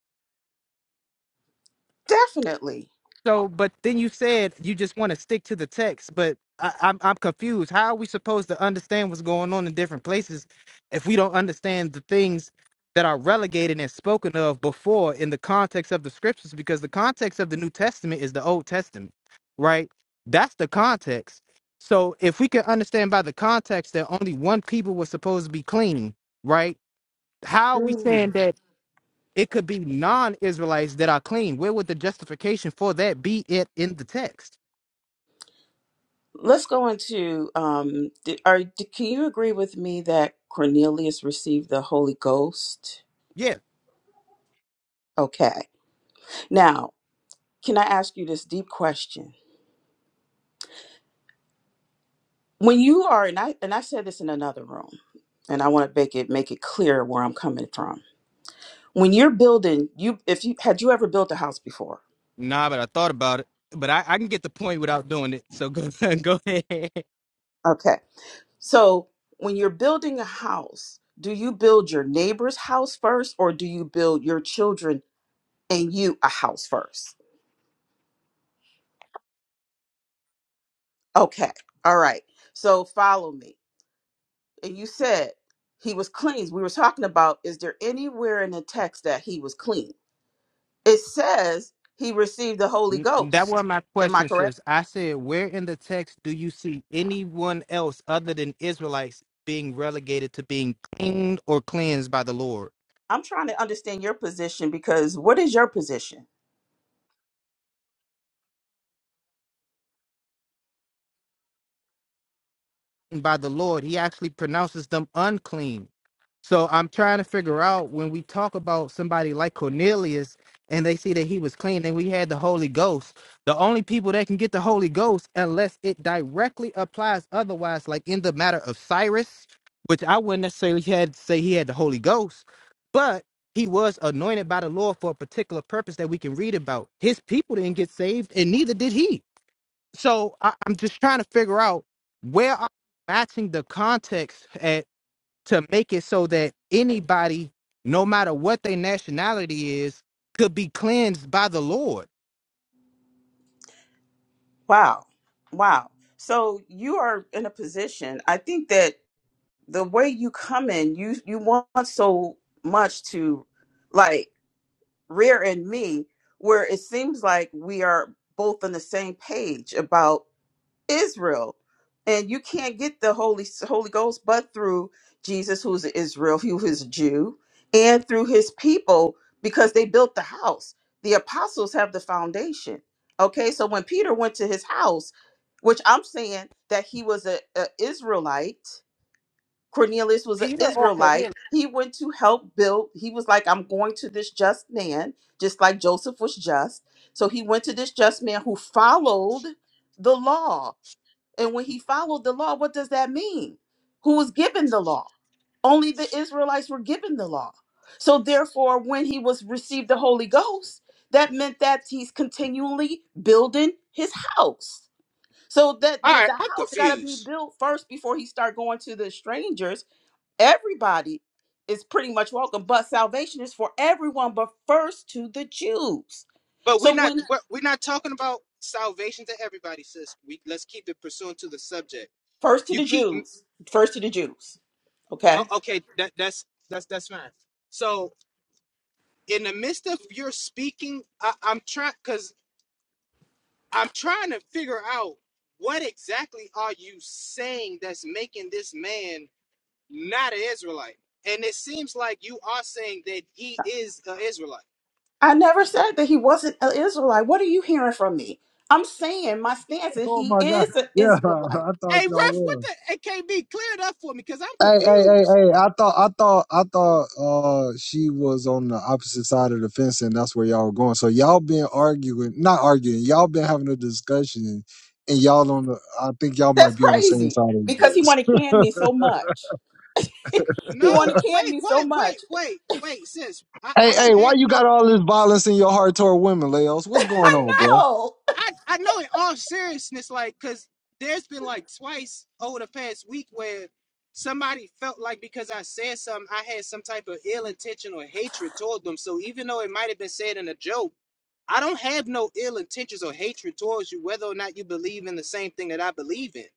H: Definitely.
E: So, but then you said you just want to stick to the text, but I, I'm I'm confused. How are we supposed to understand what's going on in different places if we don't understand the things that are relegated and spoken of before in the context of the scriptures? Because the context of the New Testament is the Old Testament, right? That's the context. So if we can understand by the context that only one people was supposed to be clean, right? how are we
H: Mm.
E: saying that it could be non-Israelites that are clean? Where would the justification for that be? It in the text?
H: Let's go into um, d are, d can you agree with me that Cornelius received the Holy Ghost?
E: Yeah.
H: Okay. Now, can I ask you this deep question? When you are, and I, and I said this in another room, and I want to make it make it clear where I'm coming from. When you're building, you if you had you ever built a house before?
E: Nah, but I thought about it. But I, I can get the point without doing it. So go go ahead.
H: Okay. So when you're building a house, do you build your neighbor's house first or do you build your children and you a house first? Okay. All right. So follow me. And you said he was cleansed. We were talking about is there anywhere in the text that he was clean? It says he received the Holy
E: N- That was
H: Ghost.
E: my
H: Am I
E: question,
H: correct?
E: sis. I said, where in the text do you see anyone else other than Israelites being relegated to being cleaned or cleansed by the Lord?
H: I'm trying to understand your position because what is your position?
E: And by the Lord, He actually pronounces them unclean. So I'm trying to figure out when we talk about somebody like Cornelius and they see that he was clean and we had the Holy Ghost, the only people that can get the Holy Ghost unless it directly applies otherwise, like in the matter of Cyrus, which I wouldn't necessarily had say he had the Holy Ghost, but he was anointed by the Lord for a particular purpose that we can read about. His people didn't get saved and neither did he. So I, I'm just trying to figure out where are we matching the context at to make it so that anybody, no matter what their nationality is, could be cleansed by the Lord.
H: Wow. Wow. So you are in a position. I think that the way you come in, you you want so much to like rear in me where it seems like we are both on the same page about Israel, and you can't get the Holy Holy Ghost but through Jesus, who's an Israel, who is a Jew, and through His people because they built the house. The apostles have the foundation. Okay, so when Peter went to his house, which I'm saying that he was a, a Israelite, Cornelius was an
E: Peter or
H: Israelite. He went to help build. He was like, "I'm going to this just man," just like Joseph was just. So he went to this just man who followed the law and when he followed the law, what does that mean? Who was given the law? Only the Israelites were given the law. So therefore, when he was received the Holy Ghost, that meant that he's continually building his house. So that
E: All
H: the,
E: right,
H: the
E: I'm
H: house got to be
E: confused.
H: built first before he start going to the strangers. Everybody is pretty much welcome, but salvation is for everyone, but first to the Jews.
E: But we're
H: So
E: not
H: when
E: we're we're not talking about salvation to everybody, sis. We let's keep it pursuant to the subject.
H: first to
E: You
H: the
E: keep
H: Jews, first to the Jews, okay?
E: oh, okay. That that's that's that's fine. So in the midst of your speaking, I, I'm trying because I'm trying to figure out what exactly are you saying that's making this man. not an Israelite. And it seems like you are saying that he is an Israelite.
H: I never said that he wasn't an Israelite. What are you hearing from me? I'm saying my stance is
B: Oh
H: he
B: my God.
H: is an
B: Yeah,
H: Israelite.
B: I thought
E: Hey,
B: y'all
E: ref, what
B: were.
E: the? It can't be cleared up for me because I'm
B: Hey, hey, hey,
E: confused.
B: hey! I thought, I thought, I thought uh, she was on the opposite side of the fence, and that's where y'all were going. So y'all been arguing, not arguing. Y'all been having a discussion, and y'all on the. I think y'all might
H: That's
B: be on the same
H: crazy
B: side of
H: because he
B: this.
H: want to can me so much. He want
E: No,
H: to can
E: wait,
H: me so
E: wait, wait,
H: much.
E: wait, wait, sis. I, I
B: Hey, hey,
E: don't
B: why
E: have
B: you got
E: no.
B: all this violence in your heart toward women, Leos? What's going
H: I
B: on,
E: I,
B: bruh?
H: know.
E: I, I know in all seriousness, like, because there's been like twice over the past week where somebody felt like because I said something, I had some type of ill intention or hatred toward them. So even though it might have been said in a joke, I don't have no ill intentions or hatred towards you, whether or not you believe in the same thing that I believe in.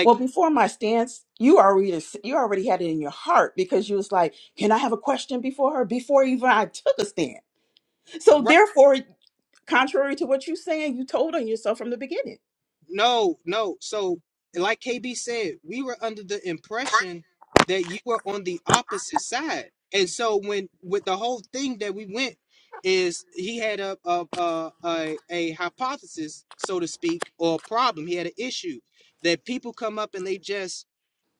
H: Well, before my stance, you already you already had it in your heart because you was like, "Can I have a question before her?" Before even I took a stand. So
E: right?
H: therefore, contrary to what you saying, you told on yourself from the beginning.
E: No, no. So, like KB said, we were under the impression that you were on the opposite side, and so when with the whole thing that we went is he had a a a, a, a hypothesis, so to speak, or a problem. He had an issue that people come up and they just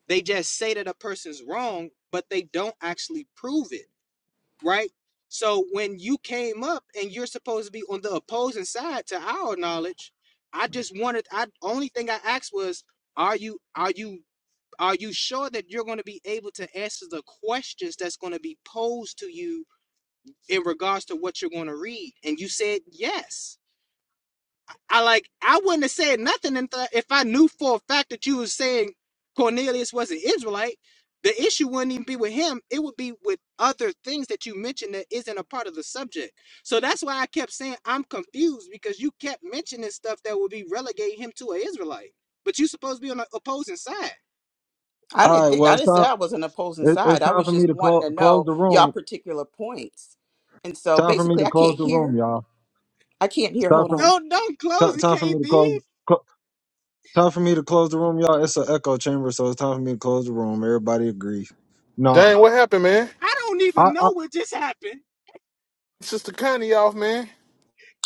E: they just say that a person's wrong, but they don't actually prove it right? So when you came up and you're supposed to be on the opposing side to our knowledge, I just wanted I only thing I asked was are you are you are you sure that you're going to be able to answer the questions that's going to be posed to you in regards to what you're going to read? And you said yes. I like I wouldn't have said nothing if I knew for a fact that you was saying Cornelius was an Israelite. The issue wouldn't even be with him; it would be with other things that you mentioned that isn't a part of the subject. So that's why I kept saying I'm confused because you kept mentioning stuff that would be relegating him to an Israelite, but you supposed to be on the opposing side.
H: I
B: All
H: didn't
B: right,
H: think
B: well,
H: I
B: it's
H: didn't say
B: time.
H: I was an opposing
B: It, it's
H: side. I
B: time
H: was
B: for me
H: just
B: to
H: wanting
B: clo-
H: to
B: close
H: know
B: the
H: y'all
B: room.
H: particular points. And so
B: Time for me
H: basically
B: to
H: I
B: close
H: can't
B: the room,
H: hear.
B: y'all.
H: I can't
B: It's
H: hear.
B: time
H: Hold
B: for
H: on.
E: Don't don't close
B: ti-
E: it,
B: time for me to
E: KB.
B: close. Time for me to close the room, y'all. It's an echo chamber, so it's time for me to close the room. Everybody agree? Nah,
A: Dang, what happened, man?
E: I don't
B: I,
E: even
B: I
E: know what just happened.
A: Sister Connie off, man.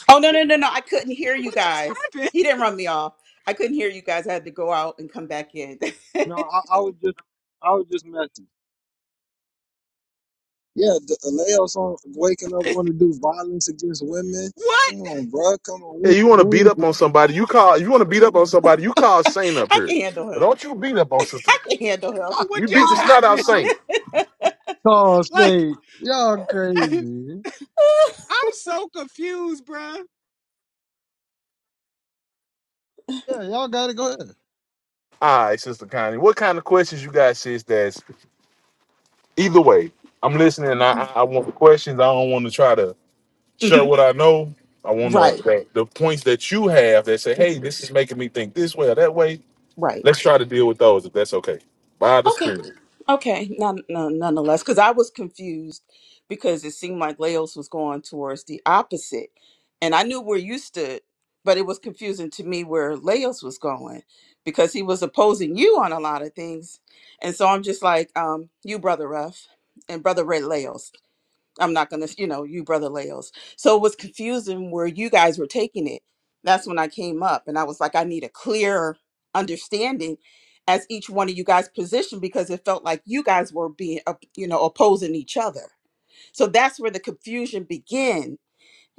H: Oh no, no, no, no. I couldn't hear you
E: What just
H: guys. He
E: happened?
H: didn't run me off. I couldn't hear you guys. I had to go out and come back in.
B: no, I, I was just, I was just messing. Yeah, the Aleos on waking up want to do violence against women.
E: What?
B: Come on, bro. Come on, we,
A: Hey, you want to beat up
B: we.
A: on somebody? You call. You want to beat up on somebody? You call Saint up
H: I
A: here,
H: can handle
A: but
H: him.
A: don't you beat up on Sister.
H: I
A: Connie.
H: can handle
A: You
E: What
A: beat
E: just
A: the snot out
E: happened?
A: Saint.
B: oh,
E: Like.
B: sweet. Y'all crazy.
E: I'm so confused, bruh.
B: Yeah, y'all gotta go ahead.
A: All right, Sister Connie. What kind of questions you got, sis? That's either way. I'm listening. I, I I want the questions. I don't want to try to
H: him.
A: share
H: hmm
A: what I know. I want to
H: Right.
A: the, the points that you have that say,
H: Mm-hmm.
A: "Hey, this is making me think this way or that way."
H: Right.
A: Let's try to deal with those if that's okay. By the
H: Okay.
A: spirit.
H: Okay, none, none, nonetheless, because I was confused because it seemed like Laos was going towards the opposite. And I knew where you stood, but it was confusing to me where Laos was going because he was opposing you on a lot of things. And so I'm just like, um, you, Brother Ruff and Brother Red Laos. I'm not gonna, you know, you brother Leos. So it was confusing where you guys were taking it. That's when I came up and I was like, I need a clearer understanding as each one of you guys positioned because it felt like you guys were being, op- you know, opposing each other. So that's where the confusion began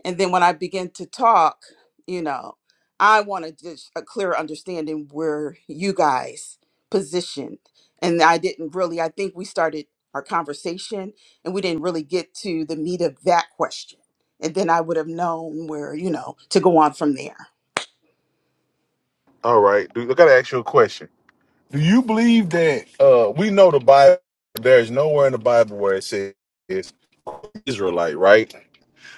H: and then when I begin to talk, you know, I want to just a clear understanding where you guys positioned. And I didn't really, I think we started our conversation and we didn't really get to the meat of that question. And then I would have known where, you know, to go on from there.
A: All right, dude. I gotta ask you a question. Do you believe that uh we know the Bible there's nowhere in the Bible where it says Israelite, right?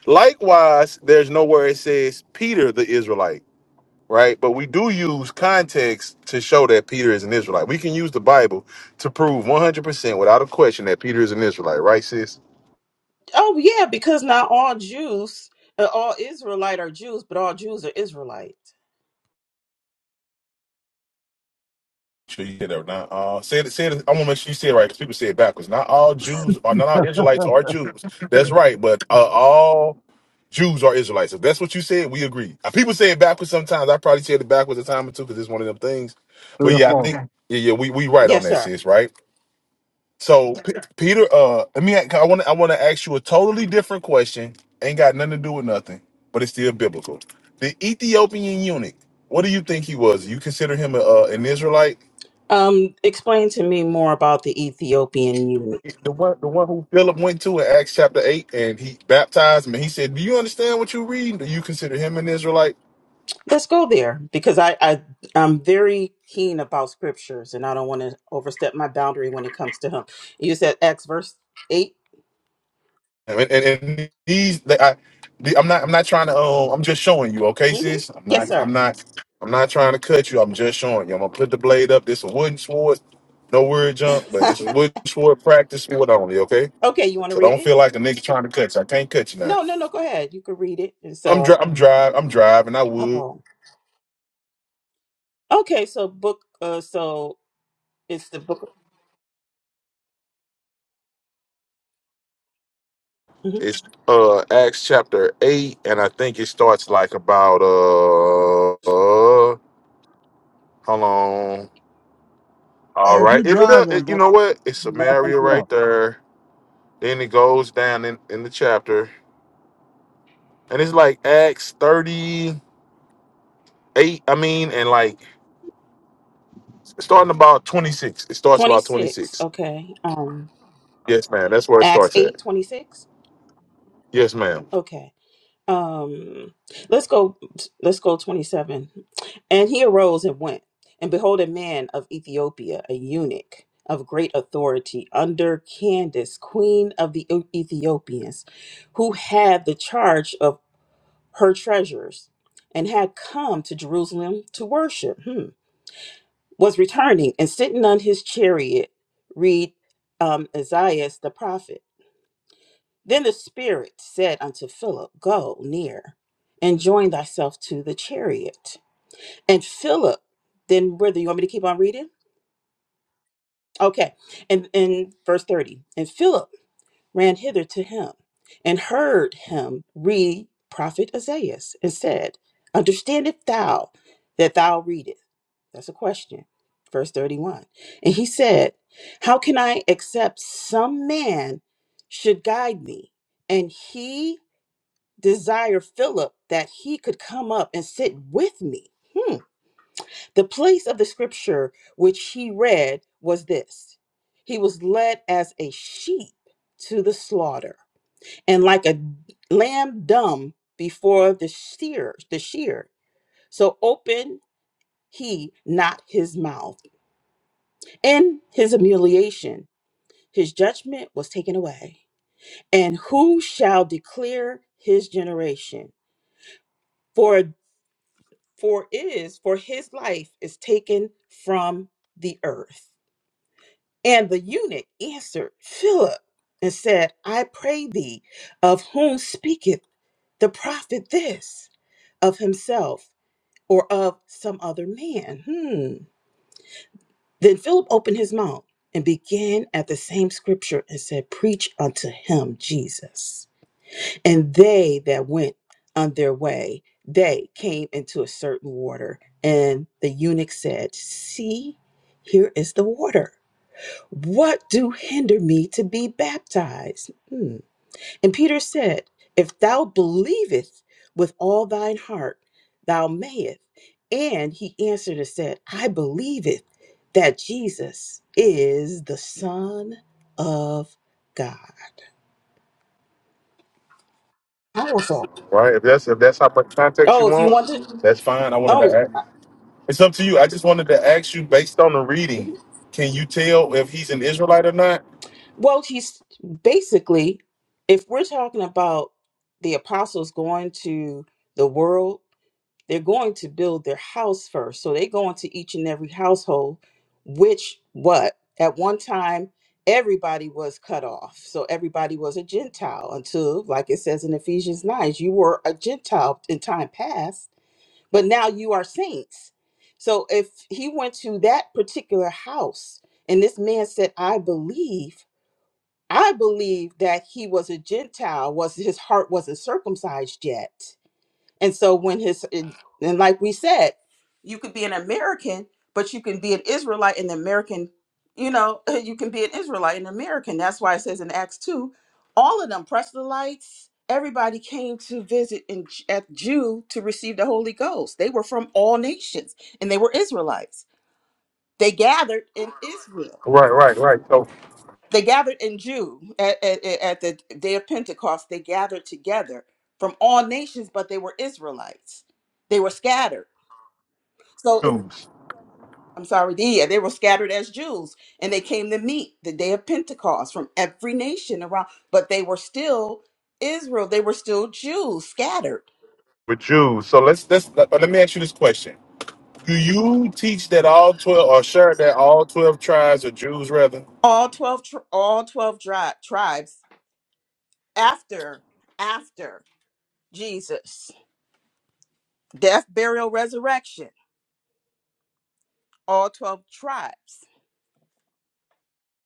A: Likewise, there's nowhere it says Peter the Israelite, right? But we do use context to show that Peter is an Israelite. We can use the Bible to prove 100% without a question that Peter is an Israelite, right, sis?
H: Oh yeah, because not all Jews, uh, all Israelite are Jews, but all Jews are Israelite.
A: Sure, you did that. Now, uh, say it, say it. I want to make sure you say it right because people say it backwards. Not all Jews, or not all Israelites are Jews. That's right, but uh, all Jews are Israelites. If that's what you said, we agree. Uh, People say it backwards sometimes. I probably said it backwards a time or two because it's one of them things.
B: Three
A: But
B: or
A: yeah, I think
B: four.
A: Okay. yeah, yeah, we we right on
H: Yes,
A: that,
H: sir.
A: sis. Right. So P- Peter, uh, let me. I want to I want to ask you a totally different question. Ain't got nothing to do with nothing, but it's still biblical. The Ethiopian eunuch. What do you think he was? You consider him a, uh, an Israelite?
H: Um, explain to me more about the Ethiopian eunuch.
A: The one, the one who Philip went to in Acts chapter eight, and he baptized him. And he said, "Do you understand what you read? Do you consider him an Israelite?"
H: Let's go there because I, I I'm very keen about scriptures and I don't want to overstep my boundary when it comes to him. You said Acts verse 8
A: And, and, and these, they, I, the, I'm not, I'm not trying to. Um, I'm just showing you, okay,
H: Mm-hmm.
A: sis. I'm
H: Yes,
A: not,
H: sir.
A: I'm not, I'm not trying to cut you. I'm just showing you. I'm gonna put the blade up. This is wooden sword. No word jump, but this is wooden sword practice sword only, okay?
H: okay, you want to
A: So
H: read
A: don't
H: it?
A: feel like a nigga trying to cut you. I can't cut you now.
H: No, no, no. Go ahead. You can read it. And
A: I'm
H: so,
A: dri- I'm drive. I'm driving. I would.
H: oh, okay. So book. Uh, so it's the book mhm,
A: It's uh Acts chapter eight, and I think it starts like about uh, uh hold on. All
B: Hey, if you
A: right, it'll
B: driving,
A: it, you
B: bro,
A: know what? It's
B: I'll pick
A: Samaria
B: you up.
A: right there. Then it goes down in, in the chapter, and it's like Acts 38, I mean, and like starting about 26. It starts about
H: 26.
A: 26.
H: Okay. Um,
A: Yes, ma'am. That's where it
H: Acts
A: starts at.
H: eight twenty six.
A: Yes, ma'am.
H: Okay. um let's go let's go 27 and he arose and went and behold a man of ethiopia a eunuch of great authority under candace queen of the E-, ethiopians who had the charge of her treasures and had come to jerusalem to worship hmm. was returning and sitting on his chariot read um, isaiah the prophet then the Spirit said unto Philip, Go near and join thyself to the chariot. And Philip, then where do you want me to keep on reading? Okay. And in verse 30, and Philip ran hither to him and heard him read prophet Isaiah and said, Understandest thou that thou readest? That's a question. Verse 31. And he said, How can I accept some man should guide me? And he desire Philip that he could come up and sit with me. Hmm. The place of the scripture which he read was this He was led as a sheep to the slaughter, and like a lamb dumb before the shear, the shear. So opened he not his mouth. In his humiliation, his judgment was taken away. And who shall declare his generation? For for it is for his life is taken from the earth. And the eunuch answered Philip and said, I pray thee, of whom speaketh the prophet this? Of himself or of some other man? Hmm. Then Philip opened his mouth and began at the same scripture and said, Preach unto him Jesus. And they that went on their way, they came into a certain water. And the eunuch said, See, here is the water. What do hinder me to be baptized? Hmm. And Peter said, If thou believest with all thine heart, thou mayest. And he answered and said, I believeth that Jesus is the Son of God. I was on.
A: Right? If that's if that's how much context you
H: Oh, if you
A: want,
H: want to.
A: that's fine. I wanted to
H: Oh.
A: ask. It's up to you. I just wanted to ask you based on the
H: Mm-hmm.
A: reading, can you tell if he's an Israelite or not?
H: Well, he's basically, if we're talking about the apostles going to the world, they're going to build their house first. So they go into each and every household, which what? At one time, everybody was cut off. So everybody was a Gentile until, like it says in Ephesians 9, you were a Gentile in time past, but now you are saints. So if he went to that particular house and this man said, I believe, I believe that he was a Gentile, was his heart wasn't circumcised yet. And so when his and and like we said, you could be an American, but you can be an Israelite and American, you know, you can be an Israelite and American. That's why it says in Acts 2, all of them proselytes, everybody came to visit in J- at Jew to receive the Holy Ghost. They were from all nations and they were Israelites. They gathered in Israel
A: Right, right, right. So
H: they gathered in Jew at, at, at at the day of Pentecost. They gathered together from all nations, but they were Israelites. They were scattered. So if-
A: Jews.
H: I'm sorry, yeah, they were scattered as Jews, and they came to meet the day of Pentecost from every nation around. But they were still Israel. They were still Jews, scattered.
A: are Jews. So let's let's let, let me ask you this question. Do you teach that all twelve, or share that all twelve tribes are Jews, rather?
H: All twelve, tri- all twelve dri- tribes after after Jesus' death, burial, resurrection. All twelve tribes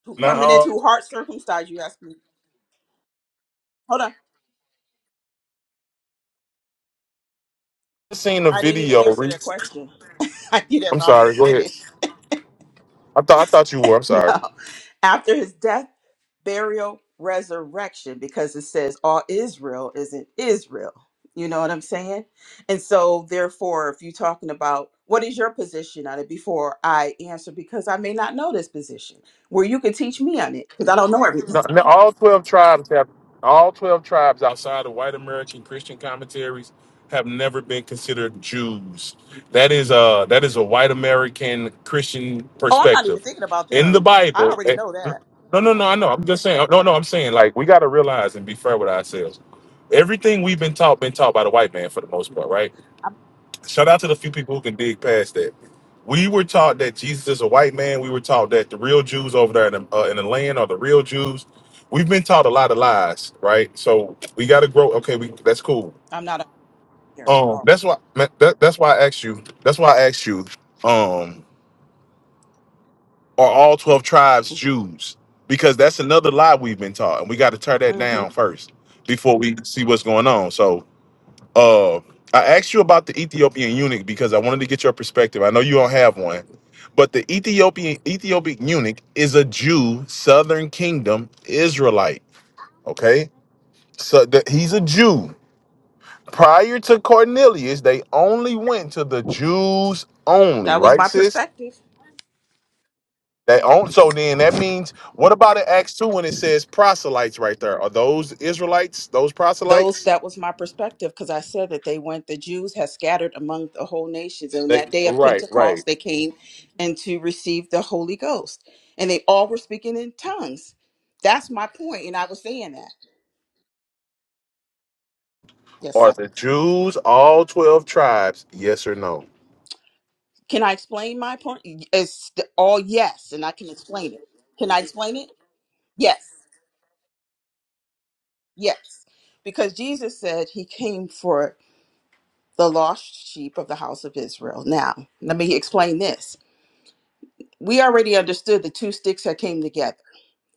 H: Who coming
A: Now, uh,
H: into hard circumcised, you asked me. Hold on.
A: I seen a
H: I didn't even
A: video.
H: answer
A: re-
H: that question. You didn't
A: I'm
H: allow me to
A: sorry. Go ahead.
H: finish.
A: I thought I thought you were. I'm
H: No.
A: sorry.
H: After his death, burial, resurrection, because it says all Israel is in Israel. You know what I'm saying? And so, therefore, if you're talking about what is your position on it before I answer, because I may not know this position, where you can teach me on it, because I don't know
A: No,
H: everything.
A: no, all twelve tribes have all twelve tribes outside of white American Christian commentaries have never been considered Jews. That is a that is a white American Christian
H: Oh, I'm not even
A: perspective.
H: thinking about
A: In the
H: them. I
A: Bible,
H: already
A: eh,
H: know that.
A: no, no, no, I know. I'm just saying. No, no, I'm saying like we got to realize and be fair with ourselves. Everything we've been taught been taught by the white man for the most part, right?
H: I'm,
A: shout out to the few people who can dig past that. We were taught that Jesus is a white man. We were taught that the real Jews over there in the, uh, in the land are the real Jews. We've been taught a lot of lies, right? So we got to grow. Okay, we that's cool.
H: I'm not a here at
A: Um,
H: all.
A: that's why man, that, that's why I asked you. That's why I asked you. Um, are all twelve tribes
H: Mm-hmm.
A: Jews? Because that's another lie we've been taught, and we got to tear that
H: Mm-hmm.
A: down first before we see what's going on. So Uh, I asked you about the Ethiopian eunuch because I wanted to get your perspective. I know you don't have one, but the Ethiopian Ethiopian eunuch is a Jew, Southern Kingdom Israelite. Okay, so the, he's a Jew. Prior to Cornelius, they only went to the Jews only,
H: That was
A: right,
H: my
A: sis?
H: perspective.
A: They own so then that means what about in Acts 2 when it says proselytes right there? Are those Israelites, those
H: Those
A: proselytes?
H: that was my perspective because I said that they went. The Jews had scattered among the whole nations, and
A: They
H: that day of
A: right, right.
H: Pentecost they came and to receive the Holy Ghost, and they all were speaking in tongues. That's my point, and I was saying that. Yes,
A: Are
H: sir.
A: the Jews all 12 tribes? Yes or no?
H: Can I explain my point? It's the- all yes, and I can explain it. Can I explain it? Yes, yes, because Jesus said he came for the lost sheep of the house of Israel. Now, let me explain this we already understood the two sticks that came together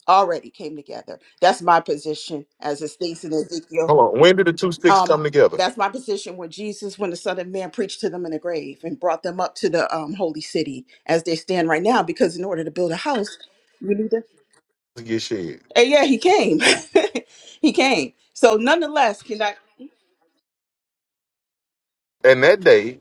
H: already came together that's my position as it states in ezekiel
A: Hold on. When did the two sticks come
H: um
A: together?
H: that's my position when jesus when the son of man preached to them in the grave and brought them up to the um, holy city as they stand right now because in order to build a house you need to
A: To get shed.
H: and yeah he came he came so nonetheless can i
A: And that day,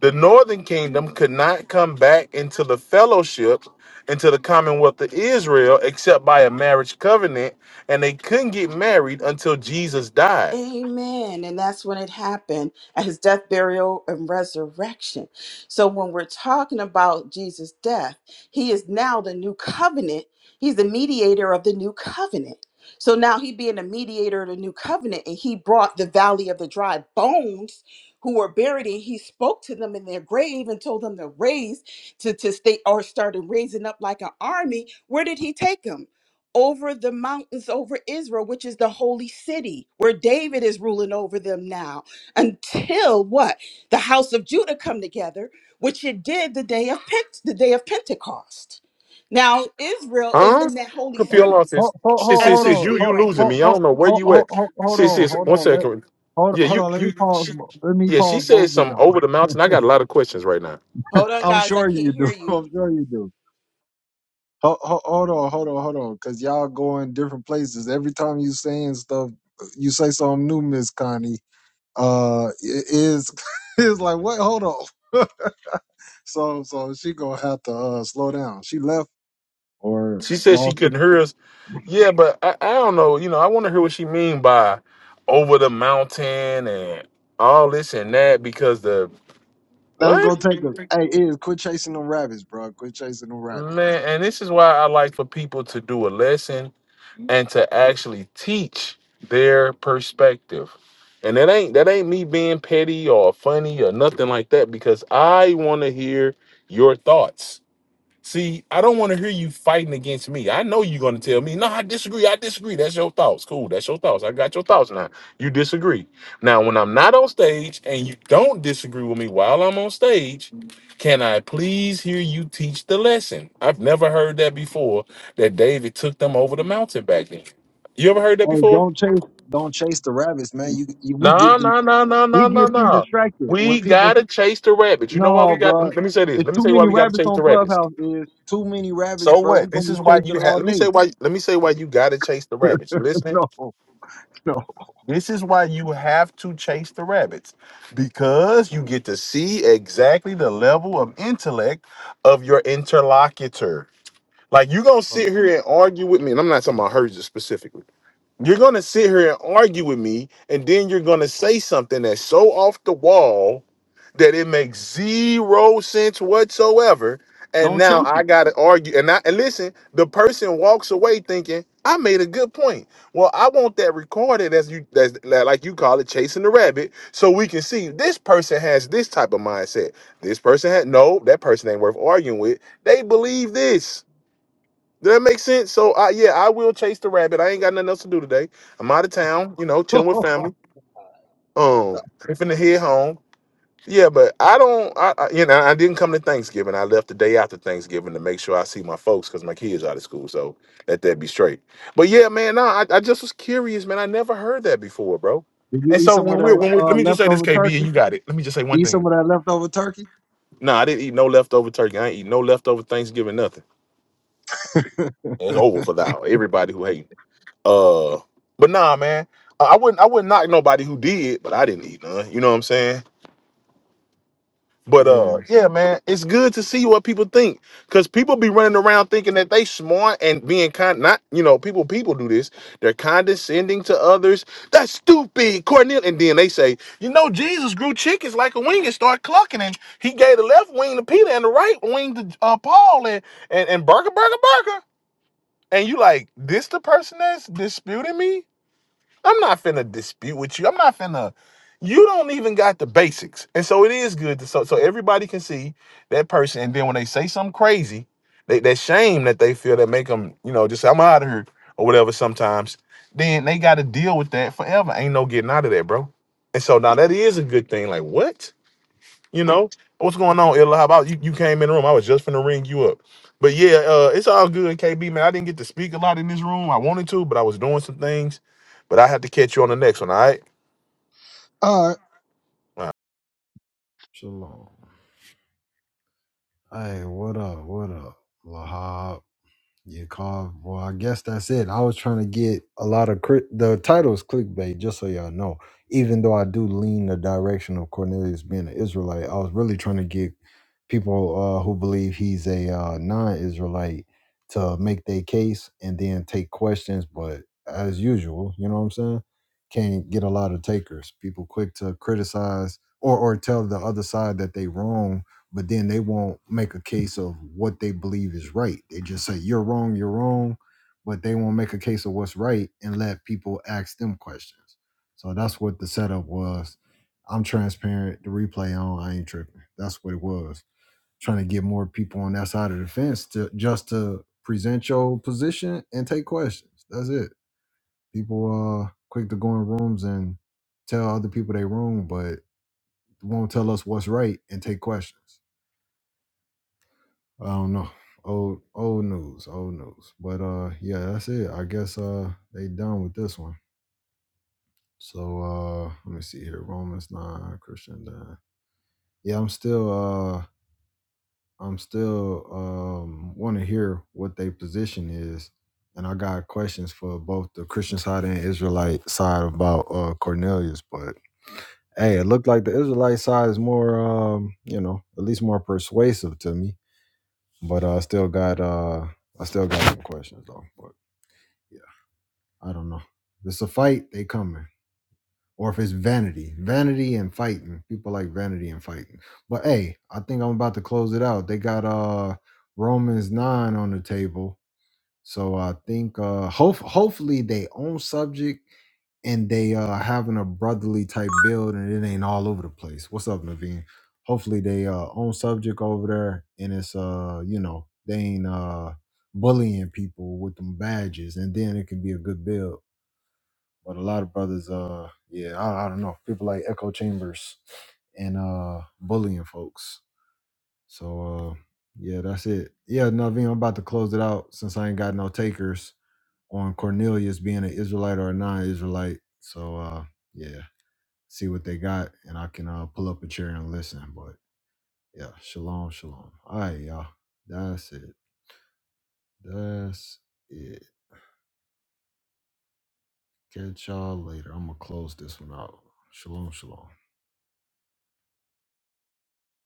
A: the northern kingdom could not come back into the fellowship, into the commonwealth of Israel, except by a marriage covenant, and they couldn't get married until Jesus died.
H: Amen. And that's when it happened at his death, burial, and resurrection. So when we're talking about Jesus' death, he is now the new covenant. He's the mediator of the new covenant. So now he being the mediator of the new covenant, and he brought the valley of the dry bones who were buried, and he spoke to them in their grave and told them to raise to, to stay or started raising up like an army. Where did he take them? over the mountains over Israel, which is the holy city where David is ruling over them now, until what? The house of Judah come together, which it did the day of Pent- the day of Pentecost. Now Israel is
A: Huh?
H: in that holy
A: Confused,
B: Hold,
A: hold on,
H: city
B: hold,
A: sis.
B: hold,
A: Sis,
H: as
A: sis,
B: hold
H: we
A: sis,
B: on.
A: you,
H: speak
A: you
B: Hold,
H: right
A: losing
H: now.
A: me.
B: hold,
A: I
B: hold,
A: don't know where
B: hold,
A: you
B: hold,
A: at.
B: hold hold
A: Sis,
B: on.
A: sis,
B: Hold
A: one
B: on. Let,
A: second.
B: hold,
A: Yeah,
B: hold
A: you,
B: on. Let
A: you,
B: me pause.
A: she,
B: bo- Let me
A: yeah, she
B: pause
A: said
B: both of
A: some
B: y'all.
A: over the mountain. I got a lot of questions right now.
H: Hold on,
B: I'm
H: guys, I
B: sure
H: can't
B: you do.
H: hear you.
B: I'm sure you do. Hold, hold, hold on. Hold on. Hold on. Because y'all going different places. Every time you saying stuff, you say something new, Miss Connie. Uh, it is, is like, what? Hold on. so, so she gonna have to uh slow down. She left or
A: She said she
B: lost. it.
A: couldn't hear us. Yeah, but I, I don't know. You know, I want to hear what she mean by over the mountain and all this and that because the
B: That's gonna
A: what
B: take us. Hey, is quit chasing them rabbits, bro. Quit chasing them rabbits.
A: man. And this is why I like for people to do a lesson and to actually teach their perspective. And that ain't that ain't me being petty or funny or nothing like that because I want to hear your thoughts See, I don't want to hear you fighting against me. I know you're going to tell me, no, I disagree. I disagree. That's your thoughts. Cool. That's your thoughts. I got your thoughts now. You disagree. Now, when I'm not on stage and you don't disagree with me while I'm on stage, can I please hear you teach the lesson? I've never heard that before that David took them over the mountain back then. You ever heard that
B: Hey,
A: before?
B: don't chase, don't chase the rabbits, man. You, you we
A: No,
B: get the,
A: no, no, no,
B: we
A: no, no,
B: get too
A: no.
B: distracted
A: We
B: when people.
A: got to chase the rabbits. You know why we
B: No,
A: got,
B: bro,
A: let me say this.
B: it's
A: Let me
B: too
A: tell you why
B: many
A: we got
B: rabbits
A: to chase the
B: on
A: rabbits
B: Clubhouse. Is too many rabbits,
A: So
B: bro. We
A: what?
B: gonna
A: This
B: be
A: is why
B: chasing
A: you have.
B: all
A: Let me say
B: day.
A: why. Let me say why you gotta chase the rabbits. You listening?
B: no, no, no.
A: This is why you have to chase the rabbits, because you get to see exactly the level of intellect of your interlocutor. Like you gonna sit here and argue with me, and I'm not talking about hers specifically. You're gonna sit here and argue with me, and then you're gonna say something that's so off the wall that it makes zero sense whatsoever. And
B: don't
A: now
B: chase
A: I
B: it.
A: got to argue. And I and listen, the person walks away thinking I made a good point. Well, I want that recorded as you as like like you call it chasing the rabbit, so we can see this person has this type of mindset. This person had no. That person ain't worth arguing with. They believe this. Does that make sense? So I yeah, I will chase the rabbit. I ain't got nothing else to do today. I'm out of town. You know, chilling with family. Um, I'm finna head home. Yeah, but I don't. I, I you know I didn't come to Thanksgiving. I left the day after Thanksgiving to make sure I see my folks because my kids out of school. So let that be straight. But yeah, man, no, I, I just was curious, man. I never heard that before, bro.
B: Did you
A: And
B: eat
A: so
B: some of
A: when we're
B: that
A: when we
B: uh,
A: let me just say this,
B: leftover
A: KB, and
B: turkey?
A: you got it. Let me just say one
B: Eat some
A: thing.
B: of that leftover turkey.
A: No, I didn't eat no leftover turkey. I ain't eat no leftover Thanksgiving. Nothing. It's over for thou. Everybody who hating. Uh, but nah, man. I I wouldn't. I wouldn't knock nobody who did, but I didn't eat none. You know what I'm saying? But
B: yeah.
A: uh, yeah, man, it's good to see what people think because people be running around thinking that they smart and being kind. Not you know, people people do this. They're condescending to others. That's stupid, Cornel. And then they say, you know, Jesus grew chickens like a wing and started clucking, and he gave the left wing to Peter and the right wing to uh, Paul and and and burger burger burger. And you like this the person that's disputing me? I'm not finna dispute with you. I'm not finna. You don't even got the basics, and so it is good to so so everybody can see that person. And then when they say something crazy, they, that shame that they feel that make them, you know, just I'm out of here or whatever. Sometimes then they got to deal with that forever. Ain't no getting out of that, bro. And so now that is a good thing. Like what? You know what's going on, Illa? How about you? You came in the room. I was just finna ring you up. But yeah, uh, it's all good, KB man. I didn't get to speak a lot in this room. I wanted to, but I was doing some things. But I had to catch you on the next one. All right.
B: All right. Shalom. Hey, what up? What up? Lahab. Yeah, Carl. Well, I guess that's it. I was trying to get a lot of crit- the titles clickbait, just so y'all know. Even though I do lean the direction of Cornelius being an Israelite, I was really trying to get people uh, who believe he's a uh, non-Israelite to make their case and then take questions. But as usual, you know what I'm saying? Can't get a lot of takers. People quick to criticize or or tell the other side that they wrong but then they won't make a case of what they believe is right. They just say you're wrong, you're wrong, but they won't make a case of what's right and let people ask them questions. So that's what the setup was. I'm transparent. The replay on. I ain't tripping. That's what it was. Trying to get more people on that side of the fence to just to present your position and take questions. That's it. People uh quick to go in rooms and tell other people they wrong, but won't tell us what's right and take questions. I don't know. Old old news, old news. But uh yeah, that's it. I guess uh they done with this one. So uh let me see here. Romans 9, Christian 9. Yeah, I'm still uh I'm still um wanna hear what their position is. And I got questions for both the Christian side and Israelite side about uh Cornelius, but hey, it looked like the Israelite side is more um, you know, at least more persuasive to me. But uh, I still got uh I still got some questions though. But Yeah, I don't know. If it's a fight, they coming. Or if it's vanity, vanity and fighting. People like vanity and fighting. But hey, I think I'm about to close it out. They got uh Romans nine on the table, so I think uh hope hopefully they own subject and they uh having a brotherly type build and it ain't all over the place. What's up, Naveen? Hopefully they uh own subject over there and it's uh you know they ain't uh bullying people with them badges and then it can be a good build but a lot of brothers uh yeah I, I don't know people like echo chambers and uh bullying folks so uh yeah that's it yeah Naveen, i'm about to close it out since i ain't got no takers on cornelius being an israelite or a non-israelite so uh yeah see what they got and i can uh pull up a chair and listen but yeah shalom shalom all right y'all that's it that's it catch y'all later i'm gonna close this one out shalom shalom